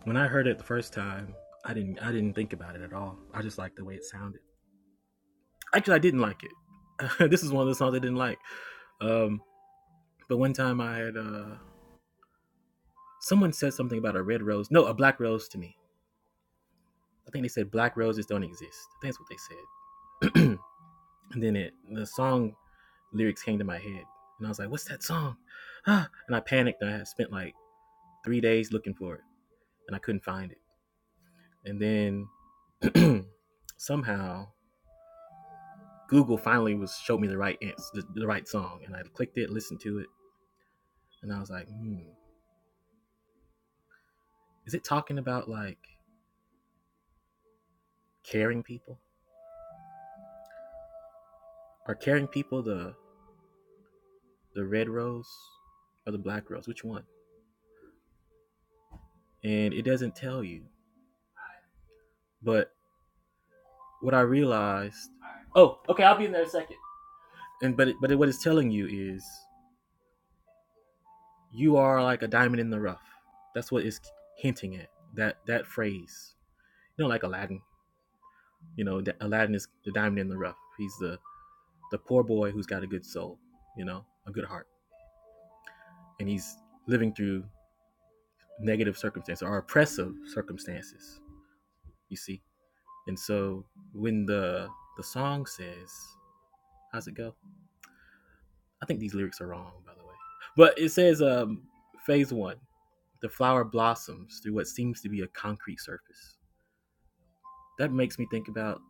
When I heard it the first time, I didn't I didn't think about it at all. I just liked the way it sounded. Actually, I didn't like it. [laughs] this is one of the songs I didn't like. Um, but one time I had uh, someone said something about a red rose. No, a black rose to me. I think they said black roses don't exist. I think that's what they said. [clears throat] and then it the song lyrics came to my head, and I was like, "What's that song?" [gasps] Ah, and I panicked. And I had spent like three days looking for it, and I couldn't find it. and then [clears throat] somehow Google finally was showed me the right answer, the, the right song, and I clicked it, listened to it, and I was like, hmm, is it talking about like caring people? Are caring people the the red rose or the black rose? Which one? And it doesn't tell you. But what I realized, oh, okay, I'll be in there in a second. And but it, but it, what it's telling you is you are like a diamond in the rough. That's what it's hinting at. That that phrase, you know, like Aladdin You know, Aladdin is the diamond in the rough. He's the the poor boy who's got a good soul, you know, a good heart, and he's living through negative circumstances or oppressive circumstances. You see, and so when the the song says, "How's it go?" I think these lyrics are wrong, by the way, but it says, um, "Phase one, the flower blossoms through what seems to be a concrete surface." That makes me think about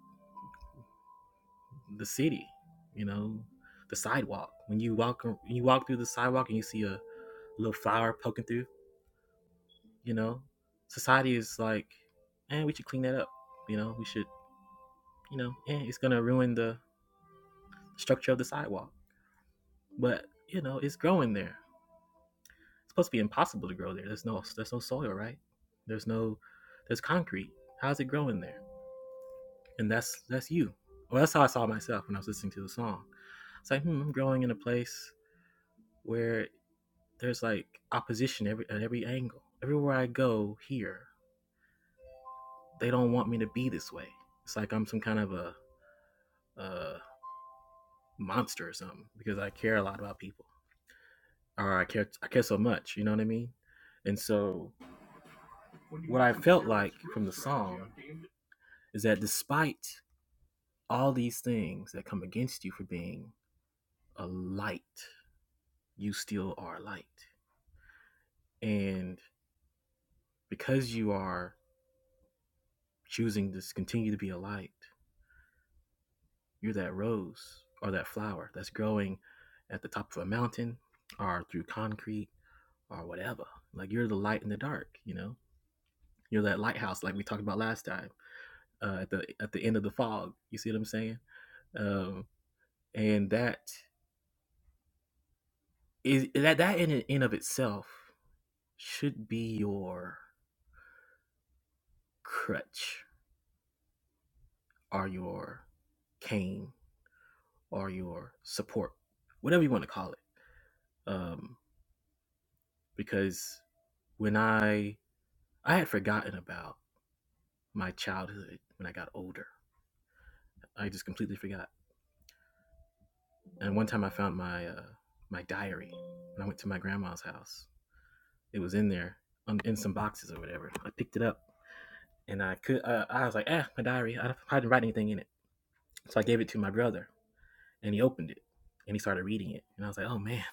the city, you know, the sidewalk. When you walk, when you walk through the sidewalk and you see a little flower poking through. You know, society is like, eh, we should clean that up. You know, we should, you know, eh, it's gonna ruin the structure of the sidewalk. But you know, it's growing there. It's supposed to be impossible to grow there. There's no, there's no soil, right? There's no, there's concrete. How's it growing there? And that's that's you. Well, that's how I saw myself when I was listening to the song. It's like, hmm, I'm growing in a place where there's like opposition every at every angle. Everywhere I go here, they don't want me to be this way. It's like I'm some kind of a, a monster or something because I care a lot about people, or I care I care so much. You know what I mean? And so, what I felt like from the song is that despite all these things that come against you for being a light, you still are a light. And because you are choosing to continue to be a light, you're that rose or that flower that's growing at the top of a mountain or through concrete or whatever. Like you're the light in the dark, you know. You're that lighthouse, like we talked about last time. Uh, at the at the end of the fog, you see what I'm saying? Um, and that is that that in in of itself should be your crutch or your cane or your support, whatever you want to call it. Um, because when I I had forgotten about my childhood when I got older, I just completely forgot And one time I found my uh, my diary when I went to my grandma's house. It was in there um, in some boxes or whatever. I picked it up and I could uh, I was like, ah, my diary. I, I didn't write anything in it, so I gave it to my brother and he opened it and he started reading it and I was like, oh man,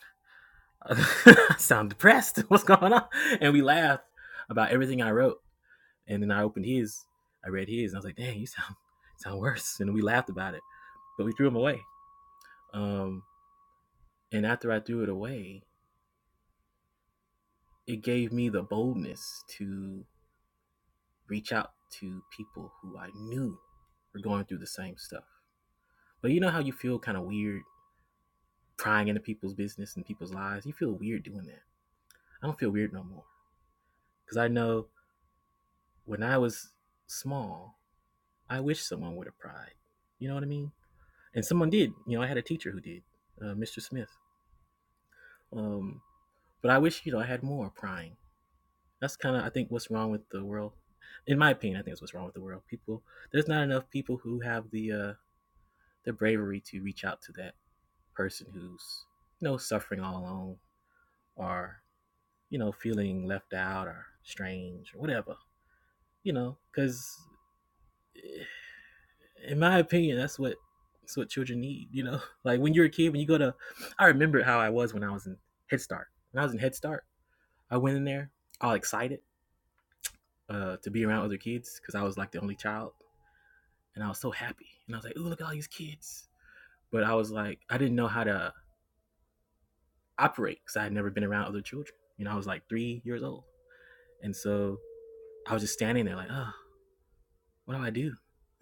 [laughs] I sound depressed. [laughs] What's going on? And we laughed about everything I wrote. And then I opened his, I read his, and I was like, dang, you sound sound worse. And we laughed about it, but we threw him away. Um, and after I threw it away, it gave me the boldness to reach out to people who I knew were going through the same stuff. But you know how you feel kind of weird prying into people's business and people's lives? You feel weird doing that. I don't feel weird no more. Because I know when I was small, I wish someone would have pried. You know what I mean? And someone did. You know, I had a teacher who did, uh, Mr. Smith. Um, but I wish, you know, I had more prying That's kind of I think what's wrong with the world. In my opinion, I think that's what's wrong with the world. People, there's not enough people who have the uh, the bravery to reach out to that person who's you know suffering all alone or you know feeling left out or strange or whatever. You know, because in my opinion, that's what that's what children need. You know, [laughs] like when you're a kid, when you go to, I remember how I was when I was in Head Start. When I was in Head Start, I went in there all excited uh, to be around other kids because I was like the only child. and I was so happy. And I was like, "Ooh, look at all these kids!" But I was like, I didn't know how to operate because I had never been around other children. You know, I was like three years old, and so I was just standing there like, "Oh, what do I do? [laughs]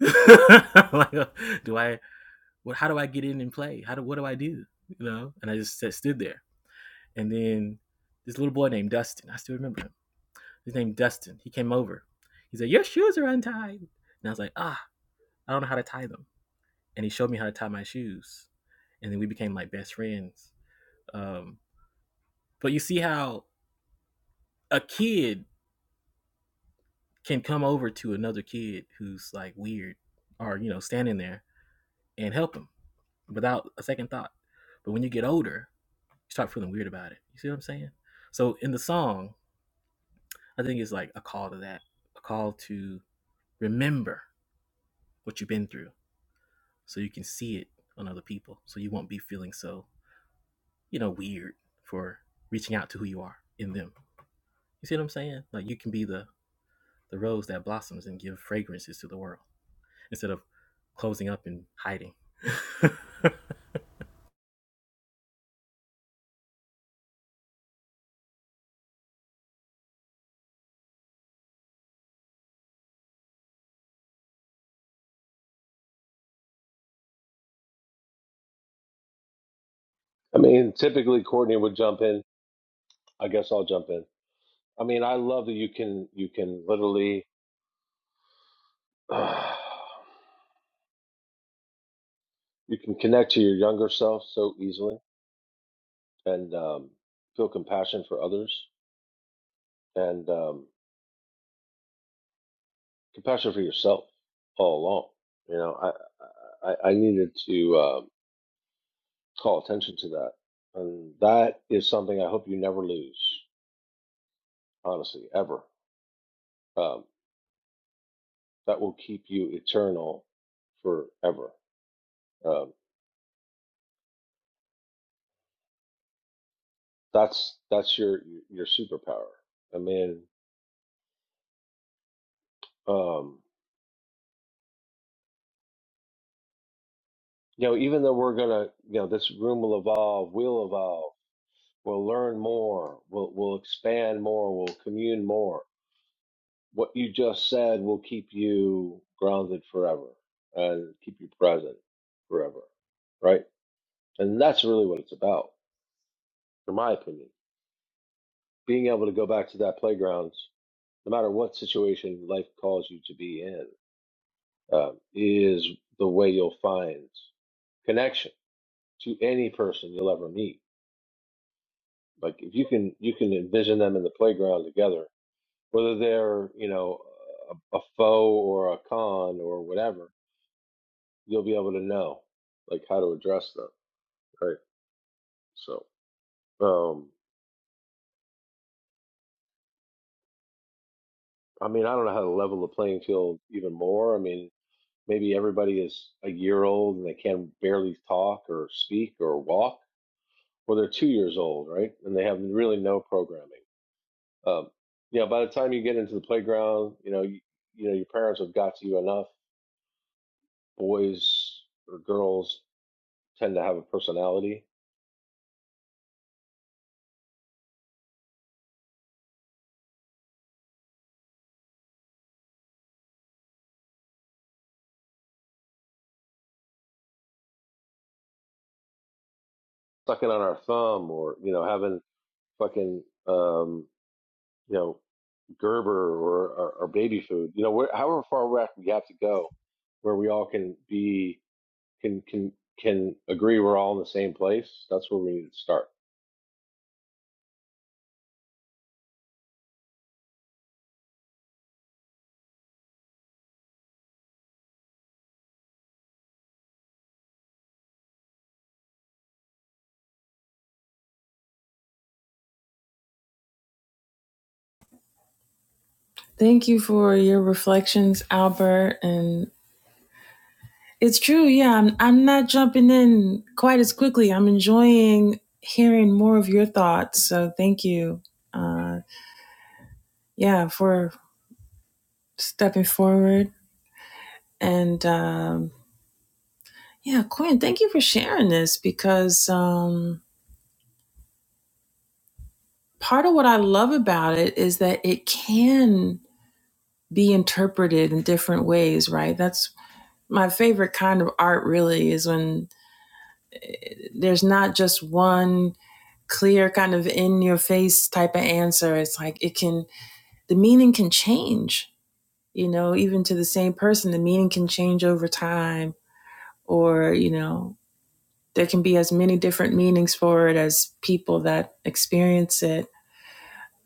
like, uh, do I what? How do I get in and play? How do what do I do? You know?" And I just stood there, and then this little boy named Dustin, I still remember him. His name Dustin. He came over. He said, "Your shoes are untied," and I was like, "Ah, I don't know how to tie them." And he showed me how to tie my shoes, and then we became like best friends Um, but you see how a kid can come over to another kid who's like weird or you know standing there and help him without a second thought. But when you get older, you start feeling weird about it. You see what I'm saying? So in the song, I think it's like a call to that, a call to remember what you've been through, so you can see it on other people, so you won't be feeling so you know weird for reaching out to who you are in them. You see what I'm saying? Like you can be the the rose that blossoms and give fragrances to the world. instead of closing up and hiding. [laughs] I mean, typically Courtney would jump in. I guess I'll jump in. I mean, I love that you can you can literally [sighs] uh, you can connect to your younger self so easily and um, feel compassion for others and um, compassion for yourself all along. You know, I I, I needed to uh, call attention to that, and that is something I hope you never lose. Honestly, ever. Um, that will keep you eternal forever. Um, that's that's your your superpower. I mean. um, you know, even though we're gonna, you know, this room will evolve, we'll evolve, we'll learn more, we'll we'll expand more, we'll commune more. What you just said will keep you grounded forever and keep you present forever, right? And that's really what it's about, in my opinion. Being able to go back to that playground, no matter what situation life calls you to be in, um, is the way you'll find connection to any person you'll ever meet Like if you can you can envision them in the playground together, whether they're you know a, a foe or a con or whatever, you'll be able to know like how to address them, right? So, um, I mean, I don't know how to level the playing field even more. I mean, maybe everybody is a year old and they can barely talk or speak or walk, or they're two years old, right? And they have really no programming. Um, you know, by the time you get into the playground, you know, you, you know, your parents have got to you enough boys or girls tend to have a personality. Sucking on our thumb or, you know, having fucking, um, you know, Gerber or, or, or baby food, you know, where, however far we have to go where we all can be, can, can, can agree we're all in the same place. That's where we need to start. Thank you for your reflections, Albert. And it's true. Yeah, I'm, I'm not jumping in quite as quickly. I'm enjoying hearing more of your thoughts. So thank you. Uh, yeah, for stepping forward. And um, yeah, Quinn, thank you for sharing this because um, part of what I love about it is that it can be interpreted in different ways, right? That's My favorite kind of art really is when there's not just one clear kind of in your face type of answer. It's like it can, the meaning can change, you know, even to the same person, the meaning can change over time, or, you know, there can be as many different meanings for it as people that experience it.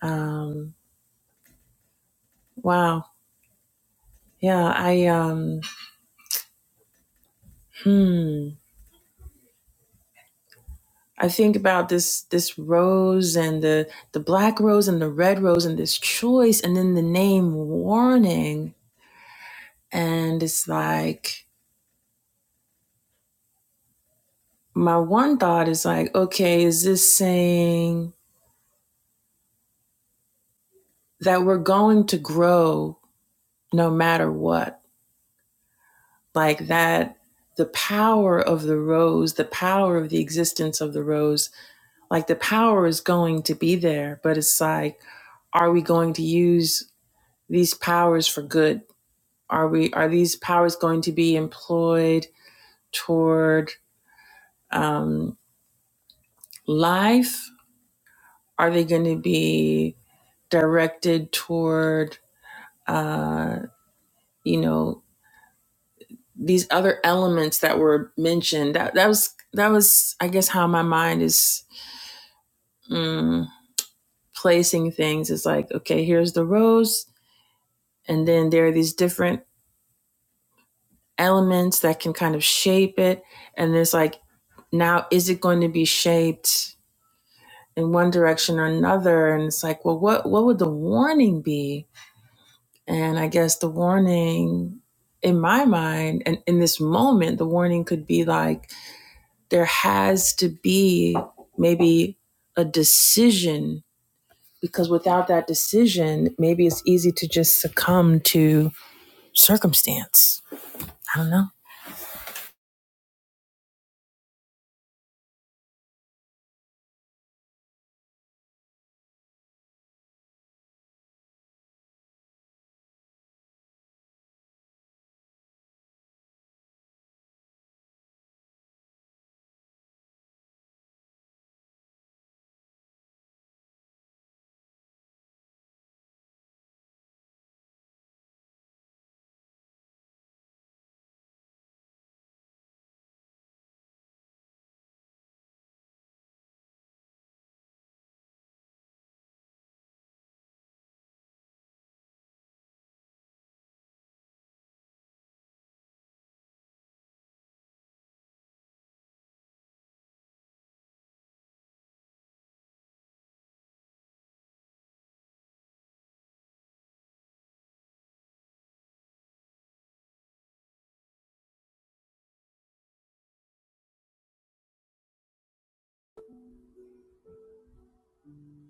Um, wow. Yeah. I, um, hmm. I think about this this rose and the the black rose and the red rose and this choice and then the name warning and it's like my one thought is like okay is this saying that we're going to grow no matter what like that the power of the rose the power of the existence of the rose like the power is going to be there but it's like are we going to use these powers for good Are we are these powers going to be employed toward um, life? Are they going to be directed toward uh, you know these other elements that were mentioned? That that was that was I guess how my mind is mm, placing things. Is like okay, here's the rose, and then there are these different elements that can kind of shape it, and there's like now is it going to be shaped? in one direction or another and it's like well what what would the warning be and i guess the warning in my mind and in this moment the warning could be like there has to be maybe a decision because without that decision maybe it's easy to just succumb to circumstance i don't know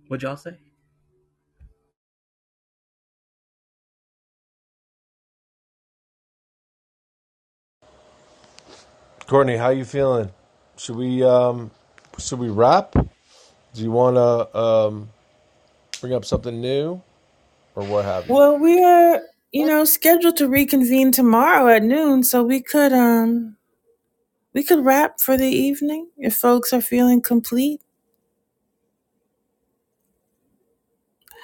What'd y'all say? Courtney, how you feeling? Should we um should we wrap? Do you want to um bring up something new or what have you? well we are you know scheduled to reconvene tomorrow at noon so we could um We could wrap for the evening if folks are feeling complete.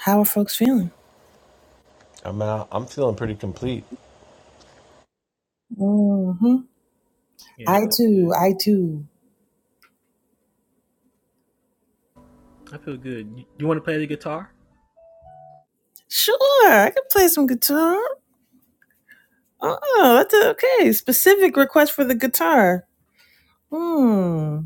How are folks feeling? I'm out. I'm feeling pretty complete. hmm Yeah, I I feel good. too. I too. I feel good. You, you want to play the guitar? Sure, I could play some guitar. Oh, that's okay. Specific request for the guitar. Hmm.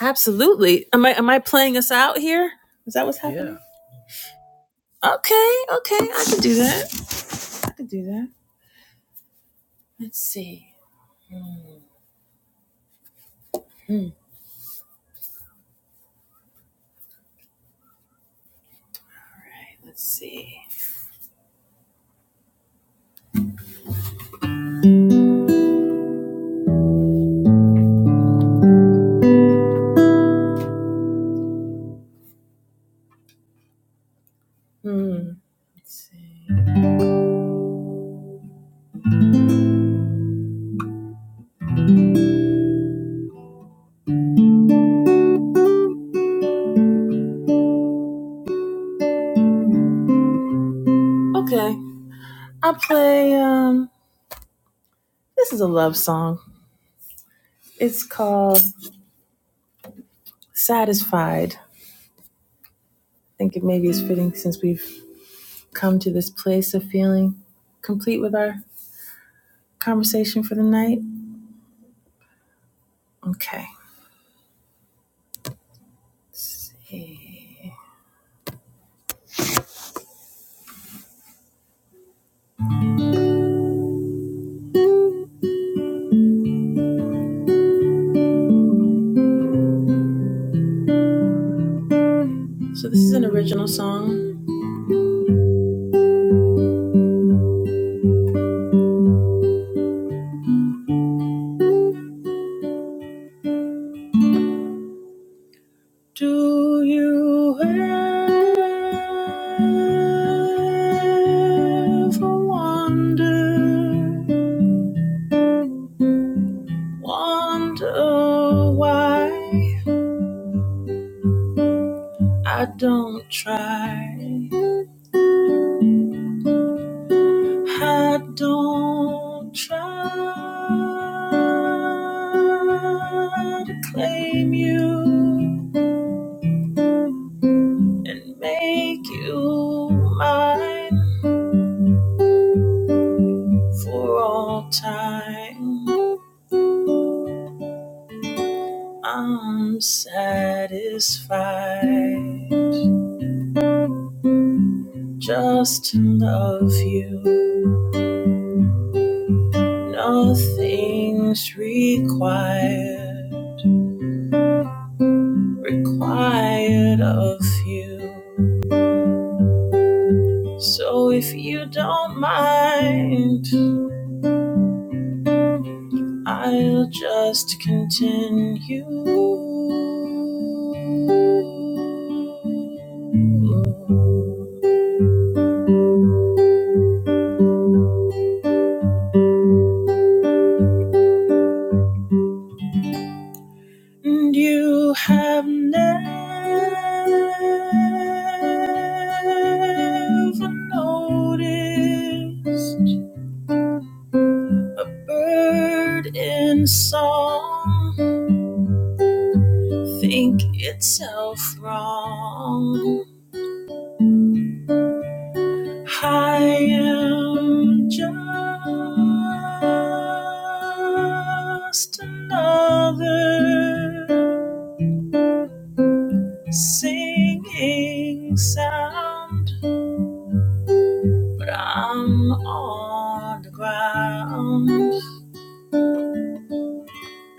Absolutely. Am I am I playing us out here? Is that what's Yeah. happening? Okay, okay, I could do that. I could do that. Let's see. Hmm. Let's see. Hmm. Let's see. Okay. I'll play um this is a love song. It's called Satisfied. I think it maybe is fitting since we've come to this place of feeling complete with our conversation for the night. Okay. Let's see. So this is an original song. Do you ever wonder, wonder why I don't try? I don't try to claim you and make you mine for all time. I'm satisfied just to love you. Nothing's required, required of you. So if you don't mind, I'll just continue. And you have never noticed bird in song think itself wrong I am just another singing sound. I'm on the ground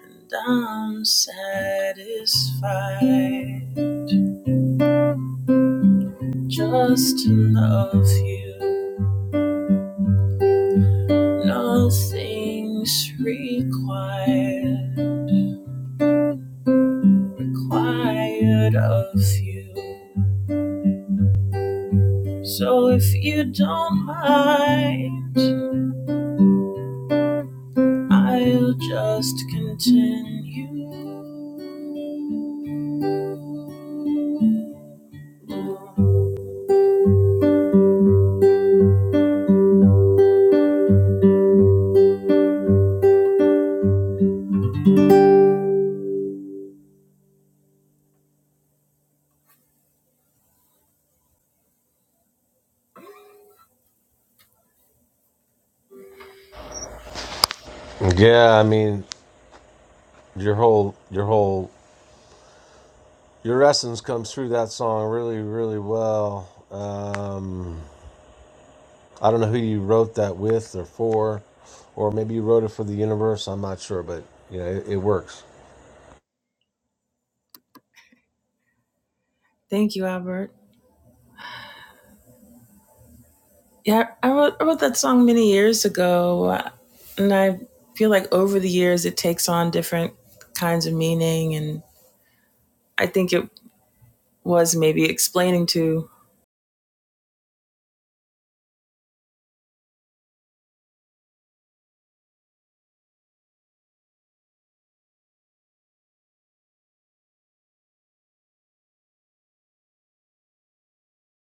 and I'm satisfied. Just enough of you, nothing's required, required of you. So if you don't mind, I'll just continue. Yeah, I mean, your whole your whole your essence comes through that song really really well um i don't know who you wrote that with or for or maybe you wrote it for the universe i'm not sure but you know it, it works Thank you, Albert. Yeah, I wrote, I wrote that song many years ago, and I feel like over the years it takes on different kinds of meaning, and I think it was maybe explaining to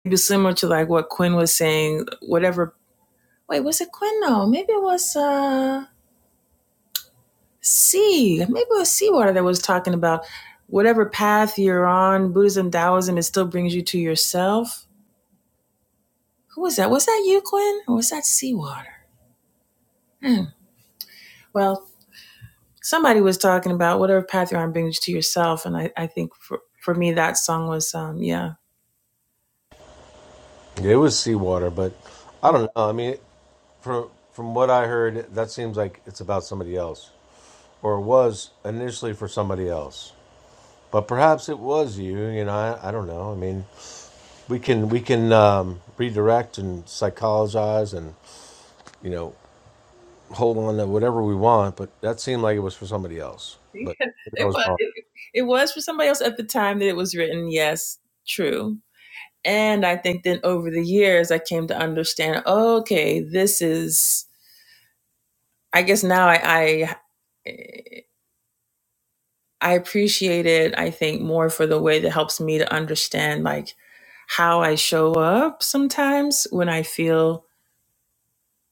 maybe similar to like what Quinn was saying. Whatever. Wait, was it Quinn? No, maybe it was. uh see maybe it was seawater that was talking about whatever path you're on buddhism taoism it still brings you to yourself who was that was that you quinn or was that seawater hmm. well somebody was talking about whatever path you're on brings you to yourself and i, I think for, for me that song was um yeah it was seawater but i [laughs] don't know i mean from from what i heard that seems like it's about somebody else or it was initially for somebody else but perhaps it was you you know i, I don't know i mean we can we can um, redirect and psychologize and you know hold on to whatever we want, but that seemed like it was for somebody else. But that it was was wrong. it, it was for somebody else at the time that it was written yes true and i think then over the years i came to understand okay this is i guess now i, I I appreciate it, I think, more for the way that helps me to understand like how I show up sometimes when I feel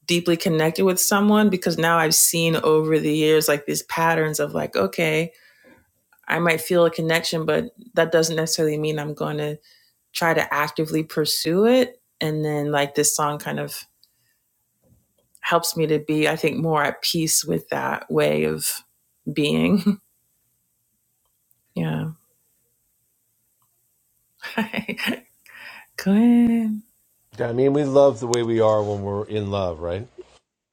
deeply connected with someone because now I've seen over the years like these patterns of like, okay, I might feel a connection, but that doesn't necessarily mean I'm going to try to actively pursue it. And then like this song kind of helps me to be, I think, more at peace with that way of being. [laughs] yeah. [laughs] Go ahead. Yeah, I mean, we love the way we are when we're in love, right?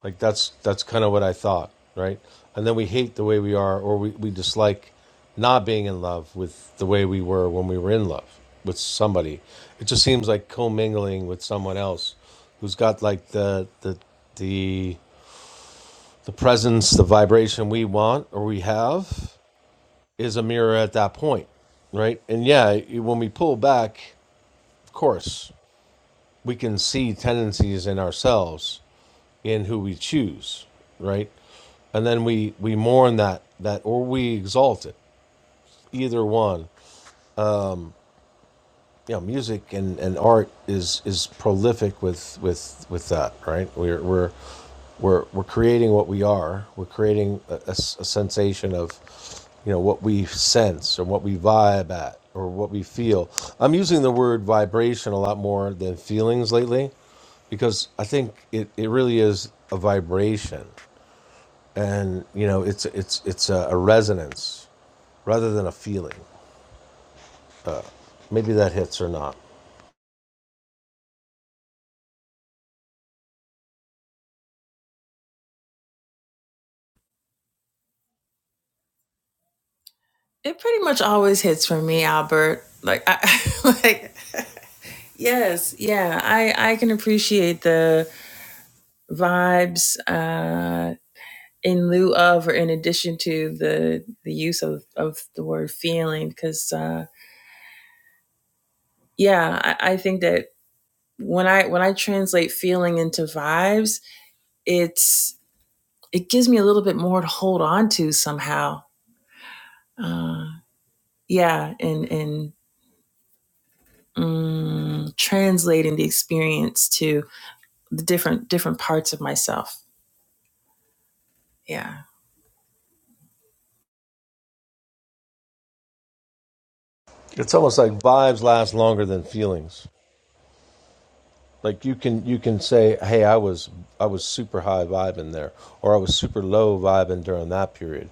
Like that's that's kind of what I thought, right? And then we hate the way we are, or we, we dislike not being in love with the way we were when we were in love with somebody. It just seems like commingling with someone else who's got like the the the the presence, the vibration we want or we have, is a mirror at that point, right? And yeah, when we pull back, of course, we can see tendencies in ourselves in who we choose, right? And then we we mourn that that or we exalt it, either one. yeah, music and, and art is is prolific with with with that, right? We're we're we're we're creating what we are. We're creating a, a s- a sensation of, you know, what we sense or what we vibe at or what we feel. I'm using the word vibration a lot more than feelings lately, because I think it, it really is a vibration, and you know, it's it's it's a, a resonance rather than a feeling. Maybe that hits or not. It pretty much always hits for me, Albert. Like, I, [laughs] like yes, yeah, I I can appreciate the vibes uh, in lieu of or in addition to the the use of of the word feeling because uh, yeah, I, I think that when I when I translate feeling into vibes, it's it gives me a little bit more to hold on to somehow. Uh, yeah, and and mm, translating the experience to the different different parts of myself. Yeah. It's almost like vibes last longer than feelings. Like you can you can say, "Hey, I was I was super high vibing there," or "I was super low vibing during that period,"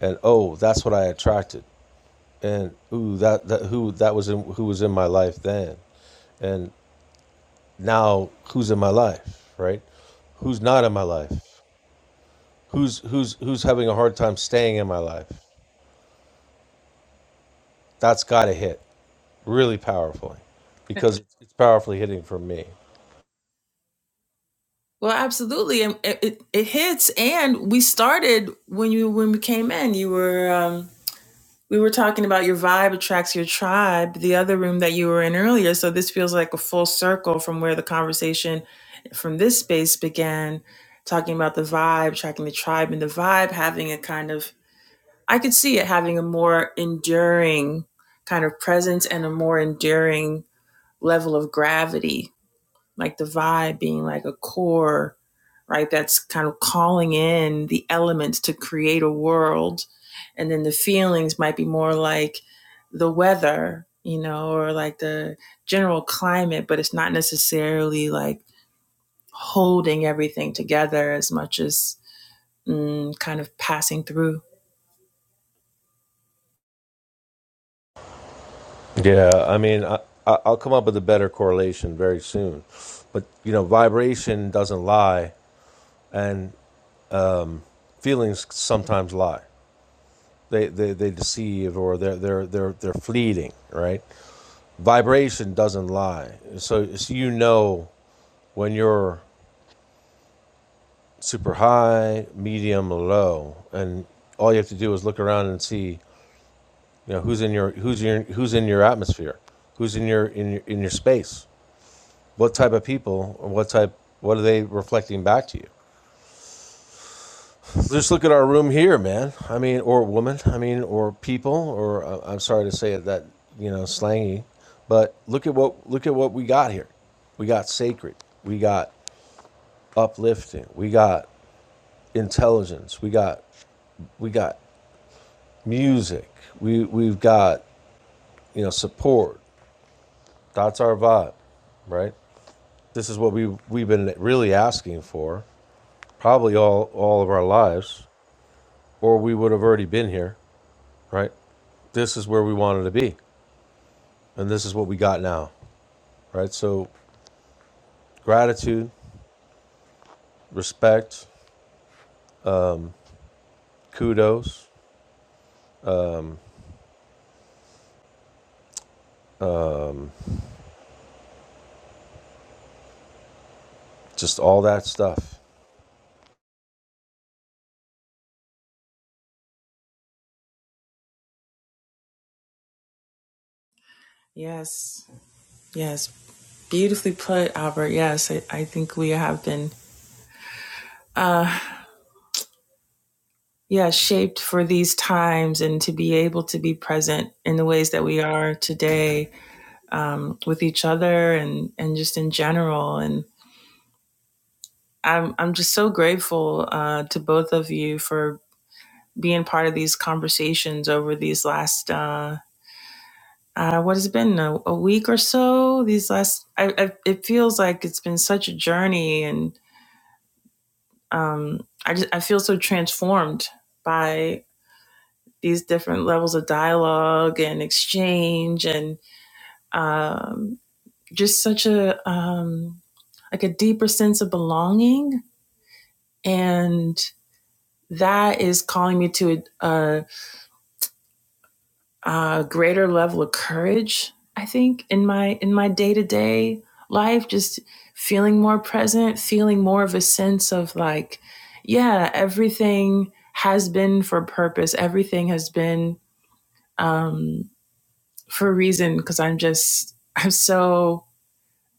and oh, that's what I attracted, and ooh, that, that who that was in, who was in my life then, and now who's in my life, right? Who's not in my life? Who's who's who's having a hard time staying in my life? That's got to hit really powerfully, because it's powerfully hitting for me. Well, absolutely, and it, it, it hits. And we started when you when we came in. You were um, we were talking about your vibe attracts your tribe. The other room that you were in earlier. So this feels like a full circle from where the conversation from this space began, talking about the vibe, tracking the tribe, and the vibe having a kind of I could see it having a more enduring kind of presence and a more enduring level of gravity like the vibe being like a core, right? That's kind of calling in the elements to create a world. And then the feelings might be more like the weather, you know, or like the general climate, but it's not necessarily like holding everything together as much as mm, kind of passing through. Yeah, I mean, I, I- I'll come up with a better correlation very soon, but you know, vibration doesn't lie, and um, feelings sometimes lie. They, they they deceive or they're they're they're they're fleeting, right? Vibration doesn't lie, so so you know when you're super high, medium, or low, and all you have to do is look around and see, you know, who's in your who's your who's in your atmosphere, who's in your in your, in your space what type of people or what type what are they reflecting back to you just look at our room here man i mean or woman i mean or people or uh, i'm sorry to say it that you know slangy but look at what look at what we got here we got sacred we got uplifting we got intelligence we got we got music we we've got you know support that's our vibe right this is what we we've been really asking for probably all all of our lives or we would have already been here, right? This is where we wanted to be, and this is what we got now, right? So, gratitude, respect, kudos, just all that stuff. Yes, yes. Beautifully put, Albert. Yes, I, I think we have been. Uh, yeah, shaped for these times and to be able to be present in the ways that we are today um, with each other and, and just in general. And I'm, I'm just so grateful uh, to both of you for being part of these conversations over these last, uh, uh, what has it been, a, a week or so? These last, I, I, it feels like it's been such a journey and um, I, just, I feel so transformed by. these different levels of dialogue and exchange and um, just such a um, like a deeper sense of belonging and that is calling me to a, a, a greater level of courage i think in my in my day-to-day life just feeling more present feeling more of a sense of like yeah everything has been for purpose everything has been um, for a reason because I'm just I'm so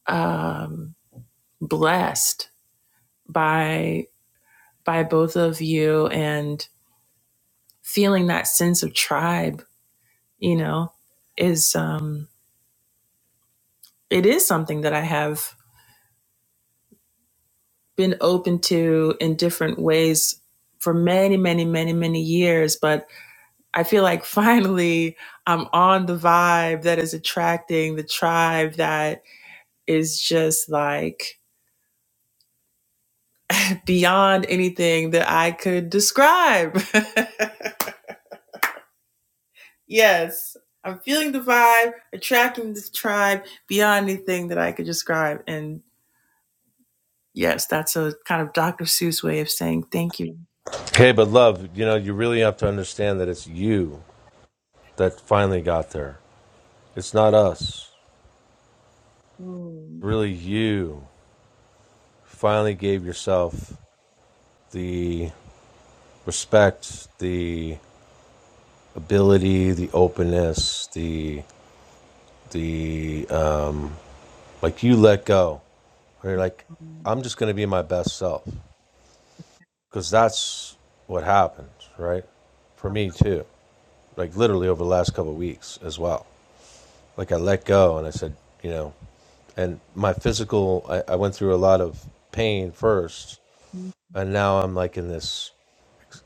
um, blessed by by both of you and feeling that sense of tribe. You know, is um, it is something that I have been open to in different ways for many, many, many, many years. But I feel like [laughs] finally I'm on the vibe that is attracting the tribe that is just like beyond anything that I could describe. [laughs] yes, I'm feeling the vibe, attracting the tribe beyond anything that I could describe. And yes, that's a kind of Dr. Seuss way of saying thank you. Okay, but love, you know, you really have to understand that it's you that finally got there. It's not us. Mm, Really, you finally gave yourself the respect, the ability, the openness, the the um, like you let go where you're like, mm, I'm just going to be my best self. Because that's what happened, right? For me, too. Like, literally over the last couple of weeks as well. Like, I let go and I said, you know, and my physical, I, I went through a lot of pain first. mm, And now I'm like in this,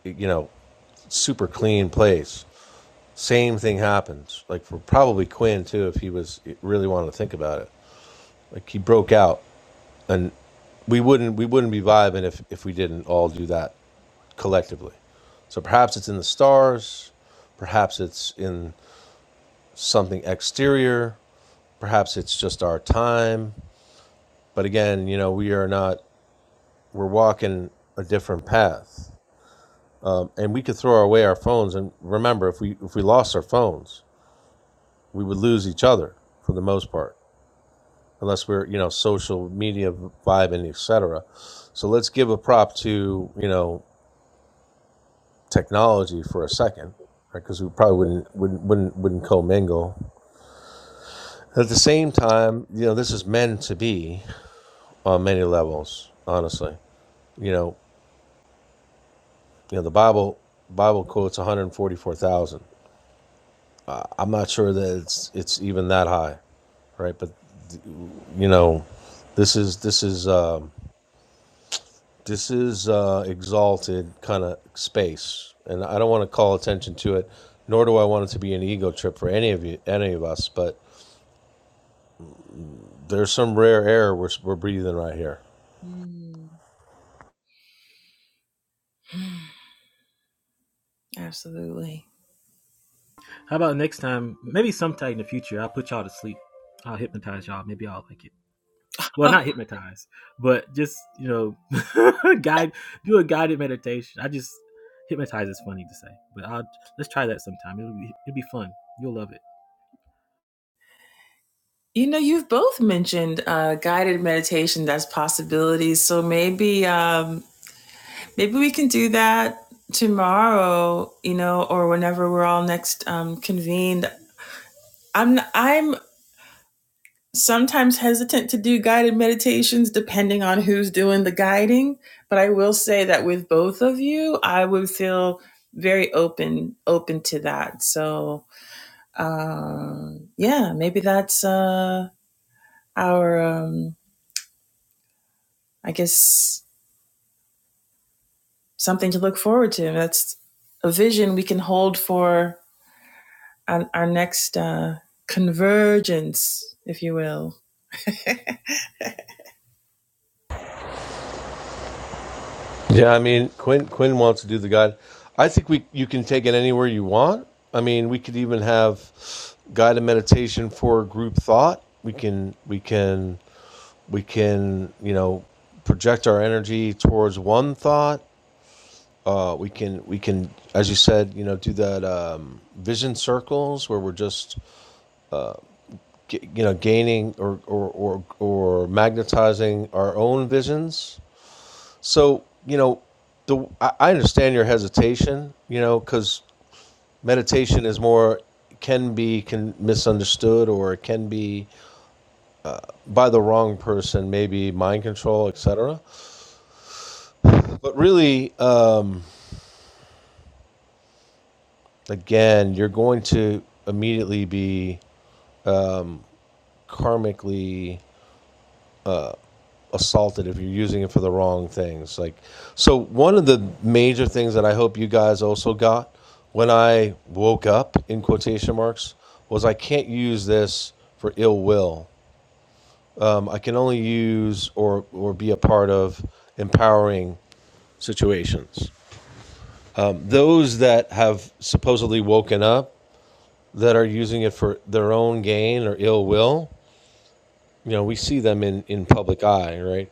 you know, super clean place. Same thing happens. Like, for probably Quinn, too, if he was really wanted to think about it. Like, he broke out and we wouldn't we wouldn't be vibing if if we didn't all do that collectively. So perhaps it's in the stars, perhaps it's in something exterior, perhaps it's just our time. But again, you know, we are not, we're walking a different path. And we could throw away our phones. And remember, if we, if we lost our phones, we would lose each other for the most part, unless we're, you know, social media vibing, et cetera. So let's give a prop to, you know, technology for a second, right? Because we probably wouldn't, wouldn't, wouldn't, wouldn't commingle At the same time, you know, this is meant to be on many levels, honestly. You know, you know, the Bible Bible quotes 144,000. I'm not sure that it's it's even that high, right? But you know, this is this is um, this is uh, exalted kind of space, and I don't want to call attention to it, nor do I want it to be an ego trip for any of you, any of us. But there's some rare air we're, we're breathing right here mm. Absolutely. How about next time? Maybe sometime in the future, I'll put y'all to sleep. I'll hypnotize y'all. Maybe I'll like it. Well, [laughs] not hypnotize, but just you know, [laughs] guide. Do a guided meditation. I just hypnotize is funny to say, but I'll let's try that sometime. It'll be it'll be fun. You'll love it. You know, you've both mentioned uh, guided meditation. as possibilities. So maybe, um, maybe we can do that tomorrow. You know, or whenever we're all next um, convened. I'm I'm sometimes hesitant to do guided meditations depending on who's doing the guiding, but I will say that with both of you, I would feel very open open to that. So, um yeah, maybe that's uh our um I guess something to look forward to. That's a vision we can hold for our, our next uh convergence, if you will. Yeah, I mean Quinn Quinn wants to do the guide. I think we you can take it anywhere you want. I mean, we could even have guided meditation for group thought. We can we can we can you know project our energy towards one thought. Uh, we can we can as you said you know do that um, vision circles where we're just you know gaining or or or, or magnetizing our own visions So, you know, the, I I understand your hesitation, you know, because meditation is more, can be can misunderstood or it can be by the wrong person, maybe mind control, etc. But really, um, again, you're going to immediately be karmically assaulted if you're using it for the wrong things. Like, so one of the major things that I hope you guys also got when I woke up in quotation marks was I can't use this for ill will. Um, I can only use or or be a part of empowering situations. Um, those that have supposedly woken up that are using it for their own gain or ill will, you know, we see them in, in public eye, right?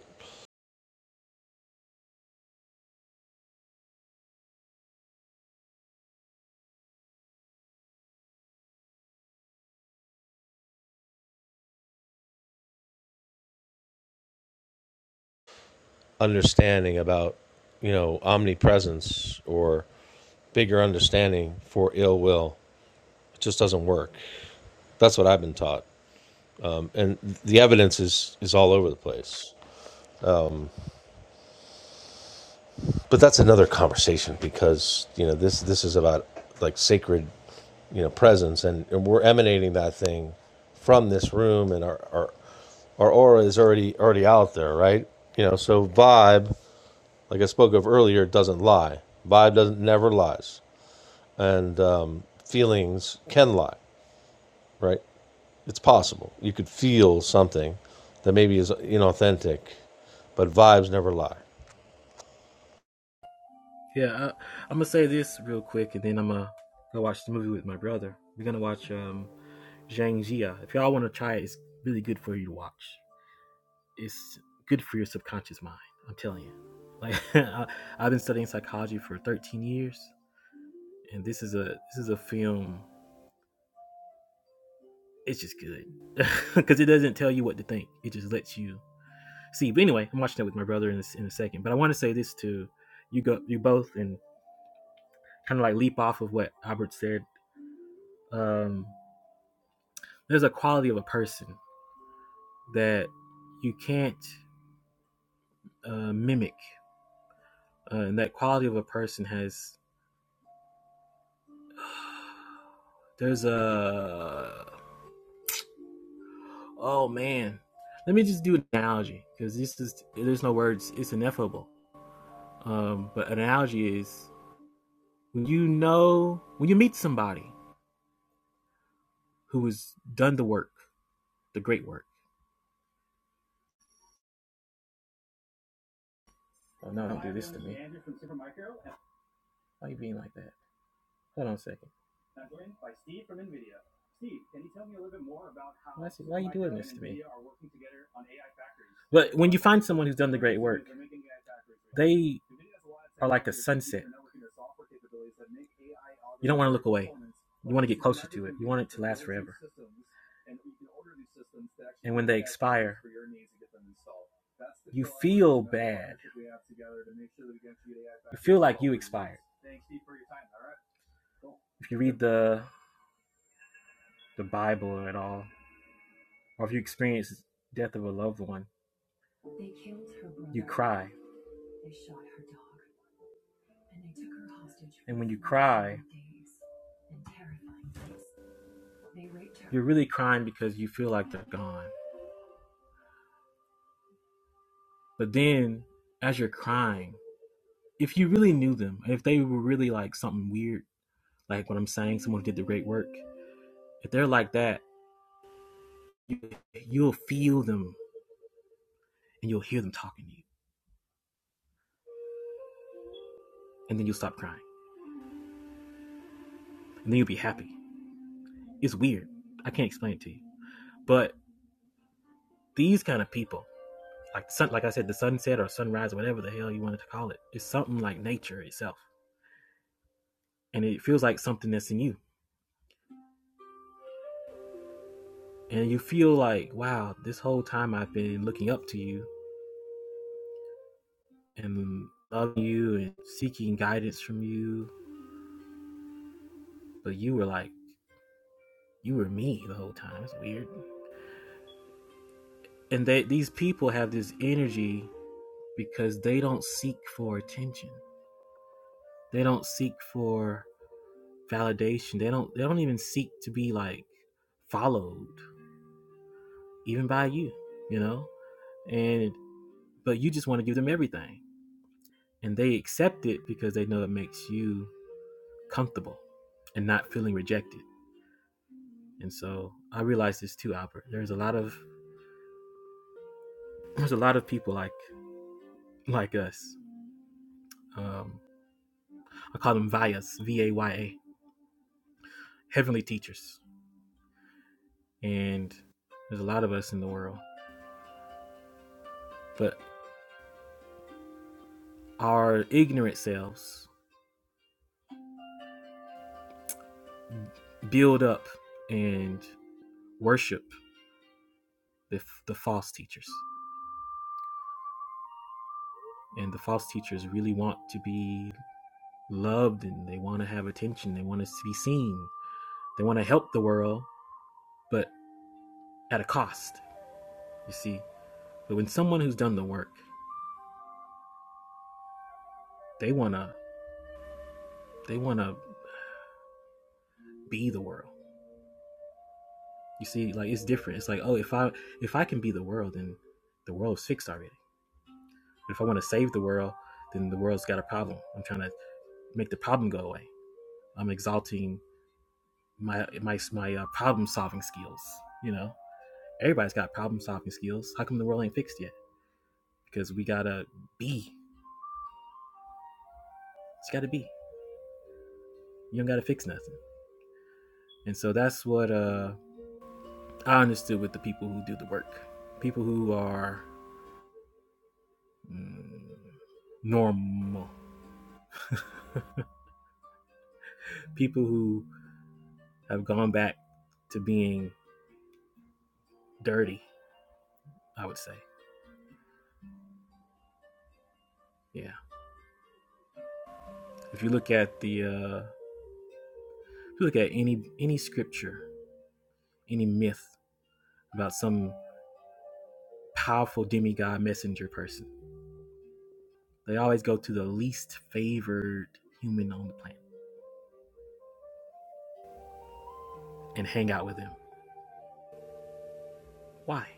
understanding about, you know, omnipresence or bigger understanding for ill will. It just doesn't work. That's what I've been taught. And the evidence is, is all over the place. But that's another conversation because, you know, this this is about like sacred, you know, presence and, and we're emanating that thing from this room and our, our our aura is already already out there, right? You know, so vibe, like I spoke of earlier, doesn't lie. Vibe doesn't never lies. and um, feelings can lie, right? It's possible. You could feel something that maybe is inauthentic, but vibes never lie. Yeah, I, I'm gonna say this real quick, and then I'm gonna go watch the movie with my brother. We're gonna watch um, Zhang Jia. If y'all want to try it, it's really good for you to watch. It's good for your subconscious mind. I'm telling you. Like [laughs] I, have been studying psychology for 13 years, and this is a this is a film. It's just good because [laughs] it doesn't tell you what to think. It just lets you see. But anyway, I'm watching that with my brother in, this, in a second. But I want to say this to you go you both and kind of like leap off of what Albert said. Um, there's a quality of a person that you can't uh, mimic uh, and that quality of a person has there's a oh man let me just do an analogy because this is there's no words it's ineffable um but an analogy is when you know when you meet somebody who has done the work the great work oh no don't do this to me why are you being like that hold on a second But wanna wanna If you read the the Bible at all, or if you experience death of a loved one, you cry. when you cry, You're really crying because you feel like they're gone. But then, as you're crying, if you really knew them, and if they were really like something weird, like what I'm saying, someone who did the great work, if they're like that, you, you'll feel them and you'll hear them talking to you. And then you'll stop crying. And then you'll be happy. It's weird. I can't explain it to you. But these kind of people, like sun, like I said, the sunset or sunrise, whatever the hell you wanted to call it. It's something like nature itself, and it feels like something that's in you, and you feel like, wow, this whole time I've been looking up to you and loving you and seeking guidance from you, but you were like, you were me the whole time. It's weird, and that these people have this energy because they don't seek for attention. They don't seek for validation. They don't. They don't even seek to be like followed, even by you. You know, and but you just want to give them everything and they accept it because they know it makes you comfortable and not feeling rejected and so i realize this too albert there's a lot of there's a lot of people like like us um, i call them Vayas, v-a-y-a heavenly teachers and there's a lot of us in the world but our ignorant selves build up and worship the, the false teachers and the false teachers really want to be loved and they want to have attention. They want us to be seen. They want to help the world, but at a cost, you see. But when someone who's done the work, they want to they want to be the world. You see, like it's different. It's like, "Oh, if I if I can be the world, then the world's fixed already. But if I want to save the world, then the world's got a problem. I'm trying to make the problem go away. I'm exalting my my my uh, problem solving skills. You know, everybody's got problem solving skills. How come the world ain't fixed yet? Because we gotta be. It's got to be. You don't got to fix nothing. And so that's what uh, I understood with the people who do the work. People who are mm, normal. People who have gone back to being dirty, I would say. Yeah. If you look at the uh, if you look at any any scripture, any myth about some powerful demigod messenger person, they always go to the least favored human on the planet and hang out with him. Why?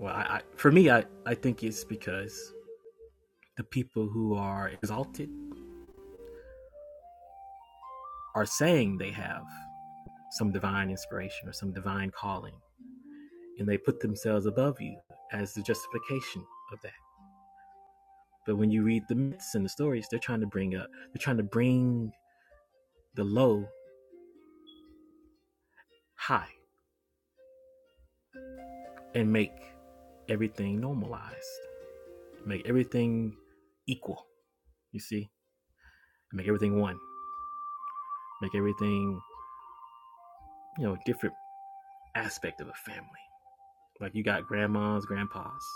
Well, I, I, for me, I, I think it's because the people who are exalted are saying they have some divine inspiration or some divine calling, and they put themselves above you as the justification of that. But when you read the myths and the stories, they're trying to bring up, they're trying to bring the low high and make everything normalized, make everything equal, you see, make everything one, make everything, you know, a different aspect of a family Like you got grandmas, grandpas,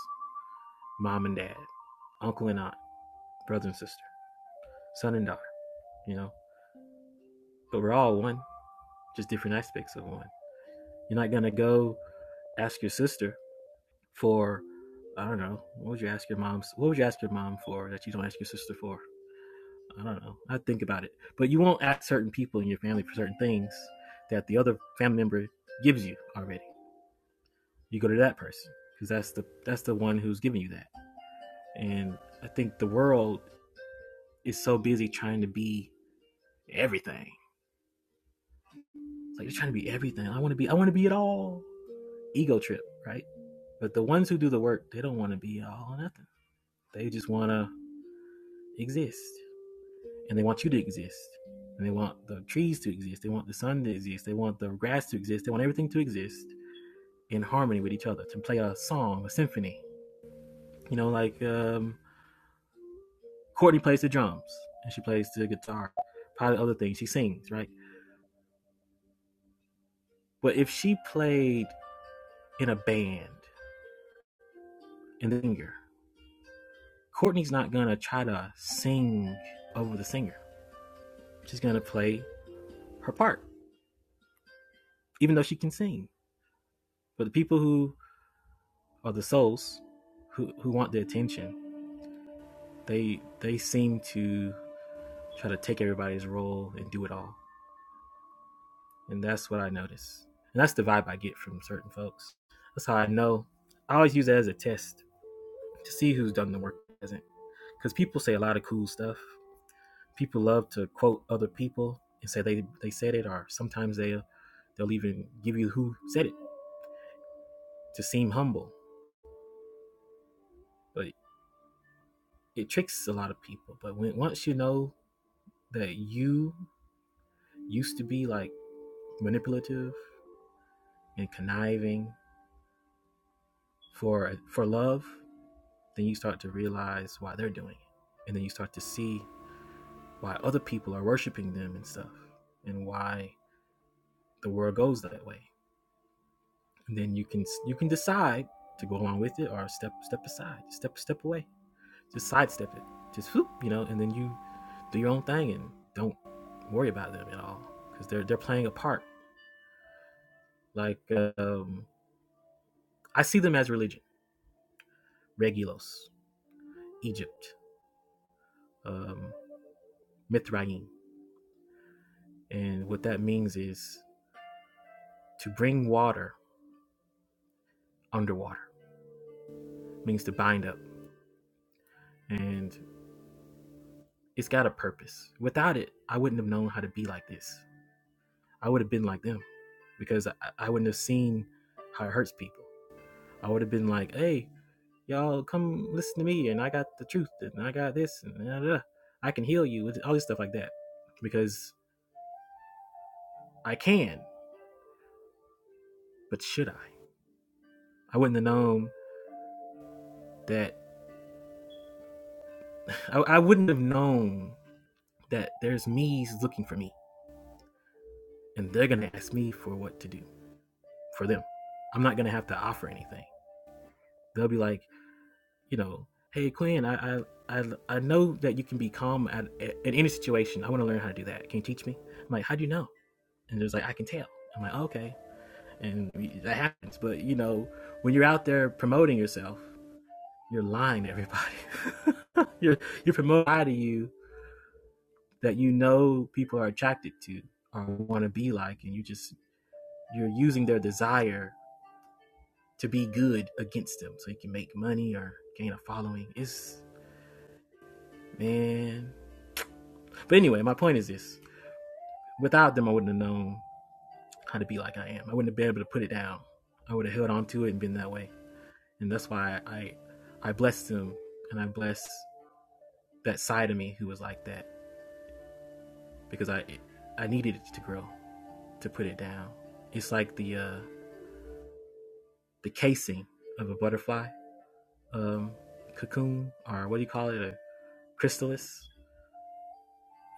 mom and dad, uncle and aunt, brother and sister, son and daughter, you know? But we're all one, just different aspects of one. You're not gonna go ask your sister for, I don't know, what would you ask your mom? What would you ask your mom for that you don't ask your sister for? I don't know. I think about it. But you won't ask certain people in your family for certain things that the other family member gives you already. You go to that person because that's the that's the one who's giving you that. And I think the world is so busy trying to be everything. It's like they're trying to be everything. I want to be. I want to be it all. Ego trip, right? But the ones who do the work, they don't want to be all or nothing. They just want to exist, and they want you to exist, and they want the trees to exist. They want the sun to exist. They want the grass to exist. They want everything to exist in harmony with each other. To play a song, a symphony. You know, like um, Courtney plays the drums and she plays the guitar, probably other things. She sings, right? But if she played in a band and the singer. Courtney's not gonna try to sing over the singer. She's gonna play her part, even though she can sing. But the people who are the souls who, who want the attention, they they seem to try to take everybody's role and do it all. And that's what I notice. And that's the vibe I get from certain folks. That's how I know. I always use that as a test to see who's done the work and hasn't. Because people say a lot of cool stuff people love to quote other people and say they, they said it or sometimes they they'll even give you who said it to seem humble but it tricks a lot of people but when once you know that you used to be like manipulative and conniving for for love then you start to realize why they're doing it and then you start to see why other people are worshiping them and stuff and why the world goes that way and then you can you can decide to go along with it or step step aside, step step away, just sidestep it, just whoop, you know, and then you do your own thing and don't worry about them at all because they're they're playing a part. Like um, I see them as religion, Regulos, Egypt, um, Mithraim, and what that means is to bring water underwater It means to bind up, and it's got a purpose. Without it, I wouldn't have known how to be like this. I would have been like them because I, I wouldn't have seen how it hurts people. I would have been like, hey, y'all come listen to me and I got the truth and I got this and da, da, da. I can heal you, all this stuff like that because I can, but should I? I wouldn't have known that, I, I wouldn't have known that there's me's looking for me and they're going to ask me for what to do for them. I'm not going to have to offer anything. They'll be like, you know, hey Quinn, I I I, I know that you can be calm at, at in any situation. I want to learn how to do that. Can you teach me? I'm like, how do you know? And there's like, I can tell. I'm like, oh, okay, and that happens. But you know, when you're out there promoting yourself, you're lying to everybody. [laughs] you're you're promoting a lie you that you know people are attracted to or want to be like, and you just you're using their desire to be good against them so you can make money or gain a following. It's man, But anyway, my point is this: without them, I wouldn't have known how to be like I am. I wouldn't have been able to put it down. I would have held on to it and been that way. And that's why I, I blessed them, and I blessed that side of me who was like that because I, I needed it to grow, to put it down. It's like the, uh, the casing of a butterfly, um, cocoon, or what do you call it, a chrysalis.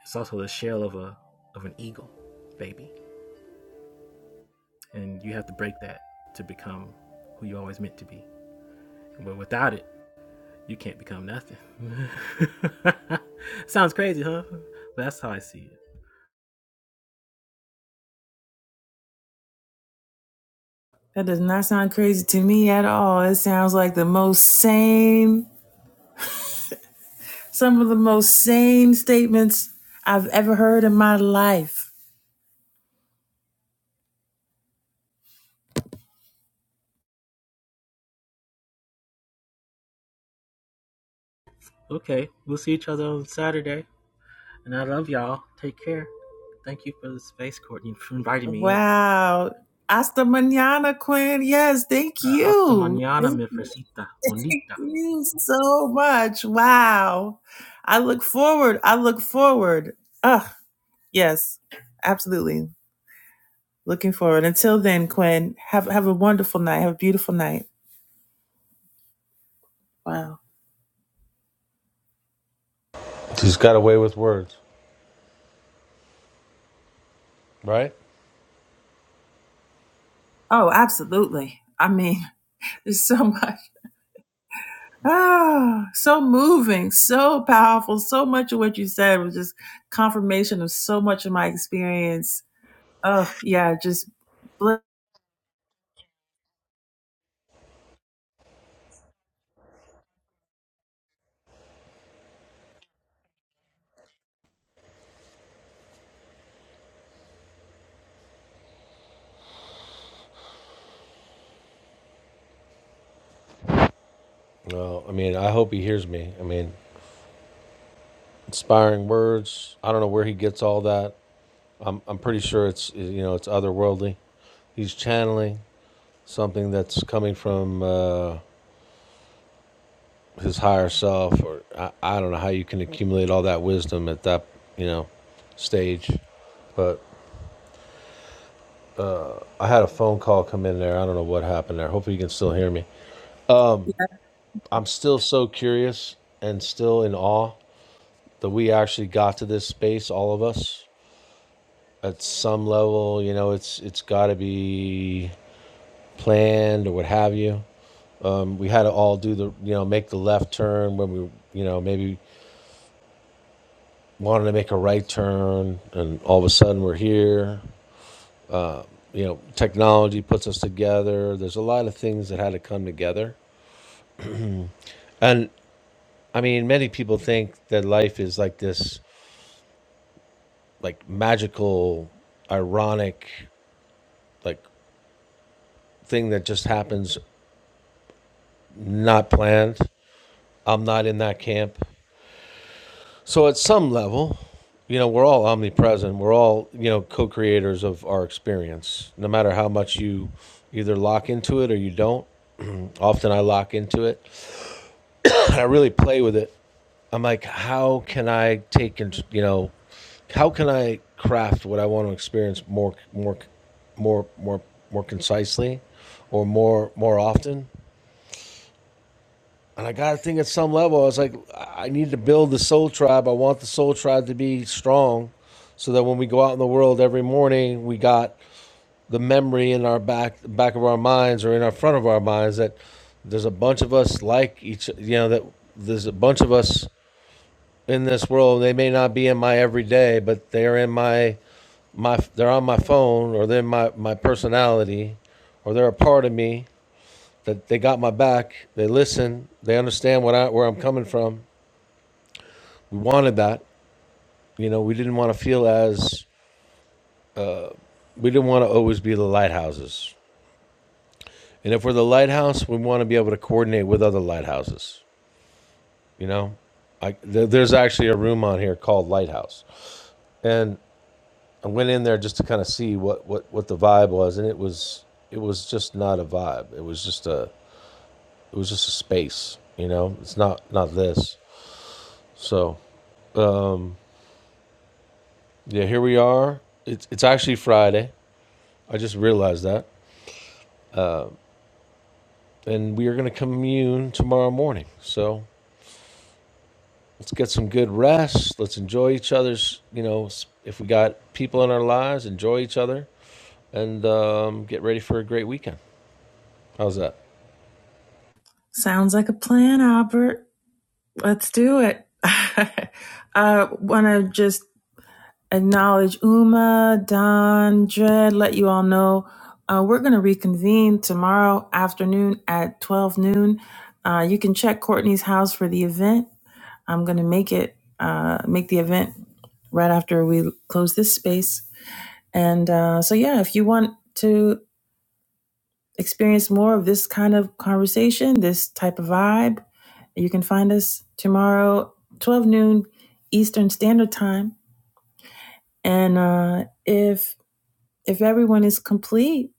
It's also the shell of a, of an eagle, baby. And you have to break that to become who you always meant to be. But without it, you can't become nothing. [laughs] Sounds crazy, huh? But that's how I see it. That does not sound crazy to me at all. It sounds like the most same, some of the most same statements I've ever heard in my life. Okay, we'll see each other on Saturday. And I love y'all. Take care. Thank you for the space, Courtney, for inviting me in. Wow. Hasta mañana, Quinn. Yes, thank Uh, hasta you. mañana, mi Thank fresita bonita. you so much. Wow. I look forward. I look forward. Ah, yes, absolutely. Looking forward. Until then, Quinn, have have a wonderful night. Have a beautiful night. Wow. He's got away with words, right? Oh, absolutely. I mean, There's so [laughs] much. Ah, so moving, so powerful. So much of what you said was just confirmation of so much of my experience. Oh, yeah, just bl- Well, I mean, I hope he hears me. I mean, inspiring words. I don't know where he gets all that. I'm, I'm pretty sure it's you know it's otherworldly. He's channeling something that's coming from. Uh, his higher self, or I, I don't know how you can accumulate all that wisdom at that you know stage. But I had a phone call come in there. I don't know what happened there. Hopefully you can still hear me. yeah. I'm still so curious and still in awe that we actually got to this space, all of us. At some level, you know, it's it's got to be planned or what have you. Um, we had to all do the, you know, make the left turn when we, you know, maybe wanted to make a right turn, and all of a sudden we're here. you know, technology puts us together. There's a lot of things that had to come together. And I mean, many people think that life is like this, like magical, ironic, like thing that just happens not planned. I'm not in that camp. So at some level, you know, we're all omnipresent. We're all, you know, co-creators of our experience. No matter how much you either lock into it or you don't. [clears throat] Often I lock into it. and I really play with it. I'm like, how can I take and you know, how can I craft what I want to experience more, more, more, more, more concisely, or more, more often? And I got to think at some level, I was like, I I need to build the soul tribe. I want the soul tribe to be strong, so that when we go out in the world every morning, we got the memory in our back, back of our minds, or in our front of our minds that there's a bunch of us like each, you know, that there's a bunch of us in this world. They may not be in my everyday, but they're in my my they're on my phone or they're my my personality or they're a part of me that they got my back. They listen. They understand what I where I'm coming from. We wanted that. You know, we didn't want to feel as we didn't want to always be the lighthouses. And if we're the lighthouse, we want to be able to coordinate with other lighthouses. You know, I, there, there's actually a room on here called Lighthouse, and I went in there just to kind of see what, what, what the vibe was, and it was it was just not a vibe. It was just a it was just a space, you know. It's not not this. So yeah, here we are. It's it's actually Friday. I just realized that, and we are going to commune tomorrow morning. So let's get some good rest. Let's enjoy each other's you know s- if we got people in our lives, enjoy each other, and um, get ready for a great weekend. How's that? sounds like a plan, Albert. Let's do it. [laughs] I want to just acknowledge Uma, Don, Dred, let you all know. Uh, we're going to reconvene tomorrow afternoon at 12 noon. Uh, you can check Courtney's house for the event. I'm going to make it, uh, make the event right after we close this space. And uh, so, yeah, if you want to experience more of this kind of conversation, this type of vibe, you can find us tomorrow, 12 noon Eastern Standard Time. And uh, if if everyone is complete,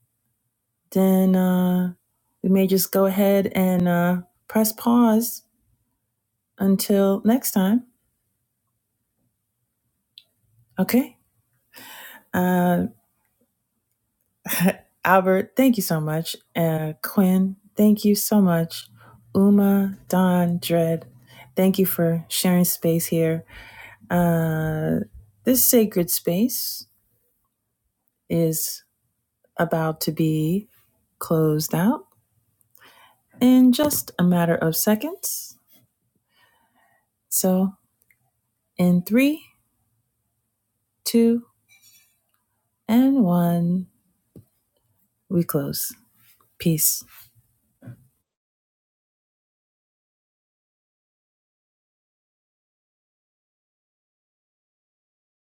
then uh, we may just go ahead and uh, press pause until next time. Okay. Uh, Albert, thank you so much. Uh, Quinn, thank you so much. Uma, Don, Dred, thank you for sharing space here. Uh, this sacred space is about to be closed out in just a matter of seconds. So, in three, two, and one. We close. Peace.